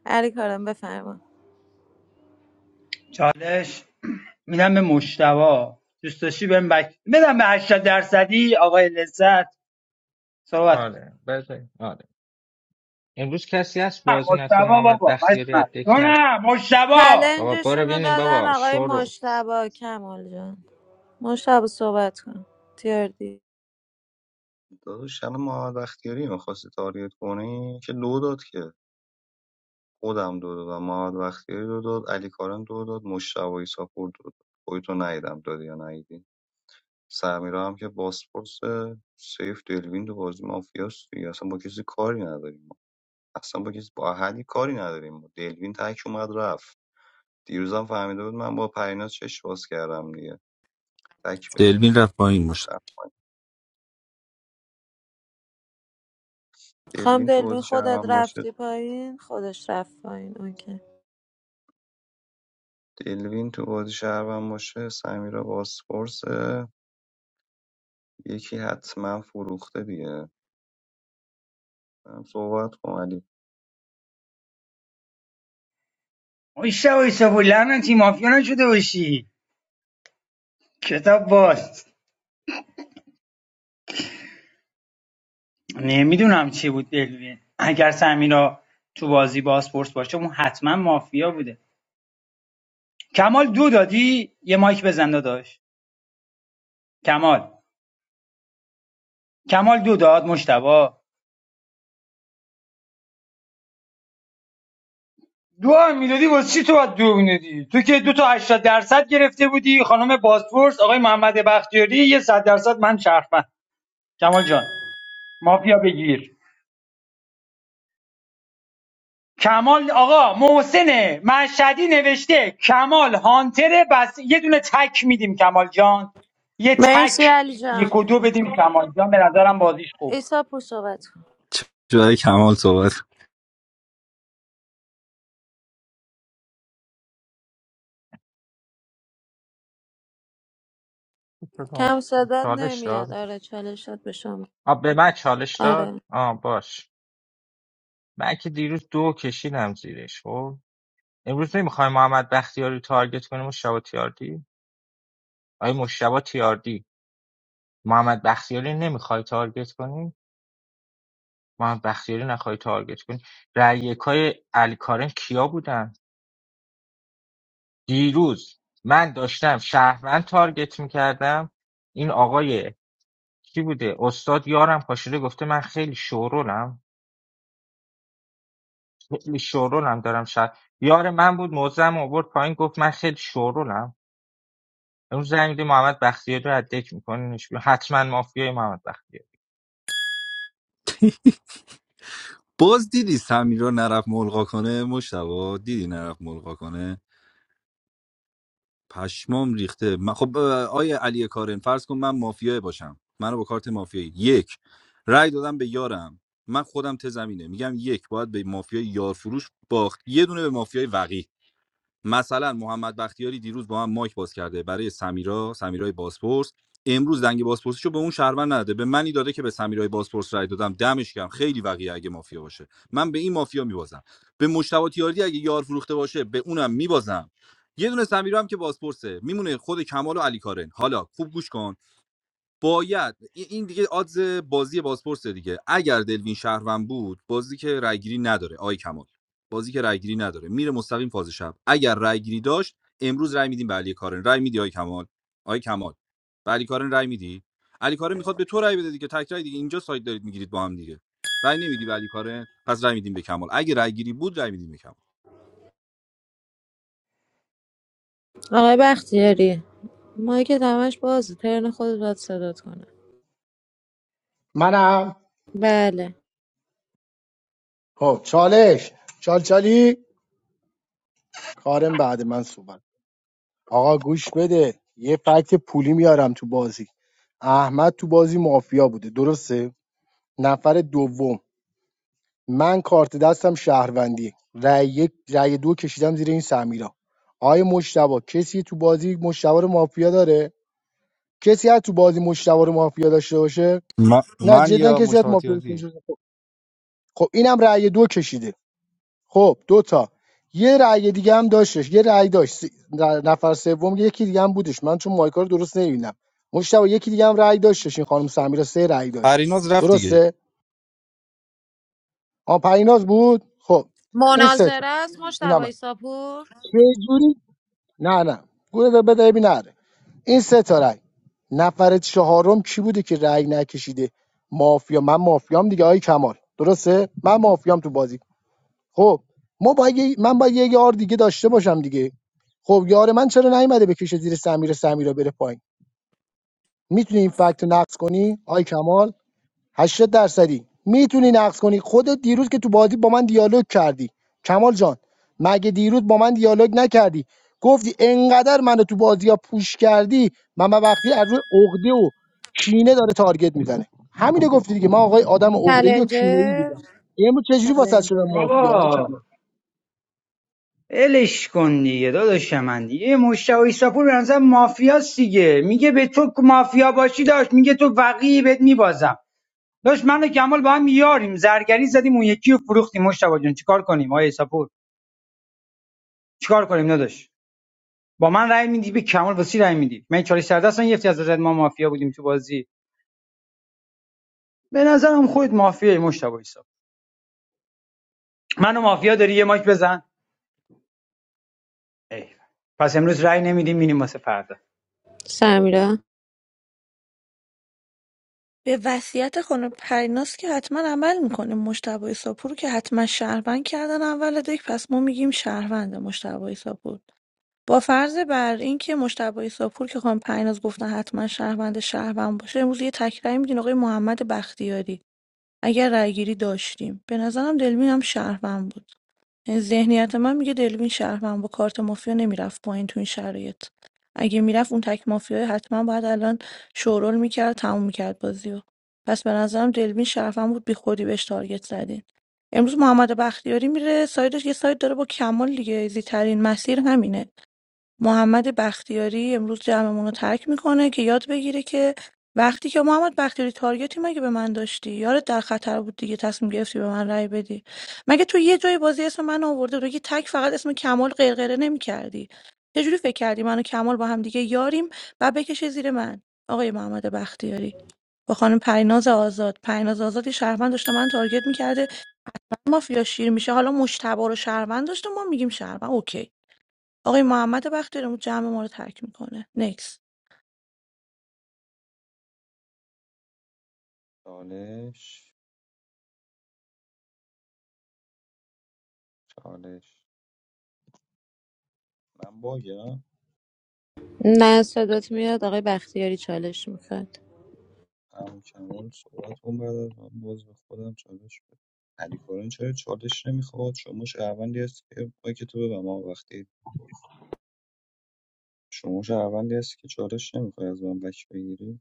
علی کارم بفرما
چالش میدم به مشتوا دوست داشتی بهم بک بدم به 80 درصدی آقای لذت صحبت کن.
آره بذار آره امروز کسی هست
نه
بازی نکن
مشتوا
محمد
بابا
بختیاری از
مجمع.
دک
تو
ند
نه مشتوا
بابا
چلنجشون
برو
رو
بینیم
دادن
بابا
آقای
شورو
مشتبا کمال جان مشتبا صحبت کن تیاردی
داداش الان محمد بختیاری میخواستی تارگت کنی که دو داد که خودم دو دادم محمد بختیاری دو داد علی کارن دو داد مشتبه ایساپور دو داد خودتو ندیدم دادی یا ندیدی سمیرا هم که باسپورس سیف دلوین دو بازی مافیاست دیگه اصلا با کسی کاری نداریم ما اصلا با کسی با احدی کاری نداریم ما دلوین تک اومد رفت دیروزم فهمیده بود من با پریناز چش باز کردم دیگه تک بدیم
دلوین رفت با این مشت
خام
دلوین تو
دلوین
بازی
خودت
شهرم باشه
رفتی پایین خودش رفت پایین اوکی
دلوین تو بازی شهروند باشه سمیرا بازپرسه یکی حتما فروخته دیگه هم صحبت کن علی
مشتوا ایسابو لعنتی مافیا نشده باشی کتاب باز نمیدونم چی بود دلوین اگر سمیرا تو بازی باسپورس باشه اون حتما مافیا بوده کمال دو دادی یه مایک بزن داداش کمال کمال دو داد مشتبه دو هم میدادی واسه چی تو باید دو میدادی تو که دو تا 80 درصد گرفته بودی خانم باسپورس آقای محمد بختیاری یه صد درصد من شرفم کمال جان مافیا بگیر کمال آقا محسن مشهدی نوشته کمال هانتره بس یه دونه تک میدیم کمال جان یه
مرسی
تک
علی
یک
جان
و دو بدیم کمال جان به نظرم بازیش خوب
ایسا پور صحبت کن
جای کمال صحبت
کم صدات
چالش داد
نمیاد آره چالشات به شما
آ به من چالش داد
آره
آ باش من که دیروز دو کشیدم زیرش خب امروز نمیخوای محمد بختیاری رو تارگت کنی مشتبه تیاردی آیا مشتبه تیاردی محمد بختیاری نمیخوای تارگت کنی محمد بختیاری نخوای تارگت کنی رأیکای علی کارن کیا بودن دیروز من داشتم شهروند تارگت میکردم این آقای کی بوده استاد یارم پاشیده گفته من خیلی شورولم خیلی شورولم دارم شهر یار من بود موزم آورد پایین گفت من خیلی شورولم امروز زنگ میده محمد بختیاری رو از دک میکنینش حتما مافیای محمد بختیاری
باز دیدی سمی رو نرف ملغا کنه مشتبا دیدی نرف ملغا کنه پشمام ریخته من خب اه، آیه علی کارن فرض کن من مافیای باشم منو با کارت مافیایی یک رأی دادم به یارم من خودم ته زمینه میگم یک باید به مافیای یارفروش باخت یه دونه به مافیای وقی مثلا محمد بختیاری دیروز با هم مایک باز کرده برای سمیرا سمیرای بازپرس امروز دنگ بازپرسیشو به اون شهروند نداده به منی داده که به سمیرای بازپرس رای دادم دمش گرم خیلی وقیه اگه مافیا باشه من به این مافیا میبازم به مشتبه تیاردی اگه یار فروخته باشه به اونم میبازم یه دونه سمیرا هم که بازپرسه میمونه خود کمال و علی کارن حالا خوب گوش کن باید این دیگه آدز بازی بازپرس دیگه اگر دلوین شهروند بود بازی که رایگیری نداره آی کمال بازی که رایگیری نداره میره مستقیم فاز شب اگر رایگیری داشت امروز رای میدیم به علی کارن رای میدی آی کمال آی کمال به علی کارن رای میدی علی کارن میخواد به تو رای بده دیگه تک رای دیگه اینجا سایت دارید میگیرید با هم دیگه رای نمیدی به علی کارن پس رای میدیم به کمال اگه رایگیری بود رای میدیم به کمال
آقای بختیاری مایی که دمش بازه ترن خودت باید صدات کنه
منم
بله
خب چالش چال چالی کارم بعد من صحبت آقا گوش بده یه فکت پولی میارم تو بازی احمد تو بازی مافیا بوده درسته نفر دوم من کارت دستم شهروندی رأی یک رأی دو کشیدم زیر این سمیرا آقای مشتبا کسی تو بازی مشتبا رو مافیا داره کسی از تو بازی مشتبا رو مافیا داشته باشه
من,
نه
من
جدا
یا
کسی از مافیا داشته
مشاطیاتی
باشه خب خب، اینم رأی دو کشیده خب دوتا تا یه رأی دیگه هم داشتش یه رأی داشت سی- در- نفر سوم یکی دیگه هم بودش من چون مایکا رو درست نمیبینم مشتبه یکی دیگه هم رأی داشتش این خانم سمیرا سه رأی داشت
پریناز رفت دیگه
درسته آ پریناز بود خب این سه
مناظره
تا
است
این
مشتبه
هم
ایساپور
چه جوری نه نه گوره ده بده ببین نره این سه تا رأی نفر چهارم کی بوده که رأی نکشیده مافیا من مافیام دیگه آی کمال درسته من مافیام تو بازی خب ما باید یه- من باید یه یار دیگه داشته باشم دیگه خب یار من چرا نیومده بکشه زیر سمیر سمیرا بره پایین میتونی این فکت رو نقض کنی آی کمال 80 درصدی میتونی نقض کنی خودت دیروز که تو بازی با من دیالوگ کردی کمال جان مگه دیروز با من دیالوگ نکردی گفتی انقدر منو تو بازی ها پوش کردی من من وقتی از روی عقده و کینه داره تارگت میزنه همینو گفتی دیگه من آقای آدم عقده ای و کینه ای
چلنجر
بودم امروز چجوری واسط شدم
چلنجر
مافیا آی کمال؟
بابا الش کن دیگه داداش من دیگه یه مشتبه ایساپور به نظر مافیاست دیگه میگه به تو مافیا باشی داشت میگه تو وقی بهت میبازم داشت من و کمال با هم یاریم زرگری زدیم اون یکی رو فروختیم مشتبه جون چیکار کنیم آیه ایساپور چیکار کنیم نداشت با من رأی میدی به کمال وسی رأی میدی من چالی سردستان یفتی از نظر ما مافیا بودیم تو بازی به نظرم خودت مافیای مشتبه ایساپور منو مافیا داری یه ماک بزن ایول. پس امروز رأی نمیدیم میریم واسه فردا
سمیرا
به وصیت خانم پریناز که حتما عمل میکنه مجتبی ایساپور رو که حتما شهروند کردن اول دک پس ما میگیم شهروند مجتبی ایساپور با فرض بر اینکه مجتبی ایساپور که خانم پریناز گفتن حتما شهروند شهروند باشه امروز یه تکراری میدین آقای محمد بختیاری اگر رأیگیری داشتیم به نظرم دلمین هم شهروند بود ذهنیت من میگه دلوین شهروند با کارت مافیا نمیرفت پایین تو این شرایط اگه میرفت اون تک مافیا حتما باید الان شورول میکرد تموم میکرد بازی رو پس به نظرم دلوین شهروند بود بی خودی بهش تارگت زدین امروز محمد بختیاری میره سایدش یه ساید داره با کمال دیگه ایزی ترین مسیر همینه محمد بختیاری امروز جمعمون رو ترک میکنه که یاد بگیره که وقتی که محمد بختیاری تارگتی مگه به من داشتی یارت در خطر بود دیگه تصمیم گرفتی به من رأی بدی مگه تو یه جای بازی اسم من آورده بودی که تک فقط اسم کمال غرغره نمیکردی چجوری فکر کردی من و کمال با هم دیگه یاریم و بکشه زیر من آقای محمد بختیاری با خانم پریناز آزاد پریناز آزادی یه شهروند داشته من تارگت میکرده مافیا شیر میشه حالا مشتبه رو شهروند داشته ما میگیم شهروند اوکی آقای محمد بختیاری جمع ما رو ترک میکنه نکس
چالش چالش من باگم
نه صدات میاد آقای بختیاری چالش میخواد
همون کمال صحبت کن بعد از من باز به خودم چالش بده علی کارن چرا چالش نمیخواد شما شهروندی هستی که پای که تو ببم آقا. وقتی شما شهروندی هستی که چالش نمیخوای از من بک بگیری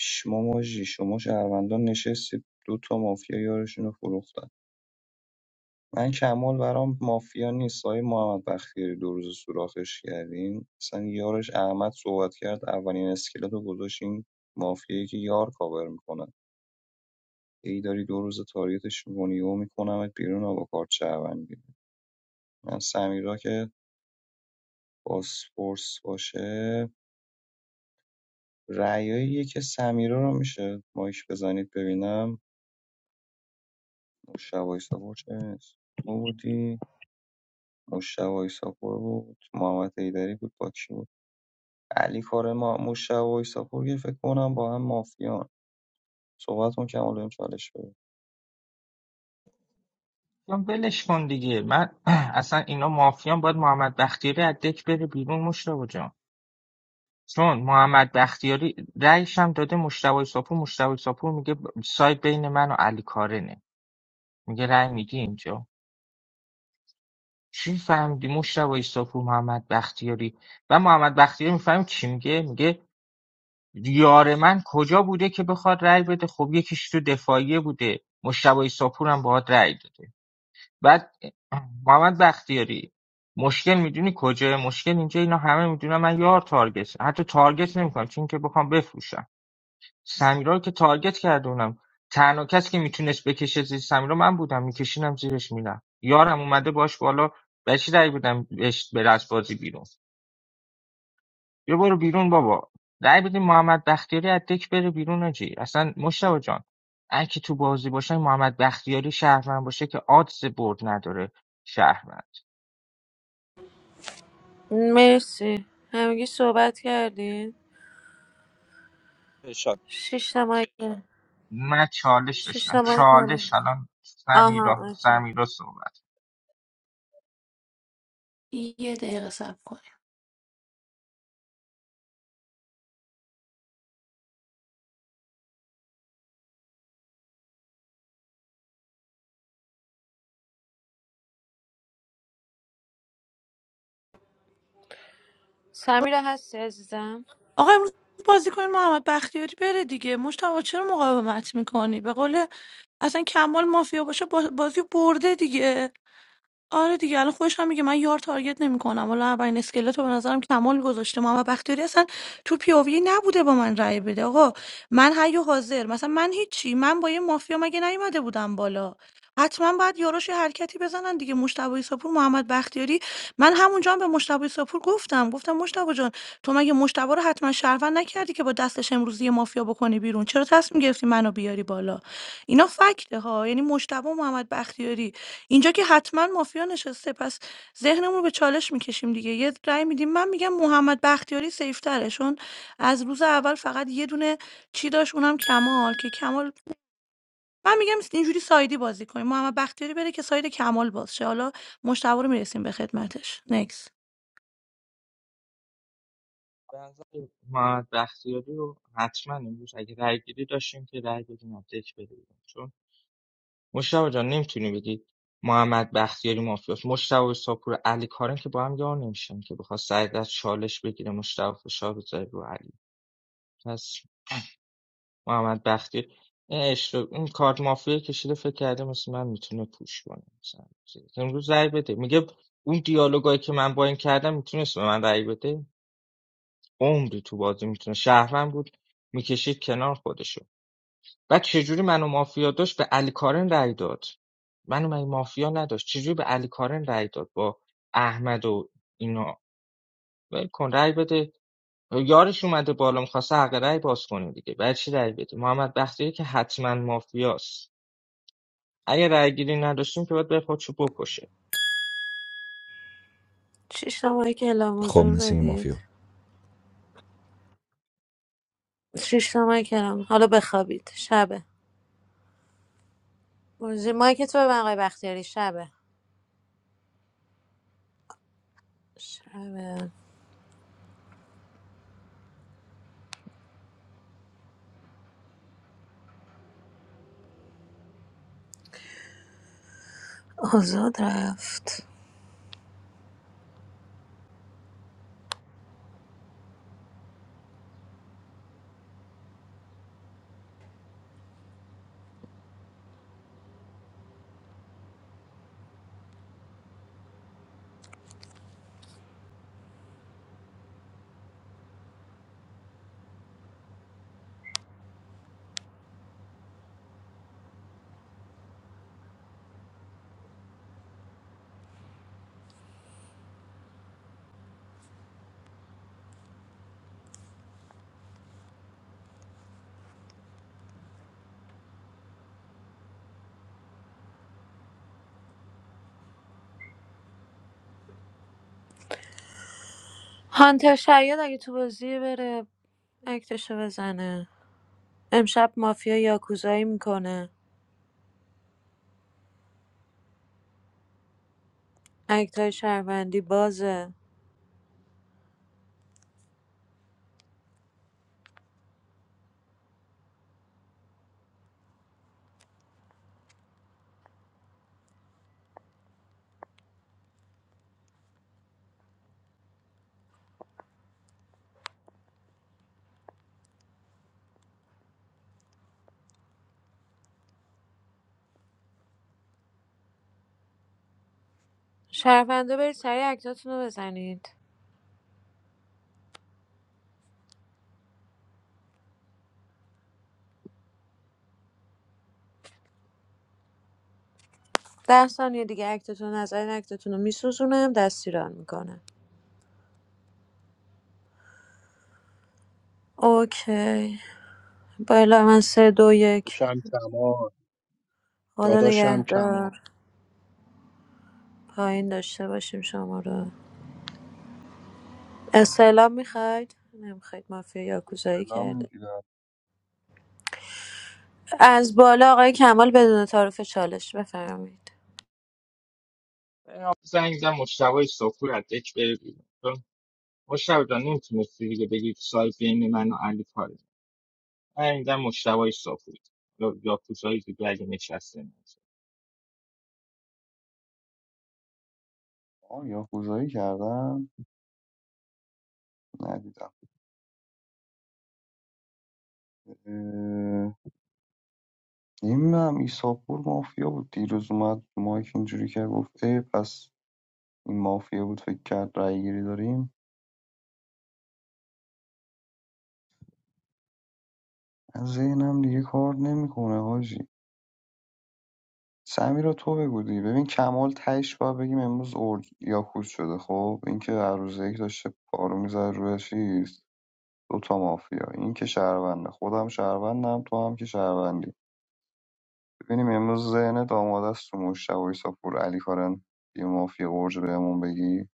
شما ماجی. شما شهروندان نشستید دو تا مافیا یارشون رو فروختن من کمال برام مافیا نیست آقای محمد بختیاری دو روز سوراخش کردین مثلا یارش احمد صحبت کرد اولین اسکلت رو گذاشتین مافیایی که یار کاور میکنه ای داری دو روز تاریتش میکنی و میکنمت بیرون و با کارت شهروندی من سمیرا که باسپورس باشه رأیایی که سمیرا رو میشه مایش بزنید ببینم مشتبه ساپور چه نیست تو بودی مشتبه ساپور بود محمد ایدری بود با کی بود؟ علی ما مشتبه و ایساپور که فکر کنم با هم مافیان صحبت کن که حالا چالش بده
من ولش کن دیگه من (clears throat) اصلا اینا مافیان باید محمد بختیاری از دک بره بیرون مشتاق جان چون محمد بختیاری رأیش هم داده مجتبی ساپور مجتبی ساپور میگه ب- سایت بین من و علی کارنه میگه رأی میدی اینجا چی فهمیدی مجتبی ساپور محمد بختیاری و محمد بختیاری میفهمی چی میگه میگه یار من کجا بوده که بخواد رأی بده خب یکیش تو دفاعیه بوده مجتبی ساپور هم باهات رأی داده بعد محمد بختیاری مشکل میدونی کجاست مشکل اینجا اینا همه میدونن من یار تارگت حتی تارگت نمیکنم چون که بخوام بفروشم سمیرا رو که تارگت کردونم تنها کسی که میتونست بکشه زیر سمیرا من بودم میکشینم زیرش میرم یارم اومده باش بالا به چی رأی بدم بهش بره از بازی بیرون بیا برو بیرون بابا رأی بدیم محمد بختیاری از دک بره بیرون آجی اصلا مشتبه جان هر کی تو بازی باشه محمد بختیاری شهرمن باشه که آدز برد نداره شهرمن
مرسی همگی صحبت کردین شش تا مایکل
من چالش
شش
داشتم
تا
چالش
مایکل
الان سمیرا
آها اوکی
سمیرا صحبت
یه دقیقه صبر کنیم
سمیرا هستی عزیزم
آقا امروز بازی کنین محمد بختیاری بره دیگه مشتبه چرا مقاومت میکنی به قول اصلا کمال مافیا باشه با- بازی برده دیگه آره دیگه الان خودش هم میگه من یار تارگت نمیکنم والا اولین اسکلت رو به نظرم کمال گذاشته محمد بختیاری اصلا تو پیاوی نبوده با من رأی بده آقا من حی و حاضر مثلا من هیچی من با یه مافیا مگه نیومده بودم بالا حتما باید یاراش یه حرکتی بزنن دیگه مشتبه ساپور محمد بختیاری من همونجا هم به مشتبه ساپور گفتم گفتم مشتبه جان تو مگه مشتبه رو حتما شهروند نکردی که با دستش امروزی یه مافیا بکنی بیرون چرا تصمیم گرفتی منو بیاری بالا اینا فکته ها یعنی مشتبه و محمد بختیاری اینجا که حتما مافیا نشسته پس ذهنمون رو به چالش میکشیم دیگه یه رأی میدیم من میگم محمد بختیاری سیفتره چون از روز اول فقط یه دونه چی داشت اونم کمال که کمال من میگم اینجوری سایدی بازی کنیم محمد بختیاری بره که ساید کمال باز شه حالا مشتبه رو میرسیم به خدمتش نکس
به نظر محمد بختیاری رو حتما امروز اگه رأی گیری داشتیم که رأی بدیم از دک بدیم چون مشتاق جان نمیتونی بگی محمد بختیاری مافیاست مشتاق ساپور علی کارن که با هم یار نمیشن که بخواد سعید از چالش بگیره مشتاق فشار بذاره رو علی پس محمد بختیاری این اشتباه این کارت مافیا کشیده فکر کرده مثل من میتونه پوش کنه مثلا امروز رأی بده میگه اون دیالوگایی که من با این کردم میتونست به من رأی بده عمری تو بازی میتونه شهروند بود میکشید کنار خودشو بعد چجوری منو مافیا داشت به علی کارن رأی داد منو من مافیا نداشت چجوری به علی کارن رأی داد با احمد و اینا ول کن رای بده یارش اومده بالا میخواسته حق رای باز کنه دیگه بعد چی رأی بده محمد بختیاری که حتما مافیاست اگه رأی گیری نداشتیم که باید بره خودشو بکشه
شش تا مایکل هم
خب
حضور
مثل این
بدید شش تا مایکل هم. حالا بخوابید شبه مایک تو به آقای بختیاری شبه شبه آزاد رفت هانتر شاید اگه تو بازی بره اکتشو بزنه امشب مافیا یاکوزایی میکنه اکتای شهروندی بازه شهروندا برید سریع اکتاتون رو بزنید ده ثانیه دیگه اکتتون رو نزنید اکتتون رو میسوزونم دستیران میکنه اوکی بالا من سه دو یک
داداشم کمان
خدا
داداشم کمان
نگهدار پایین داشته باشیم شما رو استعلام میخواید نمیخواید مافیا یاکوزایی
سلام
کرده
میگیرم
از بالا آقای کمال بدون تعارف چالش بفرمایید
زنگ زن مشتبه سفور از یک بره بیرون مشتبه جان نمیتونستی دیگه بگی سایت بین من و علی کارن من میدم مشتبه صافی یا یا کوزایی دیگه اگه نشسته نمیشه
آه یا خوزایی کردم ندیدم نمیدونم ایساپور مافیا بود دیروز اومد مایک اینجوری کرد گفت ای پس این مافیا بود فکر کرد رأی گیری داریم من ذهنم دیگه کار نمیکنه حاجی سمیرا تو بگودی ببین کمال تهش باید بگیم امروز اورد یا خود شده خب اینکه هر روز یک داشته پارو میزد روی چیز دوتا مافیا این که شهرونده خودم شهروندم تو هم که شهروندی ببینیم امروز ذهنت آماده است تو مشتبه ایساپور علی کارن یه مافیا برج بهمون بگی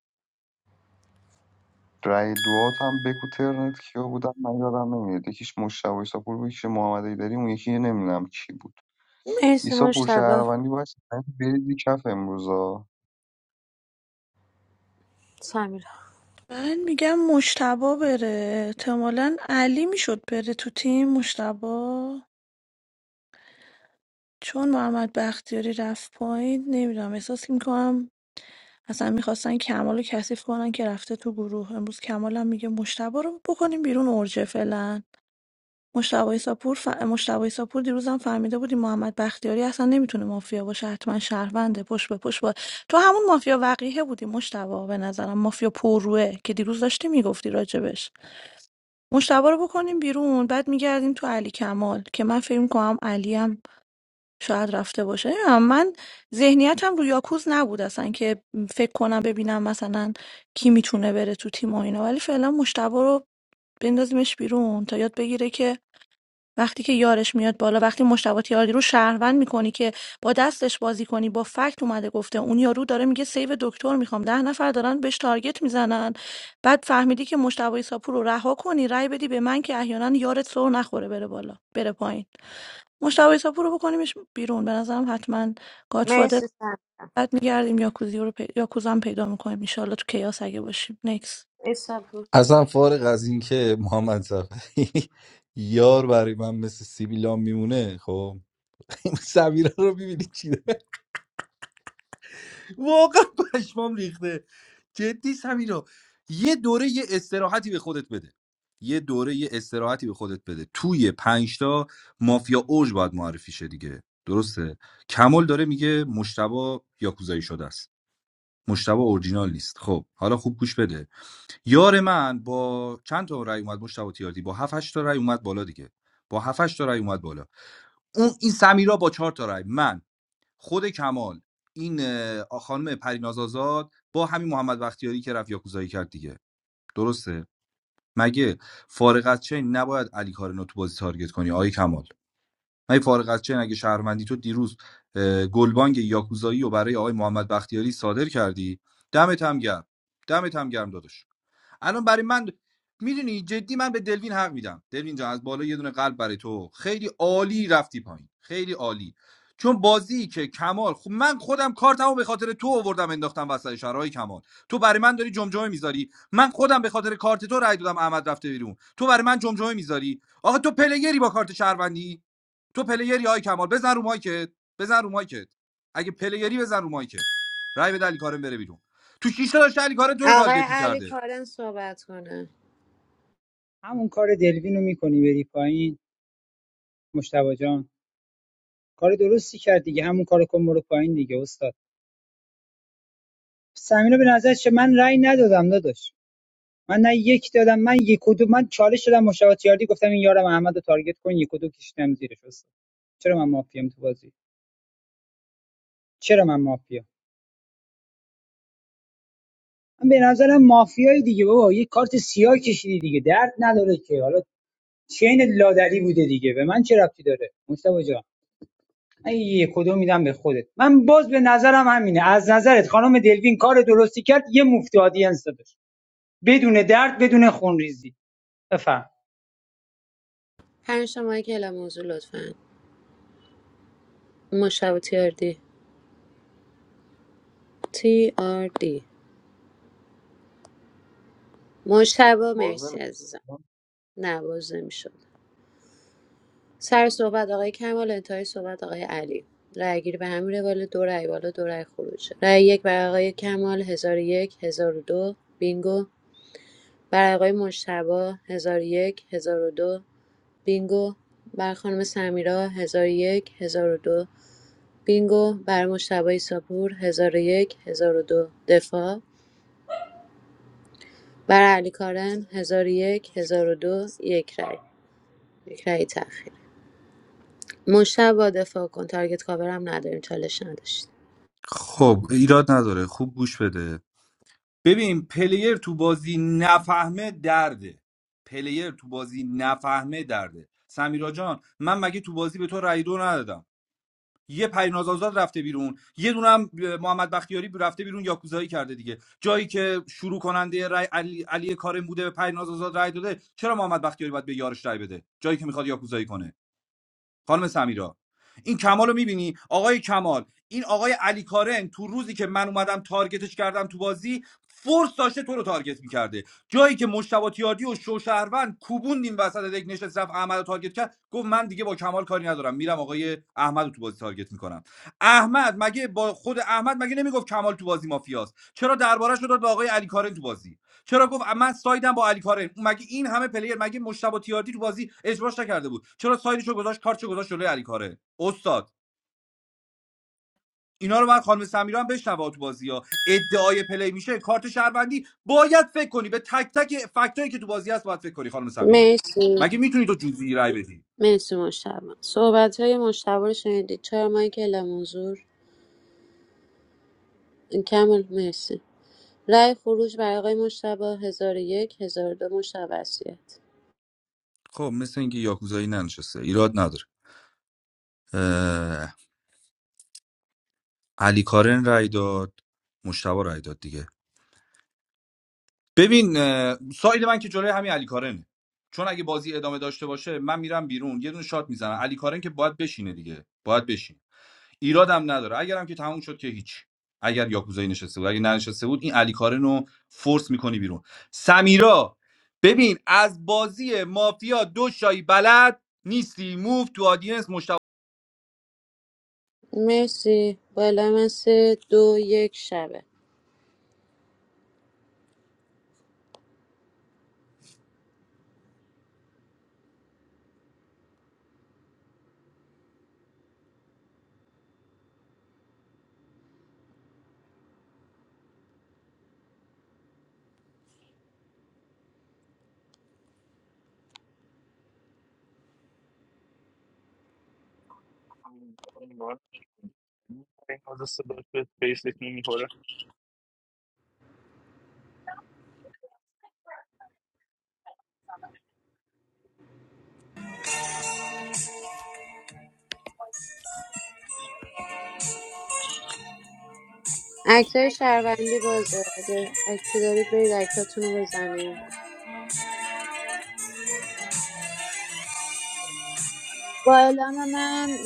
رأی دوات هم بگو ترنت کیا بودن من یادم نمیاد یکیش مشتبه ایساپور بود یکیش محمد ایدری اون یکی نمیدونم کی بود
مرسی
ایساپور
مشتبه
شهروندی باید بریزی کف امروزا
سمیرا
من میگم مشتبه بره احتمالا علی میشد بره تو تیم مشتبه چون محمد بختیاری رفت پایین نمیدونم احساس میکنم اصلا میخواستن کمال رو کثیف کنن که رفته تو گروه امروز کمال هم میگه مشتبه رو بکنیم بیرون ارژه فعلا مشتبه ساپور ف... مشتبه ساپور دیروز هم فهمیده بودی محمد بختیاری اصلا نمیتونه مافیا باشه حتما شهرونده پشت به پشت با تو همون مافیا وقیه بودی مشتبه به نظرم مافیا پرروه که دیروز داشتی میگفتی راجبش مشتبه رو بکنیم بیرون بعد میگردیم تو علی کمال که من فکر کنم علیم شاید رفته باشه نمی‌دونم. من ذهنیتم رو یاکوز نبود اصلا که فکر کنم ببینم مثلا کی میتونه بره تو تیم و اینا ولی فعلا مشتبه رو بندازیمش بیرون تا یاد بگیره که وقتی که یارش میاد بالا وقتی مشتبه تیاردی رو شهروند میکنی که با دستش بازی کنی با فکت اومده گفته اون یارو داره میگه سیو دکتر میخوام ده نفر دارن بهش تارگت میزنن بعد فهمیدی که مشتبه ایساپور رو رها کنی رای بدی به من که احیانا یارت سر نخوره بره بالا بره پایین مشتبه ایساپور رو بکنیمش بیرون به نظرم حتما گادفادر
مرسی سمیرا
بعد میگردیم یاکوزی رو پی... یاکوزا هم پیدا میکنیم ان تو کیاس اگه باشیم نکس
ایسا بود.
اصلا فارغ از اینکه محمد صفحی (laughs) یار برای من مثل سیبیلام میمونه خب (laughs) این سمیرا رو میبینی چی داره؟ واقعا پشمام ریخته جدی سمیرا یه دوره یه استراحتی به خودت بده یه دوره یه استراحتی به خودت بده توی پنجتا مافیا اوج باید معرفی شه دیگه درسته کمال داره میگه مشتبا یاکوزایی شده است مشتبا اورجینال نیست خب حالا خوب گوش بده یار من با چند تا رأی اومد مشتاق تیاردی با 7 8 تا رأی اومد بالا دیگه با 7 8 تا رأی اومد بالا اون این سمیرا با چهار تا رأی من خود کمال این اه، خانم پریناز آزاد با همین محمد بختیاری که رفت یاکوزایی کرد دیگه درسته مگه فارغ از چین نباید علی کارنو تو بازی تارگت کنی آقای کمال مگه فارغ از چین اگه شهروندی تو دیروز اه، گلبانگ یاکوزایی رو برای آقای محمد بختیاری صادر کردی دمت هم گرم دمت هم گرم داداش الان برای من میدونی جدی من به دلوین حق میدم دلوین جان از بالا یه دونه قلب برای تو خیلی عالی رفتی پایین خیلی عالی چون بازی که کمال خب من خودم کارتمو به خاطر تو آوردم انداختم وسط شرای کمال تو برای من داری جمجمه میذاری من خودم به خاطر کارت تو رای دادم احمد رفته بیرون تو برای من جمجمه میذاری آقا تو پلیگری با کارت شهروندی تو پلیگری آی کمال بزن رو مایکت بزن رو مایکت اگه پلیگری بزن رو مایکت رای به علی کارم بره بیرون تو شیش تا داشته علی کارم تو رو
آقای
تارگت
علی
میکرده
کارن صحبت کنه
همون کار دلوینو میکنی بری پایین مشتبه جان کار درستی کرد دیگه همون کارو کن برو پایین دیگه استاد سمیرا به نظر چه من رأی ندادم داداش من نه یک دادم من یک و دو من چالش شدم مشاورتیاردی گفتم این یارم احمد رو تارگت کن یک و دو کشیدم زیرش استاد چرا من مافیام تو بازی چرا من مافیا من به نظرم مافیایی دیگه بابا یه کارت سیاه کشیدی دیگه درد نداره که حالا چین لادری بوده دیگه به من چه ربطی داره مصطفی جان من یه کدو میدم به خودت من باز به نظرم همینه از نظرت خانم دلوین کار درستی کرد یه مفت آدینس دادش بدون درد بدون خونریزی بفرم
پنج شما کلا موضوع لطفا مشتبه تی آر دی تی آر دی مشتبه
باز
مرسی عزیزم
نمی‌کنم.
نواز نمیشد سر صحبت آقای کمال انتهای صحبت آقای علی رای گیری به همین روال دو رای بالا دو رای خروجه رای یک برای آقای کمال هزار و یک هزار و دو بینگو برای آقای مشتبه هزار و یک هزار و دو بینگو بر خانم سمیرا ۱۰۰۱ ۱۰۰۲ بینگو بر مجتبی ایساپور ۱۰۰۱ ۱۰۰۲ دفاع بر علی کارن ۱۰۰۱ ۱۰۰۲ یک هزار و دو، یک رای یک رای تأخیری مجتبی دفاع کن تارگت کاورم نداریم چالش نداشت
خب ایراد نداره خوب گوش بده ببین پلیر تو بازی نفهمه درده پلیر تو بازی نفهمه درده سمیرا جان من مگه تو بازی به تو رای دو ندادم یه پریناز آزاد رفته بیرون یه دونه هم محمد بختیاری رفته بیرون یاکوزایی کرده دیگه جایی که شروع کننده رای علی, علی کارم بوده به پریناز آزاد رای داده چرا محمد بختیاری باید به یارش رای بده جایی که میخواد یاکوزایی کنه خانم سمیرا این کمال رو میبینی آقای کمال این آقای علی کارن تو روزی که من اومدم تارگتش کردم تو بازی فورس داشته تو رو تارگت میکرده جایی که مشتبه تیاردی و شوشهروند کوبوند این وسط دک نشست رفت احمد رو تارگت کرد گفت من دیگه با کمال کاری ندارم میرم آقای احمد رو تو بازی تارگت میکنم احمد مگه با خود احمد مگه نمیگفت کمال تو بازی مافیاست چرا دربارش رو داد به آقای علی کارن تو بازی چرا گفت من سایدم با علی کارن مگه این همه پلیر مگه مشتبه تیاردی تو بازی اجباش نکرده بود چرا سایدشو گذاشت کارتشو گذاشت جلوی علی کارن استاد اینا رو باید خانم سمیرا هم بشنوه تو بازی ها ادعای پلی میشه کارت شهروندی باید فکر کنی به تک تک فکتایی که تو بازی هست باید فکر کنی خانم سمیرا
مرسی
مگه میتونی تو جوزی رای بدی
مرسی مجتبی صحبت های مجتبی رو شنیدید چهار ماه که اعلام حضور کمال مرسی رای خروج برای آقای مجتبی ۱۰۰۱ ۱۰۰۲ مجتبی وصیت
خب مثل اینکه یاکوزایی ننشسته ایراد نداره اه، علی کارن رای داد مشتبه رای داد دیگه ببین اه، ساید من که جلوی همین علی کارنه چون اگه بازی ادامه داشته باشه من میرم بیرون یه دونه شات میزنم علی کارن که باید بشینه دیگه باید بشین ایرادم نداره اگرم که تموم شد که هیچ اگر یاکوزایی نشسته بود اگه ننشسته بود این علی کارن رو فورس میکنی بیرون سمیرا ببین از بازی مافیا دو شایی بلد نیستی موف تو آدینس مشت...
مرسی بالا من سه دو یک شبه اکتای شهروندی بازه اگه اکتی دارید برید اکتاتون رو بزنید
it?
با اعلام من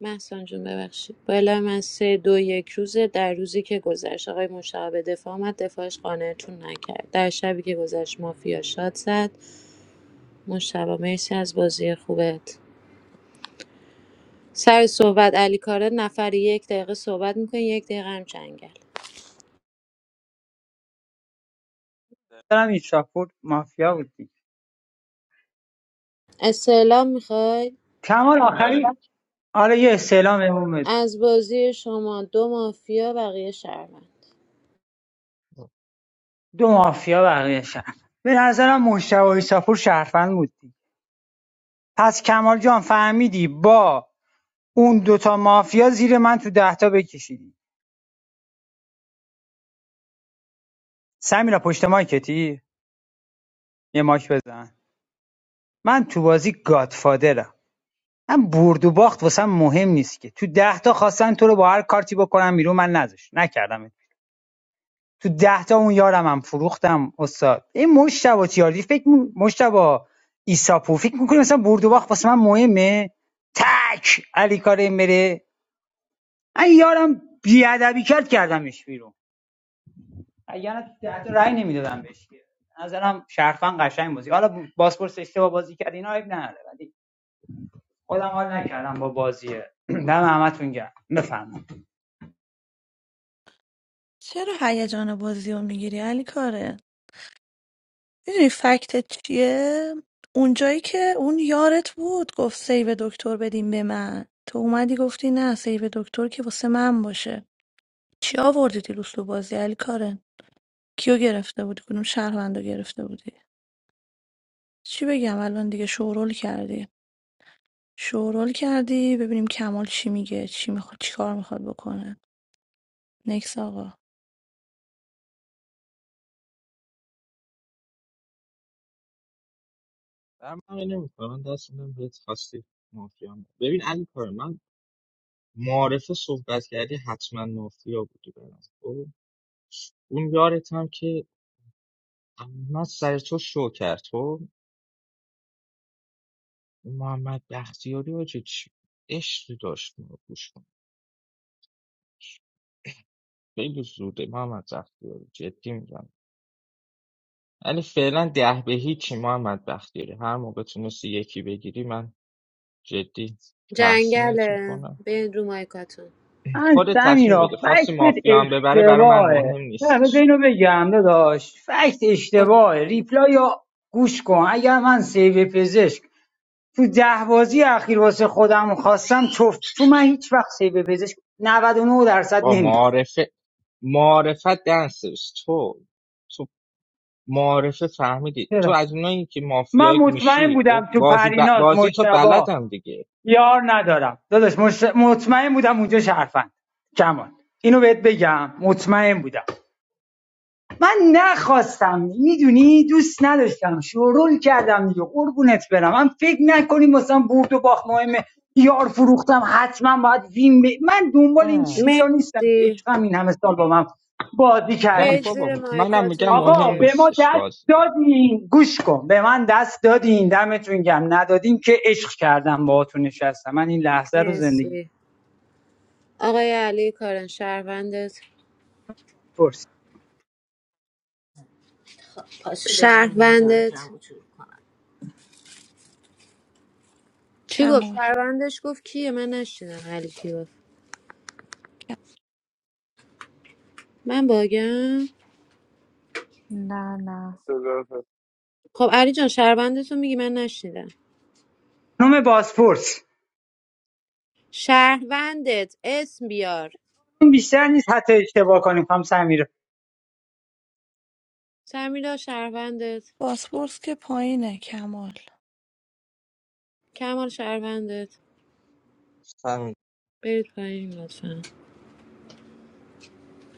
محسن جون ببخشید با اعلام من سه دو یک روزه در روزی که گذشت آقای مشتاق به دفاع آمد دفاعش قانعتون نکرد در شبی که گذشت مافیا شاد زد مشتبه مرسی از بازی خوبت سر صحبت علی کاره نفر یک دقیقه صحبت میکنی یک دقیقه هم جنگل
دارم این شاپور مافیا بود دیگه.
استعلام میخوای
کمال آخری
آره
آره یه استعلام امام بود.
از بازی شما دو مافیا بقیه شهروند
دو مافیا بقیه شهر به نظرم مشتبه شاپور شهروند بود دیگه. پس کمال جان فهمیدی با اون دوتا مافیا زیر من تو دهتا بکشیدی سمیرا پشت مایکتی یه ماک بزن من تو بازی گادفادرم من برد و باخت واسم مهم نیست که تو ده تا خواستن تو رو با هر کارتی بکنم بیرون من نذاشت نکردم تو ده تا اون یارم هم فروختم استاد این مشتبه تیاردی فکر می- مشتبه ایساپور فکر میکنی مثلا برد و باخت واسه من مهمه تک علی کارم بره این یارم بیادبی کرد کردمش بیرون یعنی تو ده تا رأی نمیدادم بهش که به نظرم شرفن قشنگ بازی حالا باسپورس اشتباه بازی کرد اینا عیب نداره ولی خودم حال نکردم با بازی (clears throat) دم همتون گرم بفرمایید
چرا هیجان بازی رو میگیری علی کاره میدونی فکتت چیه اونجایی که اون یارت بود گفت سیو دکتر بدیم به من تو اومدی گفتی نه سیو دکتر که واسه من باشه چی آوردی دیروز تو بازی علی کارن کیو گرفته بودی کدوم شهروندو گرفته بودی چی بگم الان دیگه شورول کردی شورول کردی ببینیم کمال چی میگه چی میخواد چی کار میخواد بکنه نکس آقا
من نمیکنم من دست میدم بهت خواستی مافیا هم. ببین علی کار من معارفه صحبت کردی حتما مافیا بودی برام خب اون یارت هم که من سر تو شو کرد خب اون محمد بختیاری آجه چی عشقی داشت ما گوش کنش خیلی زوده محمد بختیاری جدی میگم ولی فعلا ده به هیچی محمد بختیاری هر موقع تونستی یکی بگیری من جدی تحسینت
جنگله
میکنم
برید رو مایکاتون
من
خودت تصمیم
سمیرا
بده خواستی
فکت
مافیا هم ببره برای من
اشتباهه
مهم
نه بذار
نیستش
اینو بگم داداش فکت اشتباهه ریپلای یا گوش کن اگر من سیو پزشک تو ده بازی اخیر واسه خودم خواستم چفت تو من هیچ وقت سیو پزشک 99 درصد
با
نمیخوام
معارفه معارفت دنسرس تو تو معارفه فهمیدی تو
چرا
از اونایی که
من
مافیا
مطمئن
میشی خب
بودم تو
بازی ب...
پریناز
بازی تو
مشتبا
بلدم دیگه
یار ندارم داداش مشت- مطمئن بودم اونجا شرفن کمان اینو بهت بگم مطمئن بودم من نخواستم میدونی دوست نداشتم شورول کردم دیگه قربونت برم من فکر نکنیم مثلا برد و باخت مهمه یار فروختم حتما باید وین ب... من دنبال این
نه
چیزا نیستم که
مرسی
عشقم این همه سال با من بازی
نه
کردی
برید
که
زیر
بابا منم میگم
مایکاتون
آقا
مهم
به
دیگه
ما
نیستش
دست
بازی
دادین گوش کن به من دست دادین دمتون گم ندادین که عشق کردم باهاتون نشستم من این لحظه رو زندگی
مرسی آقای علی کارن شهروندت
پرس
شهروندت چی گفت
کمال
شهروندش گفت کیه من نشنیدم علی کی گفت
کم-
من باگم
No, no.
خب علی جان شهروندتو میگی من نشنیدم
خانم بازپرس
شهروندت اسم بیار
بیشتر نیست حتی اشتباه کنیم خانم سمیرا
سمیرا شهروندت
باسپورس که پایینه کمال
کمال شهروندت برید پایین لطفا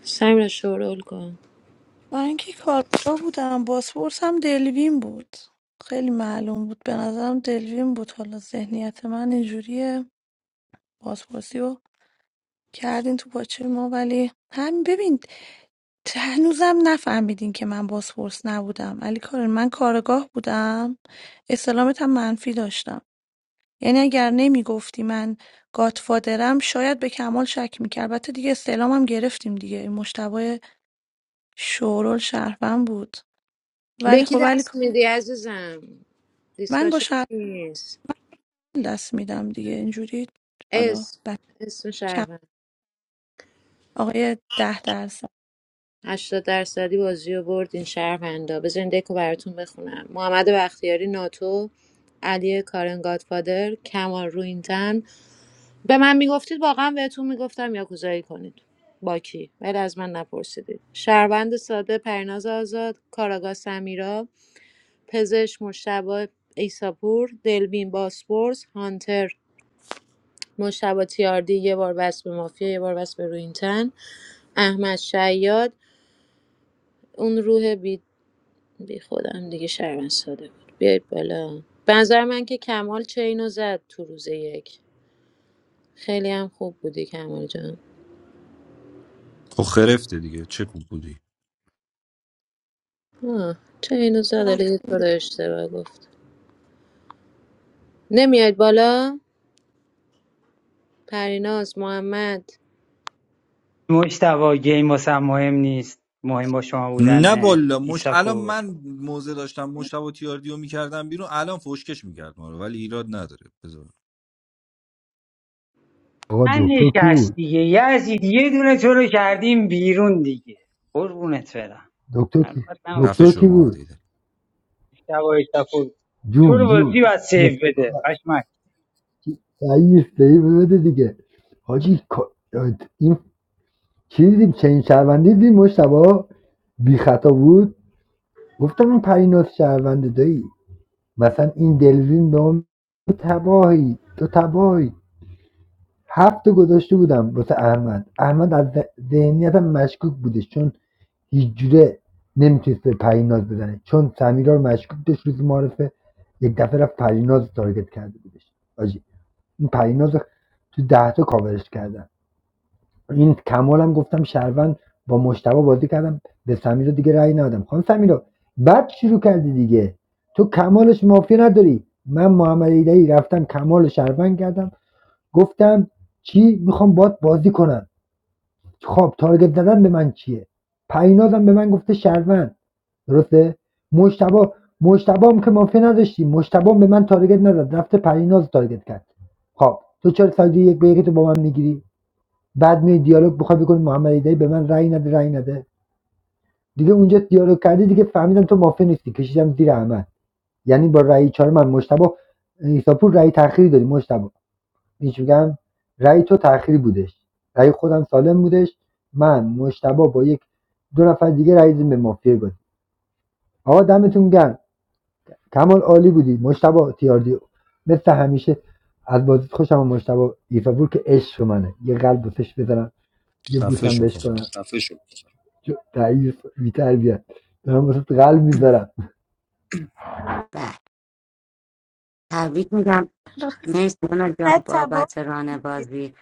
سمیر شورول کن
من اینکه کارگاه بودم بازپرس هم دلوین بود خیلی معلوم بود به نظرم دلوین بود حالا ذهنیت من اینجوریه بازپرسی رو کردین تو پاچه ما ولی همین ببین ت- هنوزم نفهمیدین که من بازپرس نبودم علی کارن من کارگاه بودم استلامت هم منفی داشتم یعنی اگر نمیگفتی من گاتفادرم شاید به کمال شک میکرد البته دیگه استعلامم گرفتیم دیگه این مشتبه شورول شهروند بود
به
ولی
کی
خب
دست میدی عزیزم
من با
دیسکاشن
شهروند
نیست
دست میدم دیگه اینجوری حالا
اسم
بد
اسم
کم
شهروند
آقای ده درصد
80 درصدی بازی رو برد این شهروندا بذارین دکو براتون بخونم محمد بختیاری ناتو علی کارن گادفادر کمال روینتن به من میگفتید واقعا بهتون میگفتم یا کوزایی کنید با کی ولی از من نپرسیدید شهروند ساده پرناز آزاد کاراگاه سمیرا پزشک مجتبی عیساپور، دلوین باسپورس، هانتر مجتبی تیاردی یه بار بس به مافیا یه بار بس به روینتن، احمد شیاد اون روح بی, بی خودم دیگه شرمن ساده بود بیایید بالا به نظر من که کمال چینو زد تو روز یک خیلی هم خوب بودی کمال جان
خب خرفته دیگه چه خوب بودی
آه، چینو زد حالا
چقدر
یه طور اشتباه گفت نمیاد بالا پریناز محمد
مشتبا گیم واسم مهم نیست مهم با شما
نه
بودن
والا مش الان
ایسافور
من موزه داشتم مشتبه تیاردیو میکردم بیرون الان فوشکش میکرد ما رو ولی ایراد نداره بذار
آقا
من
دکتر کی
نشست
بود
دیگه یزید یه دونه تو رو کردیم بیرون دیگه قربونت برم
دکتر کی
ناراحت
خفه
دکتر
نباشی
شو
کی
ما
بود
دیده
مشتبا ایسافور تو
جون
رو بازی
جون
باید
مت...
سیف بده قشمک
سعی سعی بده دیگه حاجی کا- این چیزی چین شهروندی دیم مشتبه بی خطا بود گفتم این پریناز شهرونده دایی مثلا این دلوین به اون تو تباهی تو تباهی هفت گذاشته بودم واسه احمد احمد از ذهنیتم مشکوک بودش چون هیچ جوره نمیتونست به پریناز بزنه چون سمیرا رو مشکوک داشت روز معرفه یک دفعه رفت پریناز رو تارگت کرده بودش آجی این پریناز تو ده تا کاورش کرده. این کمالم گفتم شهروند با مشتبه بازی کردم به سمیر دیگه رأی ندادم خانم سمیرا بد شروع کردی دیگه تو کمالش مافیا نداری من محمد ایدهی رفتم کمال رو شهروند کردم گفتم چی میخوام باد بازی کنم خب تارگت زدن به من چیه پرینازم به من گفته شهروند درسته مشتبه مشتبه هم که مافیا نداشتی مشتبه هم به من تارگت نداد رفته پریناز رو تارگت کرد خب تو چرا ساده یک به یکی تو با من میگیری بعد می دیالوگ بخوای بکنی محمد ایدری به من رأی نده رأی نده دیگه اونجا دیالوگ کردی دیگه فهمیدم تو مافیا نیستی کشیدم زیر احمد یعنی با رأی چهار من مشتبه ایساپور رأی تأخیری داری مشتبه هیچ میگم رأی تو تأخیری بودش رأی خودم سالم بودش من مشتبه با یک دو نفر دیگه رأی دادیم به مافیا بود آقا دمتون گرم کمال عالی بودی مشتبه تیاردی مثل همیشه از بازی خوشم اومد مشتبه ایساپور که عشق منه یه قلب بهش بزنم یه
خفه
بوسم
شو
بهش کنم
بابا.
ضعیف بیتربیت دارم واسه قلب میذارم
بله تبریک میگم مرسی دانا جان بابت ران بازی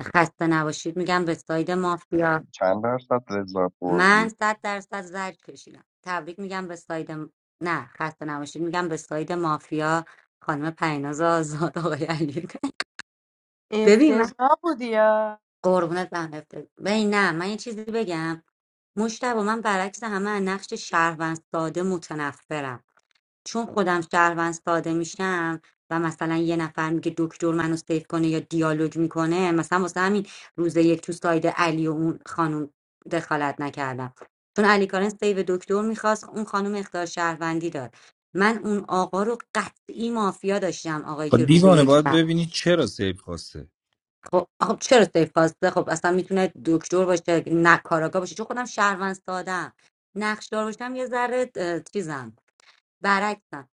خسته نباشید میگم به ساید مافیا
چند درصد لذت بردی
من صد درصد زرد کشیدم تبریک میگم به ساید م- نه خسته نباشید میگم به ساید مافیا خانم پریناز آزاد آقای علی (laughs) ببین من
افتضاح بودی یا
قربونت برم حفظت ببین نه من یه چیزی بگم مشتبه من برعکس همه از نقش شهروند ساده متنفرم چون خودم شهروند ساده میشم و مثلا یه نفر میگه دکتر منو سیف کنه یا دیالوگ میکنه مثلا واسه همین روز یک تو ساید علی و اون خانم دخالت نکردم چون علی کارن سیو دکتر میخواست اون خانم اختار شهروندی داد من اون آقا رو قطعی مافیا داشتم آقایی که
خب
روز
دیوانه
یک
باید ببینی چرا سیب خواسته
خب خب چرا سیف کاسته خب اصلا میتونه دکتر باشه نه کاراگاه باشه چون خودم شهروند سادم نقشدار باشم یه ذره اه، چیزم برعکسم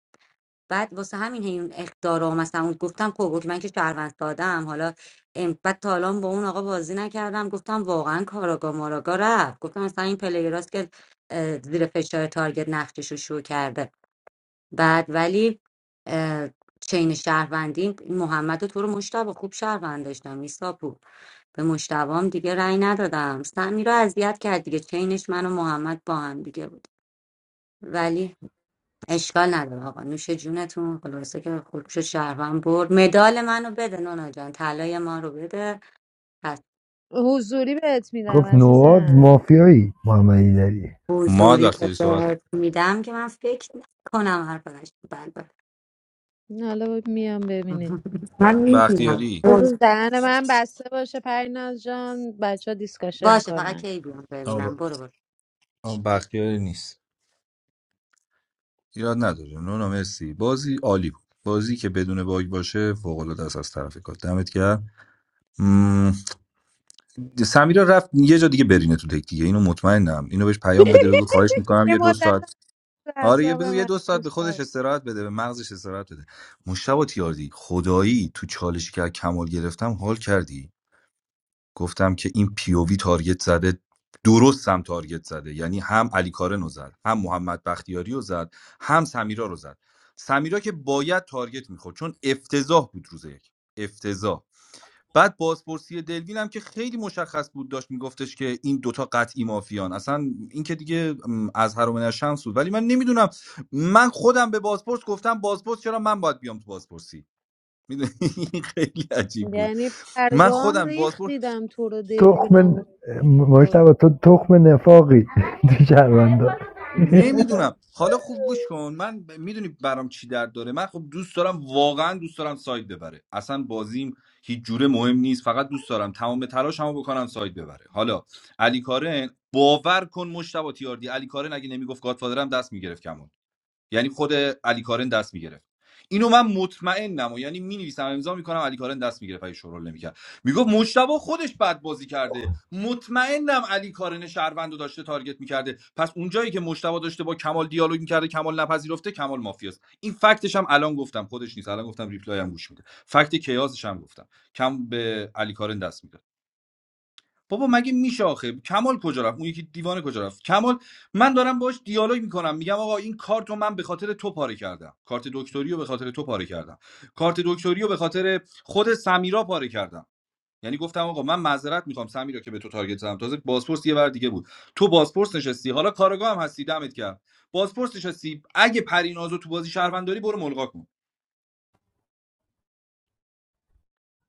بعد واسه همین هی اون اختارا و مثلا اون گفتم خب اوکی، من که شهروند سادم حالا ام، بعد تا الان با اون آقا بازی نکردم گفتم واقعا کاراگاه ماراگاه رفت گفتم مثلا این پلیراست که اه، زیر فشار تارگت نقشش رو شو کرده بعد ولی اه، چین شهروندی محمد و تو رو مشتاق خوب شهروند داشتم میساپو به مشتبام دیگه رأی ندادم سمی رو اذیت کرد دیگه چینش من و محمد با هم دیگه بود ولی اشکال نداره آقا نوش جونتون خلاصه که خوب شد شهروند برد مدال منو بده نونا جان طلای ما رو بده پس
حضوری بهت میدم
گفت نواد
عزیزم
مافیایی محمدی داری
ما
حضوری که
وقتی صحبت
بهت میدم که من فکر کنم هر بد باشه.
نه، حالا باید میام ببینید
(laughs) من میبینم
بختیاری
بذار دهن من بسته باشه پریناز جان بچه ها دیسکاشن
باشه فقط
کنن
کی بیام ببینم
آه،
برو برو
آه، بختیاری نیست ایراد نداره نونا مرسی بازی عالی بود بازی که بدون باگ باشه فوق العاده است از طرف کار دمت گرم مم، سمیرا رفت یه جا دیگه برینه تو تک دیگه اینو مطمئنم اینو بهش پیام بده بگو خواهش
(laughs)
میکنم
یه
یه دو
مدت
ساعت
هم
آره یه
اعصاب
بذار یه
من
دو ساعت به خودش
باشم.
استراحت بده به مغزش استراحت بده مشتبه تیاردی خدایی تو چالش که از کمال گرفتم حال کردی گفتم که این پیووی تارگت زده درست هم تارگت زده یعنی هم علی کارنو زد هم محمد بختیاری رو زد هم سمیرا رو زد سمیرا که باید تارگت میخورد چون افتضاح بود روز یک افتضاح بعد بازپرسی دلوین هم که خیلی مشخص بود داشت میگفتش که این دوتا قطعی مافیان اصلا این که دیگه از هر و من بود ولی من نمیدونم من خودم به بازپرس گفتم بازپرس چرا من باید بیام تو بازپرسی میدونی (laughs) خیلی عجیب بود
یعنی
من
برگام
خودم
ریخت
بازپرس
دیدم تو رو دلوین
تخم
آورد
مشتبه تو تخم نفاقی تو شهروندا
نمیدونم حالا خوب گوش کن من ب- میدونی برام چی درد داره من خب دوست دارم واقعا دوست دارم ساید ببره اصلا بازیم هیچ جوره مهم نیست فقط دوست دارم تمام تلاشمو بکنم ساید ببره حالا علی کارن باور کن مشتبه تیاردی علی کارن اگه نمیگفت گادفادرم دست میگرفت کمون یعنی خود علی کارن دست میگرفت اینو من مطمئنم و یعنی مینویسم امضا میکنم علی کارن دست میگرفت اگه شورول نمیکرد میگفت مجتبا خودش بد بازی کرده مطمئنم علی کارن شهروند داشته تارگت میکرده پس اونجایی که مجتبا داشته با کمال دیالوگ میکرده کمال نپذیرفته کمال مافیاست این فکتش هم الان گفتم خودش نیست الان گفتم ریپلای هم گوش میده فکت کیاسش هم گفتم کم به علی کارن دست می‌گرفت. بابا مگه میشه آخه کمال کجا رفت اون یکی دیوانه کجا رفت کمال من دارم باش دیالوگ میکنم میگم آقا این کارتو من به خاطر تو پاره کردم کارت دکتری رو به خاطر تو پاره کردم کارت دکتری رو به خاطر خود سمیرا پاره کردم یعنی گفتم آقا من معذرت میخوام سمیرا که به تو تارگت زدم تازه بازپرس یه ور دیگه بود تو بازپرس نشستی حالا کارگاه هم هستی دمت کرد بازپرس نشستی اگه پرینازو تو بازی شهرونداری برو ملغا کن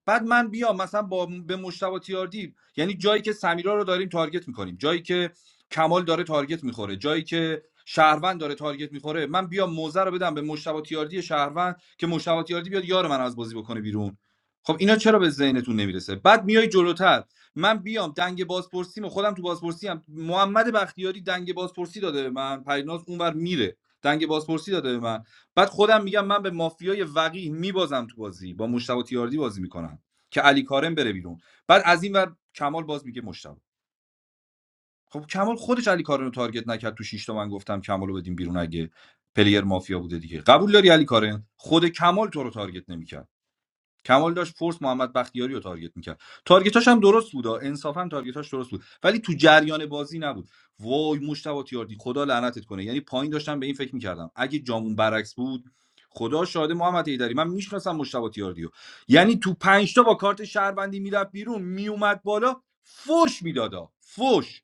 بعد من بیام مثلا با به مشتبه تیاردی یعنی جایی که سمیرا رو داریم تارگت میکنیم جایی که کمال داره تارگت میخوره جایی که شهروند داره تارگت میخوره من بیام موزه رو بدم به مشتبه تیاردی شهروند که مشتبه تیاردی بیاد یار من از بازی بکنه بیرون خب اینا چرا به ذهنتون نمیرسه بعد میای جلوتر من بیام دنگ بازپرسیم و خودم تو بازپرسی هم محمد بختیاری دنگ بازپرسی داده به من پریناز اونور میره دنگ بازپرسی داده به من بعد خودم میگم من به مافیای وقیح میبازم تو بازی با مشتبه تیاردی بازی میکنم که علی کارم بره بیرون بعد از این ور کمال باز میگه مشتبه خب کمال خودش علی کارم رو تارگت نکرد تو شیش تا من گفتم کمال رو بدیم بیرون اگه پلیر مافیا بوده دیگه قبول داری علی کارن خود کمال تو رو تارگت نمیکرد کمال داشت فورس محمد بختیاری رو تارگت میکرد تارگتاش هم درست بود انصافا تارگتاش درست بود ولی تو جریان بازی نبود وای مشتبه تیاردی خدا لعنتت کنه یعنی پایین داشتم به این فکر میکردم اگه جامون برعکس بود خدا شاهده محمد ایدری من میشناسم مشتبه تیاردی یعنی تو پنج تا با کارت شهروندی میرفت بیرون میومد بالا فوش میدادا فوش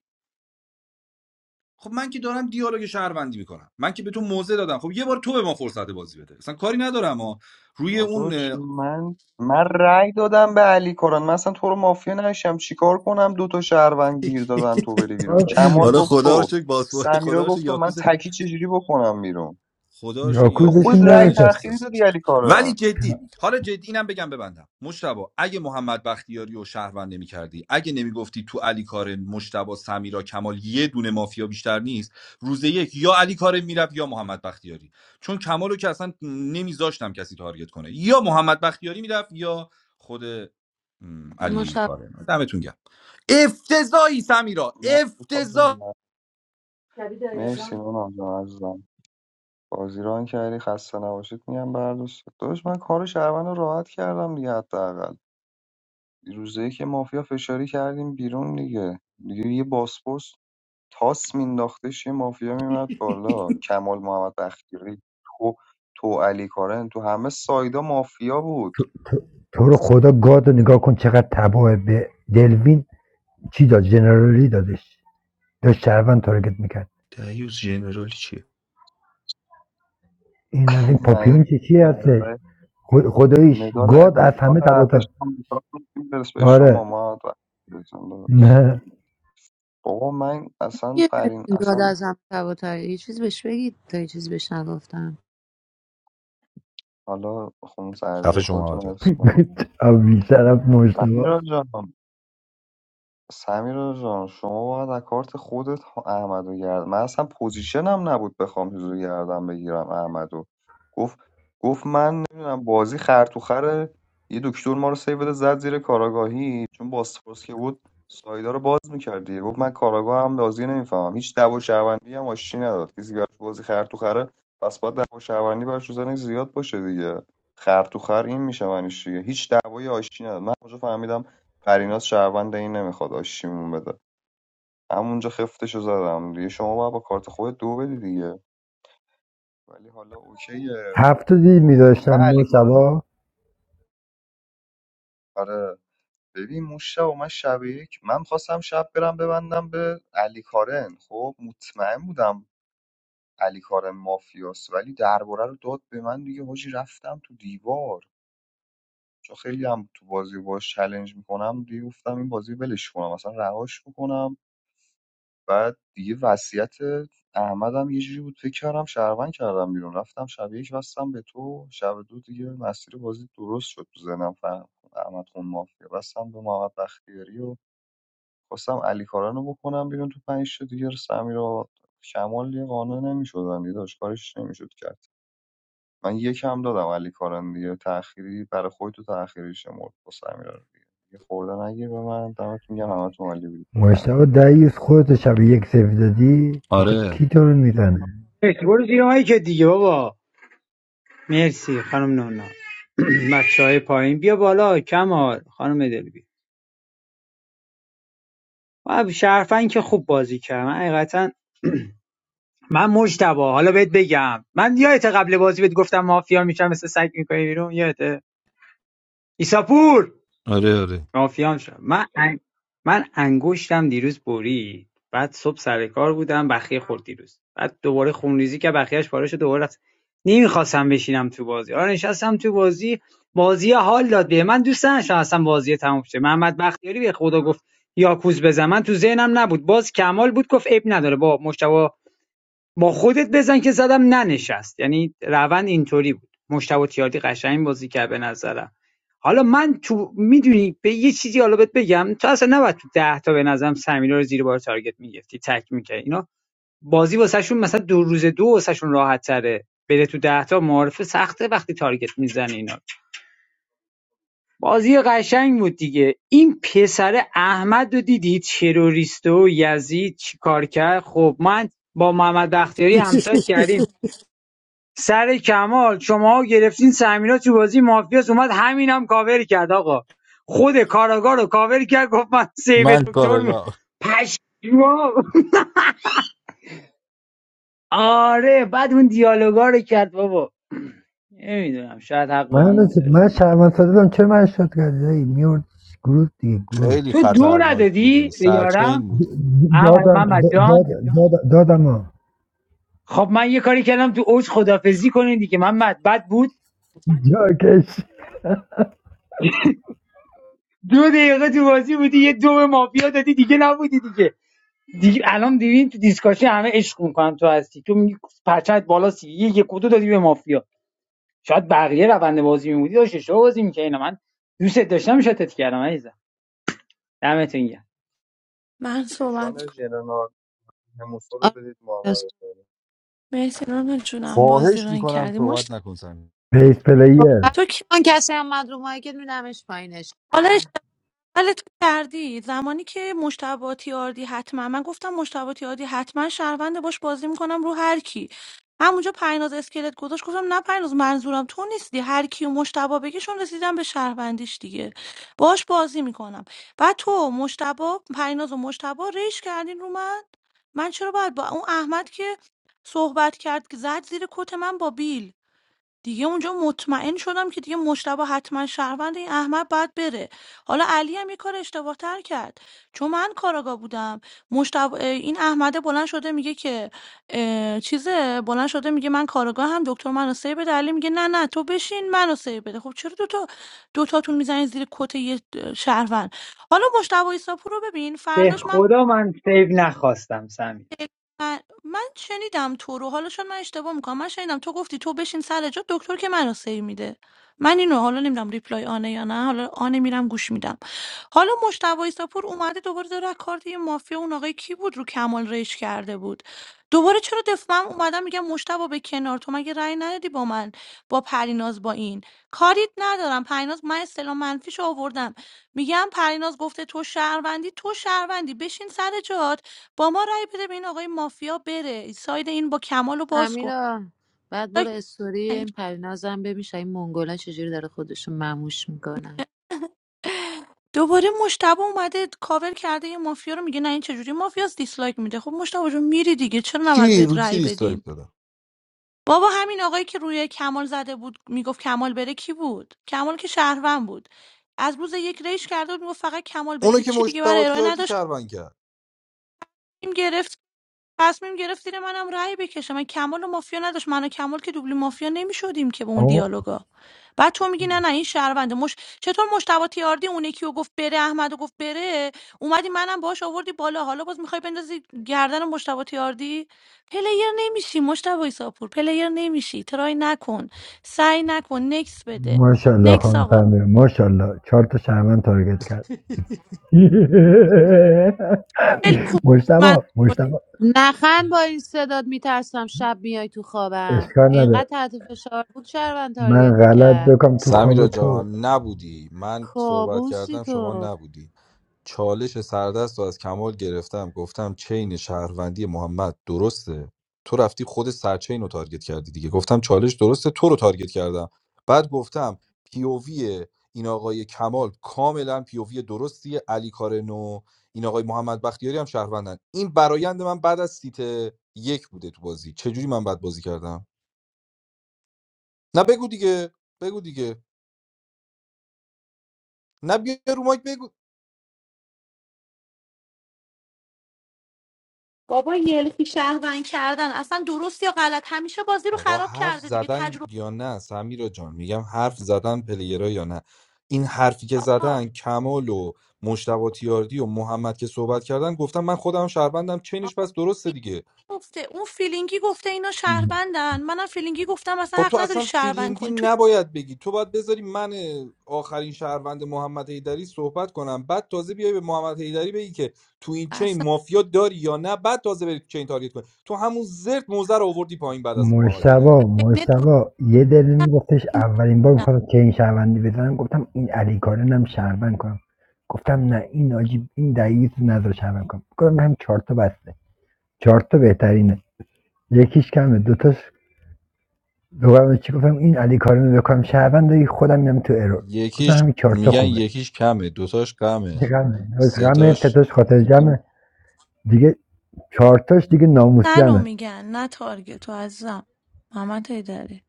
خب من که دارم دیالوگ شهروندی میکنم من که به تو موزه دادم خب یه بار تو به ما فرصت بازی بده اصلا کاری ندارم ها روی
داداش
اون
من من رأی دادم به علی کارن من اصلا تو رو مافیا نشم چیکار کنم دو تا شهروند گیر دادن تو بری بیرون
راست
کمال
میگه
حالا
گفت
خدا رو
تو
شکر بازخورد خدا
سمیرا
رو شکر
گفت تو من
یاکوز
تکی چجوری بکنم بیرون
خدا رو شکر
تو
یاکوز
خود
بشین
یاکوزشون
رأی
ننشست
ننشسته
تأخیری دادی علی
ولی
کارن
جدی حالا جدی اینم بگم ببندم مشتبا اگه محمد بختیاری و شهروند نمی کردی اگه نمیگفتی تو علی کارن مشتبا سمیرا کمال یه دونه مافیا بیشتر نیست روز یک یا علی کارن میرفت یا محمد بختیاری چون کمالو رو که اصلا نمیذاشتم کسی تارگت کنه یا محمد بختیاری میرفت یا خود م، علی کارن دمتون گرم افتضاحی سمیرا
من به تو
افتضاح
بگم. مرسی نونم جان عزیزم بازی ران کردی خسته نباشید میگم بر دوست داداش من کار شهروند رو راحت کردم دیگه حداقل روزه که مافیا فشاری کردیم بیرون دیگه دیگه یه باسپورس تاس مینداختش یه مافیا میمد بالا کمال محمد بختیاری تو تو علی کارن تو همه سایدا مافیا بود
تو رو خدا گاد رو نگاه کن چقدر تباه به دلوین چی داد جنرالی دادش داشت شهروند تارگت میکرد این از این
(laughs)
پاپیون
یعنی
چی چی هستش
مدال
خد- خداییش
مدال
گاد از همه
افتخار
تباه تا
ارتش آمریکا رو می‌تونی برس به شما
آره
ما بختیاری جان
نه
بابا من اصلا
یه
فرین
داد
اصلا
ازم کبوتری یه چیز بهش بگید تا یه چیز بهش نگفتم
حالا خون
خفه
سردی
شما
خودتون رو حفظ کنید
(laughs) بیشترم مشتبه
فهمیدم جان سمیرا جان شما باید از کارت خودت احمدو گرد من اصلا پوزیشنم نبود بخوام چیزو گردم بگیرم احمدو گفت گفت من نمیدونم بازی خر تو خره یه دکتر ما رو سیو بده زد زیر کاراگاهی چون باسپورس که بود سایدا رو باز میکرد دیگه گفت من کاراگاه هم بازی نمیفهمم هیچ دعوا شهروندی هم آشتی نداد کسی براش بازی خر تو خره پس باید دعوا شهروندی براش تو زنگ زیاد باشه دیگه خر تو خر این میشه معنیش دیگه هیچ دعوایی آشتی نداد من کجا فهمیدم پریناز شهروند این نمیخواد آشیمون بده همونجا خفتشو زدم دیگه شما باید با کارت خودت دو بدی دیگه ولی حالا اوکیه
هفت تا دیل میذاشتم
من علی
ما
کارن
شبا
آره ببین موشه و من شب یک من خواستم شب برم ببندم به علی کارن خب مطمئن بودم علی کارن مافیاست ولی درباره رو داد به من دیگه حاجی رفتم تو دیوار چون خیلی هم تو بازی باش چلنج میکنم دیگه گفتم این بازی ولش کنم اصلا رهاش بکنم بعد دیگه وصیت احمدم یه جوری بود فکر کردم شهروند کردم بیرون رفتم شب یک بستم به تو شب دو دیگه مسیر بازی درست شد تو ذهنم فهم احمد خون مافیا بستم به محمد بختیاری و خواستم علی کارن رو بکنم بیرون تو پنج تا دیگه سمیر و شمال یه قانع نمی‌شدن دیگه داشت کارش نمیشد کرد من یکم دادم علی کارن دیگه تأخیری برای خودت تو تأخیری شمرد با سمیرا رو دیگه یه خورده نگیر به من دمتون گرم همتون عالی بودید بفرمایید
مشتبا دیوز خودتو شب یک سفید دادی آخه
آره
کی تو رو میزنه
مرسی برو زیر مایی که دیگه بابا مرسی خانم نونا (clears throat) بچه های پایین بیا بالا کمال خانم دلبی و شرفن که خوب بازی کرد من حقیقتا من مجتبا حالا بهت بگم من یادت قبل بازی بهت گفتم مافیا میشم مثل سگ میکنی بیرون یادته ایساپور
آره آره
مافیام شدم من ان- من انگشتم دیروز برید بعد صبح سر کار بودم بخیه خورد دیروز بعد دوباره خونریزی که بخیهش پاره شد دوباره رفت نمیخواستم بشینم تو بازی آره نشستم تو بازی بازی حال داد به من دوست نداشتم اصلا بازی تموم شه محمد بختیاری به خدا گفت یاکوز بزن من تو ذهنم نبود باز کمال بود گفت عیب نداره با مشتبه با خودت بزن که زدم ننشست یعنی روند اینطوری بود مشتبه تیاردی قشنگ بازی کرد به نظرم حالا من تو میدونی به یه چیزی حالا بهت بگم تو اصلا نباید تو ده تا به نظرم سمیرا رو زیر بار تارگت میگرفتی تک میکردی اینا بازی واسهشون مثلا دو روز دو واسهشون راحت تره بره تو ده تا معارف سخته وقتی تارگت میزنه اینا بازی قشنگ بود دیگه این پسر احمد رو دیدی تروریست و یزید چیکار کرد خب من با محمد بختیاری همسایه کردیم سر کمال شماها گرفتین سمیرا تو بازی مافیاس اومد همینم کاور کرد آقا خود کاراگاه رو کاور کرد گفت من سیو
من
دکتر می
کارگاه
پشما آره بعد اون دیالوگا رو کرد بابا نمیدونم شاید حق با
من
اون بوده
من شرمن ساده بودم چرا من شد کردی دایی میورد گروه دیگه گل
خیلی
تو دو
خطرناک بودی
ندادی به
سرچین
یارم
بودی
احمد-
دادم
محمد جان
دادم دادم, دادم ها
خب من یه کاری کردم تو اوج خدافزی کنین دیگه محمد بد بود
جاکش
دو دقیقه تو بازی بودی یه دو به مافیا دادی دیگه نبودی دیگه دیگه الان دیدین تو دیسکاشی همه عشق میکنن تو هستی تو میگی پچت بالا سی یک و دادی به مافیا شاید بقیه روند بازی میمودی داشت اشتباه بازی میکنی اینا من دوست داشتم شاتت کردم عزیزم دمتون گرم
من صحبت
نشان
کنم
ژنرال موسی رو
آره
بدید محمد
راست.
رو
مرسی نانا جونم بازی
فاحش
ران
میکنم
کردی
صحبت
مشت
نکن سمی
بیس پلیر
صحبت
تو که
کن کسی هم اومد رو مایی که میدمش پایینش
حالش
کنم.
حالت کردی زمانی که مشتبه تیاردی حتما من گفتم مشتبه تیاردی حتما شهرونده باش بازی میکنم رو هر کی همونجا پریناز اسکلت گذاشت گفتم نه پریناز منظورم تو نیستی هر کیو و مشتبه بگیشون رسیدم به شهروندیش دیگه باش بازی میکنم و تو مشتبه پریناز و مشتبه ریش کردین رو من من چرا باید با اون احمد که صحبت کرد که زد زیر کت من با بیل دیگه اونجا مطمئن شدم که دیگه مشتبه حتما شهروند این احمد باید بره حالا علی هم یه کار اشتباه تر کرد چون من کاراگاه بودم مشتبه این احمده بلند شده میگه که اه، چیزه بلند شده میگه من کاراگاه هم دکتر منو سیو بده علی میگه نه نه تو بشین منو سیو بده خب چرا دوتا دوتاتون میزنید زیر کت یه شهروند حالا مشتبه ایساپور رو ببین
به
فرداش من
خدا من سیو نخواستم سمی
من من شنیدم تو رو حالا شاید من اشتباه میکنم من شنیدم تو گفتی تو بشین سر جا دکتر که منو سیو میده من اینو حالا نمیدونم ریپلای آنه یا نه حالا آنه میرم گوش میدم حالا مشتبه ایساپور اومده دوباره داره از کارت یه مافیا اون آقای کی بود رو کمال ریش کرده بود دوباره چرا دفاع من اومدم میگم مشتبه به کنار تو مگه رأی ندادی با من با پریناز با این کاریت ندارم پریناز من اصطلاح منفیشو آوردم میگم پریناز گفته تو شهروندی تو شهروندی بشین سر جات با ما رأی بده به این آقای مافیا بره ساید این با کمال رو باز کن
سمیرا بعد برو استوری این پرینازم ببین شاید این منگولا چجوری داره خودشو مموش میکنه
دوباره مشتبه اومده کاور کرده یه مافیا رو میگه نه این چجوری مافیاس دیسلایک میده خب مشتبه جون میری دیگه چرا نباید
چی
بهت
رو کی
رأی
دیسلایک
بدیم
دادم
بابا همین آقایی که روی کمال زده بود میگفت کمال بره کی بود کمال که شهروند بود از روز یک ریش کرده بود میگفت فقط کمال بره
اونو که
هیچی دیگه برای
مشتبه
ارائه
تیاردی
نداشت
شهروند کرد
تصمیم گرفت تصمیم گرفت زیر منم رأی بکشم. من کمال و مافیا نداشت من و کمال که دوبلی مافیا نمیشدیم که با اون
آقا
دیالوگا بعد تو میگی نه نه این شهرونده مش چطور مشتبه تیاردی اون یکی رو گفت بره احمد رو گفت بره اومدی منم باش آوردی بالا حالا باز میخوای بندازی گردن مشتبه تیاردی پلیر نمیشی مشتبه ایساپور پلیر نمیشی ترای نکن سعی نکن نکس بده
ماشاءالله
نکس
خانم
آقا
فهمیده ماشاءالله چهار تا شهرمن تارگت کرد (laughs)
خیلی خوب من
مشتبا مشتبا
نخند با این صداد میترسم شب میای تو خوابم
اشکال
اینقدر
نده
تحت فشار بود شهروند
من
تارگت
غلط
میکرد
بکنم تو خواب
سمیرا جان
تو
نبودی من صحبت
کابوسی
کردم شما
تو
نبودی چالش سردست رو از کمال گرفتم گفتم چین شهروندی محمد درسته تو رفتی خود سرچین رو تارگت کردی دیگه گفتم چالش درسته تو رو تارگت کردم بعد گفتم پیووی این آقای کمال کاملا پیووی درستیه علی کارنو این آقای محمد بختیاری هم شهروندن این برایند من بعد از سیت یک بوده تو بازی چجوری من بعد بازی کردم نه بگو دیگه بگو دیگه نه بیا رو مایک بگو
بابا یلخی شهروند کردن اصلا درست یا غلط همیشه بازی رو
آقا
خراب
حرف
کرده دیگه
زدن
تجربه
یا نه سمیرا جان میگم حرف زدن پلیرا یا نه این حرفی که
آقا
زدن کمال و مشتبه
آقا،
تیاردی و محمد که صحبت کردن گفتم من خودم شهروندم چینش پس درسته دیگه
گفته اون فیلینگی گفته اینا شهروندن منم فیلینگی گفتم اصلا
خب
حق
تو
نداری
اصلا
شهروند
فیلینگی
کنی تو چی-
نباید بگی تو باید بذاری من آخرین شهروند محمد حیدری صحبت کنم بعد تازه بیای به محمد حیدری بگی که تو این چین
اصلا
مافیا داری یا نه بعد تازه بری چین تارگت کنی تو همون زرت موزه رو آوردی پایین بعد از محمد حیدری
مجتبا
بین دو
مجتبا یه دلیل میگفتش اولین بار میخواست که این شهروندی بزنم گفتم این علی کارنم شهروند کنم گفتم نه این عجیب این دیوز نظر شهروند کنم گفتم هم چهار تا بسته چهار تا بهترینه یکیش کمه دوتاش دوباره چی گفتم این علی کارن بکنم شهروند خودم میام تو ارور گفتم
یکیش
همین چهار تا
میگن
خوبه
یکیش کمه دوتاش کمه
غمه غمه
سه‌تاش
ستاش خاطر جمعه دیگه چهار تاش دیگه ناموس
تنو
جمعه
میگن نه تارگت تو عزیزم محمد هیدری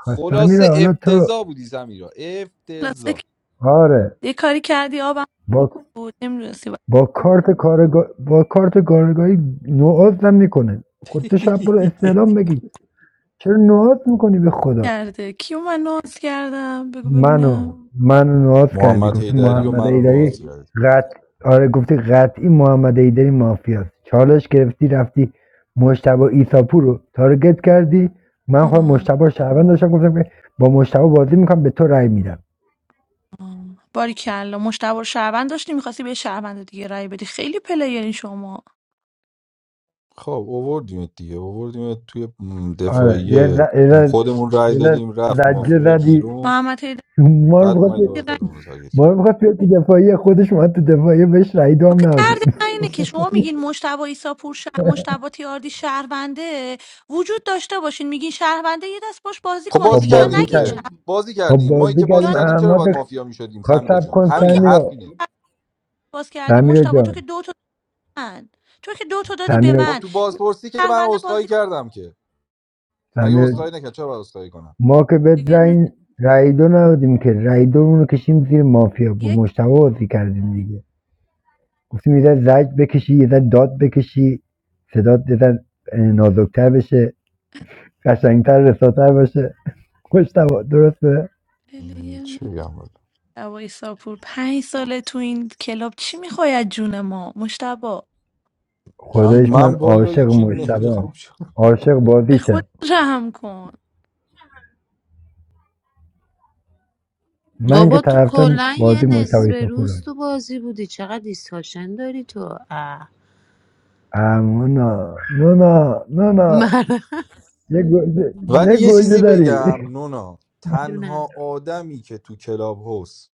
خواستم
خلاصه
میره حالا تو
افتضاح بودی سمیرا
خلاصه که
افتضاح
آره
یه کاری کردی آبم
با
بود نمیدونستی باید
با کارت کارگاه با کارت کارگاهی نوعات هم میکنه خود تو شب برو
(laughs)
استعلام بگی چرا نوعات میکنی به خدا
کرده کیو من ناز کردم بگو
منو
ببینم
منو نواز کردی
محمد
گفتی
حیدری و
محمد
من رو نواز
ایدری
کردیم
قط آره گفتی قطعی محمد ایدری مافیاست چالش گرفتی رفتی مشتبا ایساپور رو تارگت کردی من خودم مشتبا شهروند داشتم گفتم که با مشتبا بازی میکنم به تو رأی میدم
باری کلا مشتبه رو شهروند داشتی میخواستی به یه شهروند دیگه رای بدی خیلی پلیرین شما
خب اووردیم دیگه اووردیم توی م،
آره یه
دفاعیه
ز- یه ز-
خودمون رای
یه
دادیم
ز-
رفت
زجه
مافیای
زدی
بیرون
محمد هیدری
مار
بعد اومد
بخواد
دور خودمون رو تارگت
ما رو
کردیم
میخواد بیاد تو دفاعی خودش اومد تو دفاعی بهش رای دام
آخه درد
ندادی
من اینه که شما میگین مشتبه ایساپور ش... مشتبه تیاردی شهرونده وجود داشته باشین میگین شهرونده یه دست باش بازی
خب
خب
کنین
بازی
دیگه یا
بازی
کردیم
نگین
کردیم
که
شهر
بازی
خب
کردیم ما که
بازی
بازی
کردیم
یا
کردیم چرا
احمد
باید
رو-
مافیا میشدیم
خواست
سمیرا
سب
جان
کن
تو که
همینه حرف
سمیرا
اینه
باز کردی
سمیرا
مشتبه تو که
جان
دو تا من تو که دو تا دادی به
سمیرا
خب
من
تو
این
بازپرسی که من
شهرونده
عذرخواهی
بازی کن
کردم که مگه
سمیرا
خب
عذرخواهی
جان.
نکرد چرا باید عذرخواهی کنم
ما که به
دیگه نو...
رای رای دو ندادیم که رای دومون رو کشیم زیر مافیا با
یک
مشتبه بازی کردیم دیگه گفتیم یه ذره زج بکشی یه ذره داد بکشی صدات یه ذره، اه، نازکتر بشه قشنگتر رساتر باشه مشتبه درسته
م،
پلیر
چی
نیست.
بگم والا
مشتبه ایساپور پنج ساله تو این کلاب چی میخوای از جون ما مشتبه
من
خداییش من
من والا
عاشق
هیچی
مشتبه
نمیخوام شد
عاشق
به خود
بازیشم
رحم کن
من که
بابا تو
طرفدار
کلا یه
بازی مشتبه
نصف روز
ایساپورم
تو بازی بودی چقدر دیسکاشن داری تو اه.
اما نه نه نه نه نه
مرد
یه گوجه
ولی
یه
یه
گوجه
چیزی
داری
بگم نونا تنها
جونم
آدمی که تو کلاب هست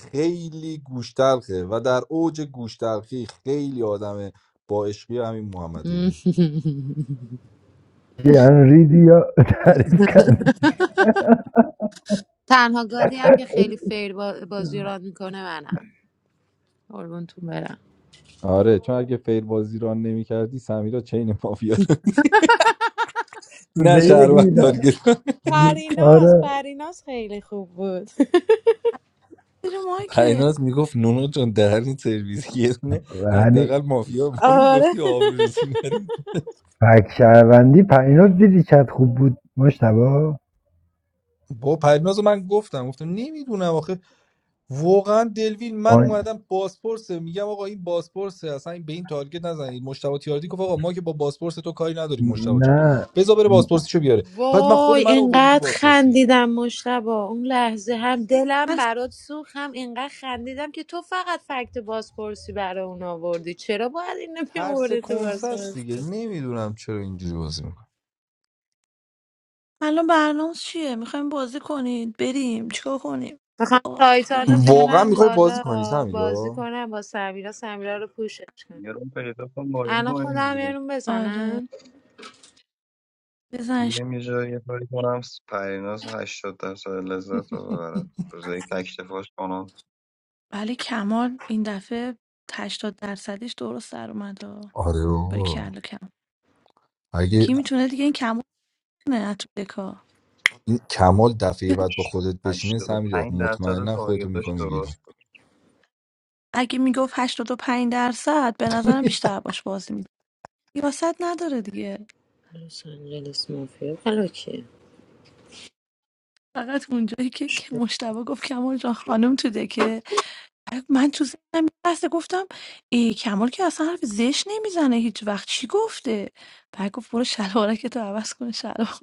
خیلی گوشتلخه و در اوج گوشتلخی خیلی آدم با عشقی همین محمد ایده
یعنی ریدی یا تعریف کردی
تنها گادی هم که خیلی فیر با- بازی را میکنه منم قربونتون برم
آره چون اگه فیر بازی ران نمیکردی سمیرا چین مافیا رو- (laughs) نه
روزه یک
شهروندار
میدن
گرفت
پریناز
آره
پریناز خیلی خوب بود (laughs)
زیر مایکل
پیناز میگفت نونو جون دهن سرویس یه دونه
ولی
حداقل مافیا ما
آره
میگفتی آبروش رو سینه
پک شهروندی پریناز دیدی چت خوب بود مشتبه
با پریناز رو من گفتم گفتم نمیدونم آخه واقعا دلوین من
آن...
اومدم بازپرسه میگم آقا این بازپرسه اصلا این- به این تارگت نزنید مشتبه تیاردی گفت آقا ما که با بازپرس تو کاری نداریم مشتبه جان
نه
بذار بره بازپرسیشو بیاره بعد من خود
وای
من رو آورده تو
اینقدر
بازپرسی
خندیدم مشتبا اون لحظه هم دلم برات سوخت هم اینقدر خندیدم که تو فقط فکت بازپرسی برای اون آوردی چرا باید این نمی
ترس
تو
کنسست
بازپرسی
دیگه نمیدونم چرا اینجوری بازی میکنه
الان برنامه چیه میخوایم بازی کنید بریم چیکار کنیم
میخوام تایتان رو
آخه
واقعا
بیارم
میخوای بازی
بالا
کنی
بازی
سمیرا
کنم با سمیرا سمیرا رو پوشش کنم
یه رو پیدا کن بازی
الان
کنیم
خودم یه
دیگه.
روم
آره
بزنم
بزنش
بریم یه جایی یه کاری کنم پریناز هشتاد درصد لذت رو ببره روزه یک تکتفاش کنم
ولی کمال این دفعه 80 درصدش درست در اومد
آره
بری
بابا
کلا کم
اگه
کی میتونه دیگه این کمال نه تو دکا
این کمال دفعه بعد با خودت بشینه سمیرا
85 درصد
مطمئنا خودتو
تارگتاش
میکنی بیرون
درست
اگه میگفت 85 درصد به نظرم بیشتر باش بازی می‌کرد. ریاست نداره دیگه
لس آنجلس مافیا حالا کیه؟
فقط اونجایی که که مشتبه گفت کمال جان خانم تو دکه من تو ذهنم یه لحظه گفتم ای کمال که اصلا حرف زشت نمیزنه هیچ وقت چی گفته بعد گفت برو شلوارک تو عوض کن شلوار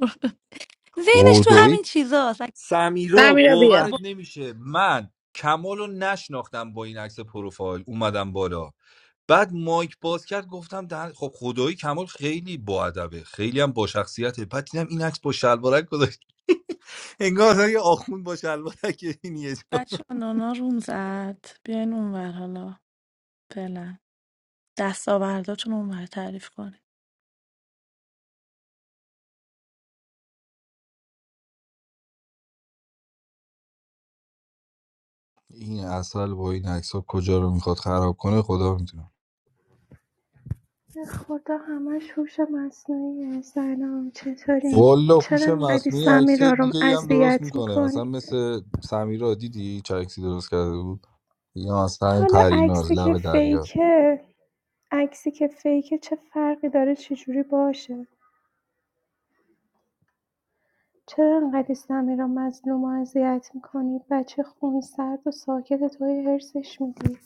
ذهنش تو
خدایی
همین چیزاست اگه
سمیرا
سمیرا بیا
تو
باورت
با
نمیشه من کمال رو نشناختم با این عکس پروفایل اومدم بالا بعد مایک باز کرد گفتم دهن... خب خدایی کمال خیلی با ادبه خیلی هم با شخصیته بعد دیدم این عکس با شلوارک گذاشت (laughs) انگار داره یه آخوند با شلوارک این یه جا
بچه نانا روم زد بیاین اونور حالا فعلا دستاورداتون اونور تعریف کن
این اصل با این عکس ها کجا رو میخواد خراب کنه خدا میتونه
به خدا همش هوش مصنوعیه سلام چطورین
والا
چرا
هوش
انقدر
مصنوعی عکس
سمیرا رو
دیگه ای هم درست
اذیت
میکنه
میکنی
مثلا مثل سمیرا دیدی چه عکسی درست کرده بود یا مثلا این
حالا
پریناز
عکسی که
لب دریا
فیکه عکسی که فیکه چه فرقی داره چجوری باشه چرا انقدر سمیرا مظلوم رو اذیت میکنی بچه خون خونسرد و ساکت توی هرسش میدی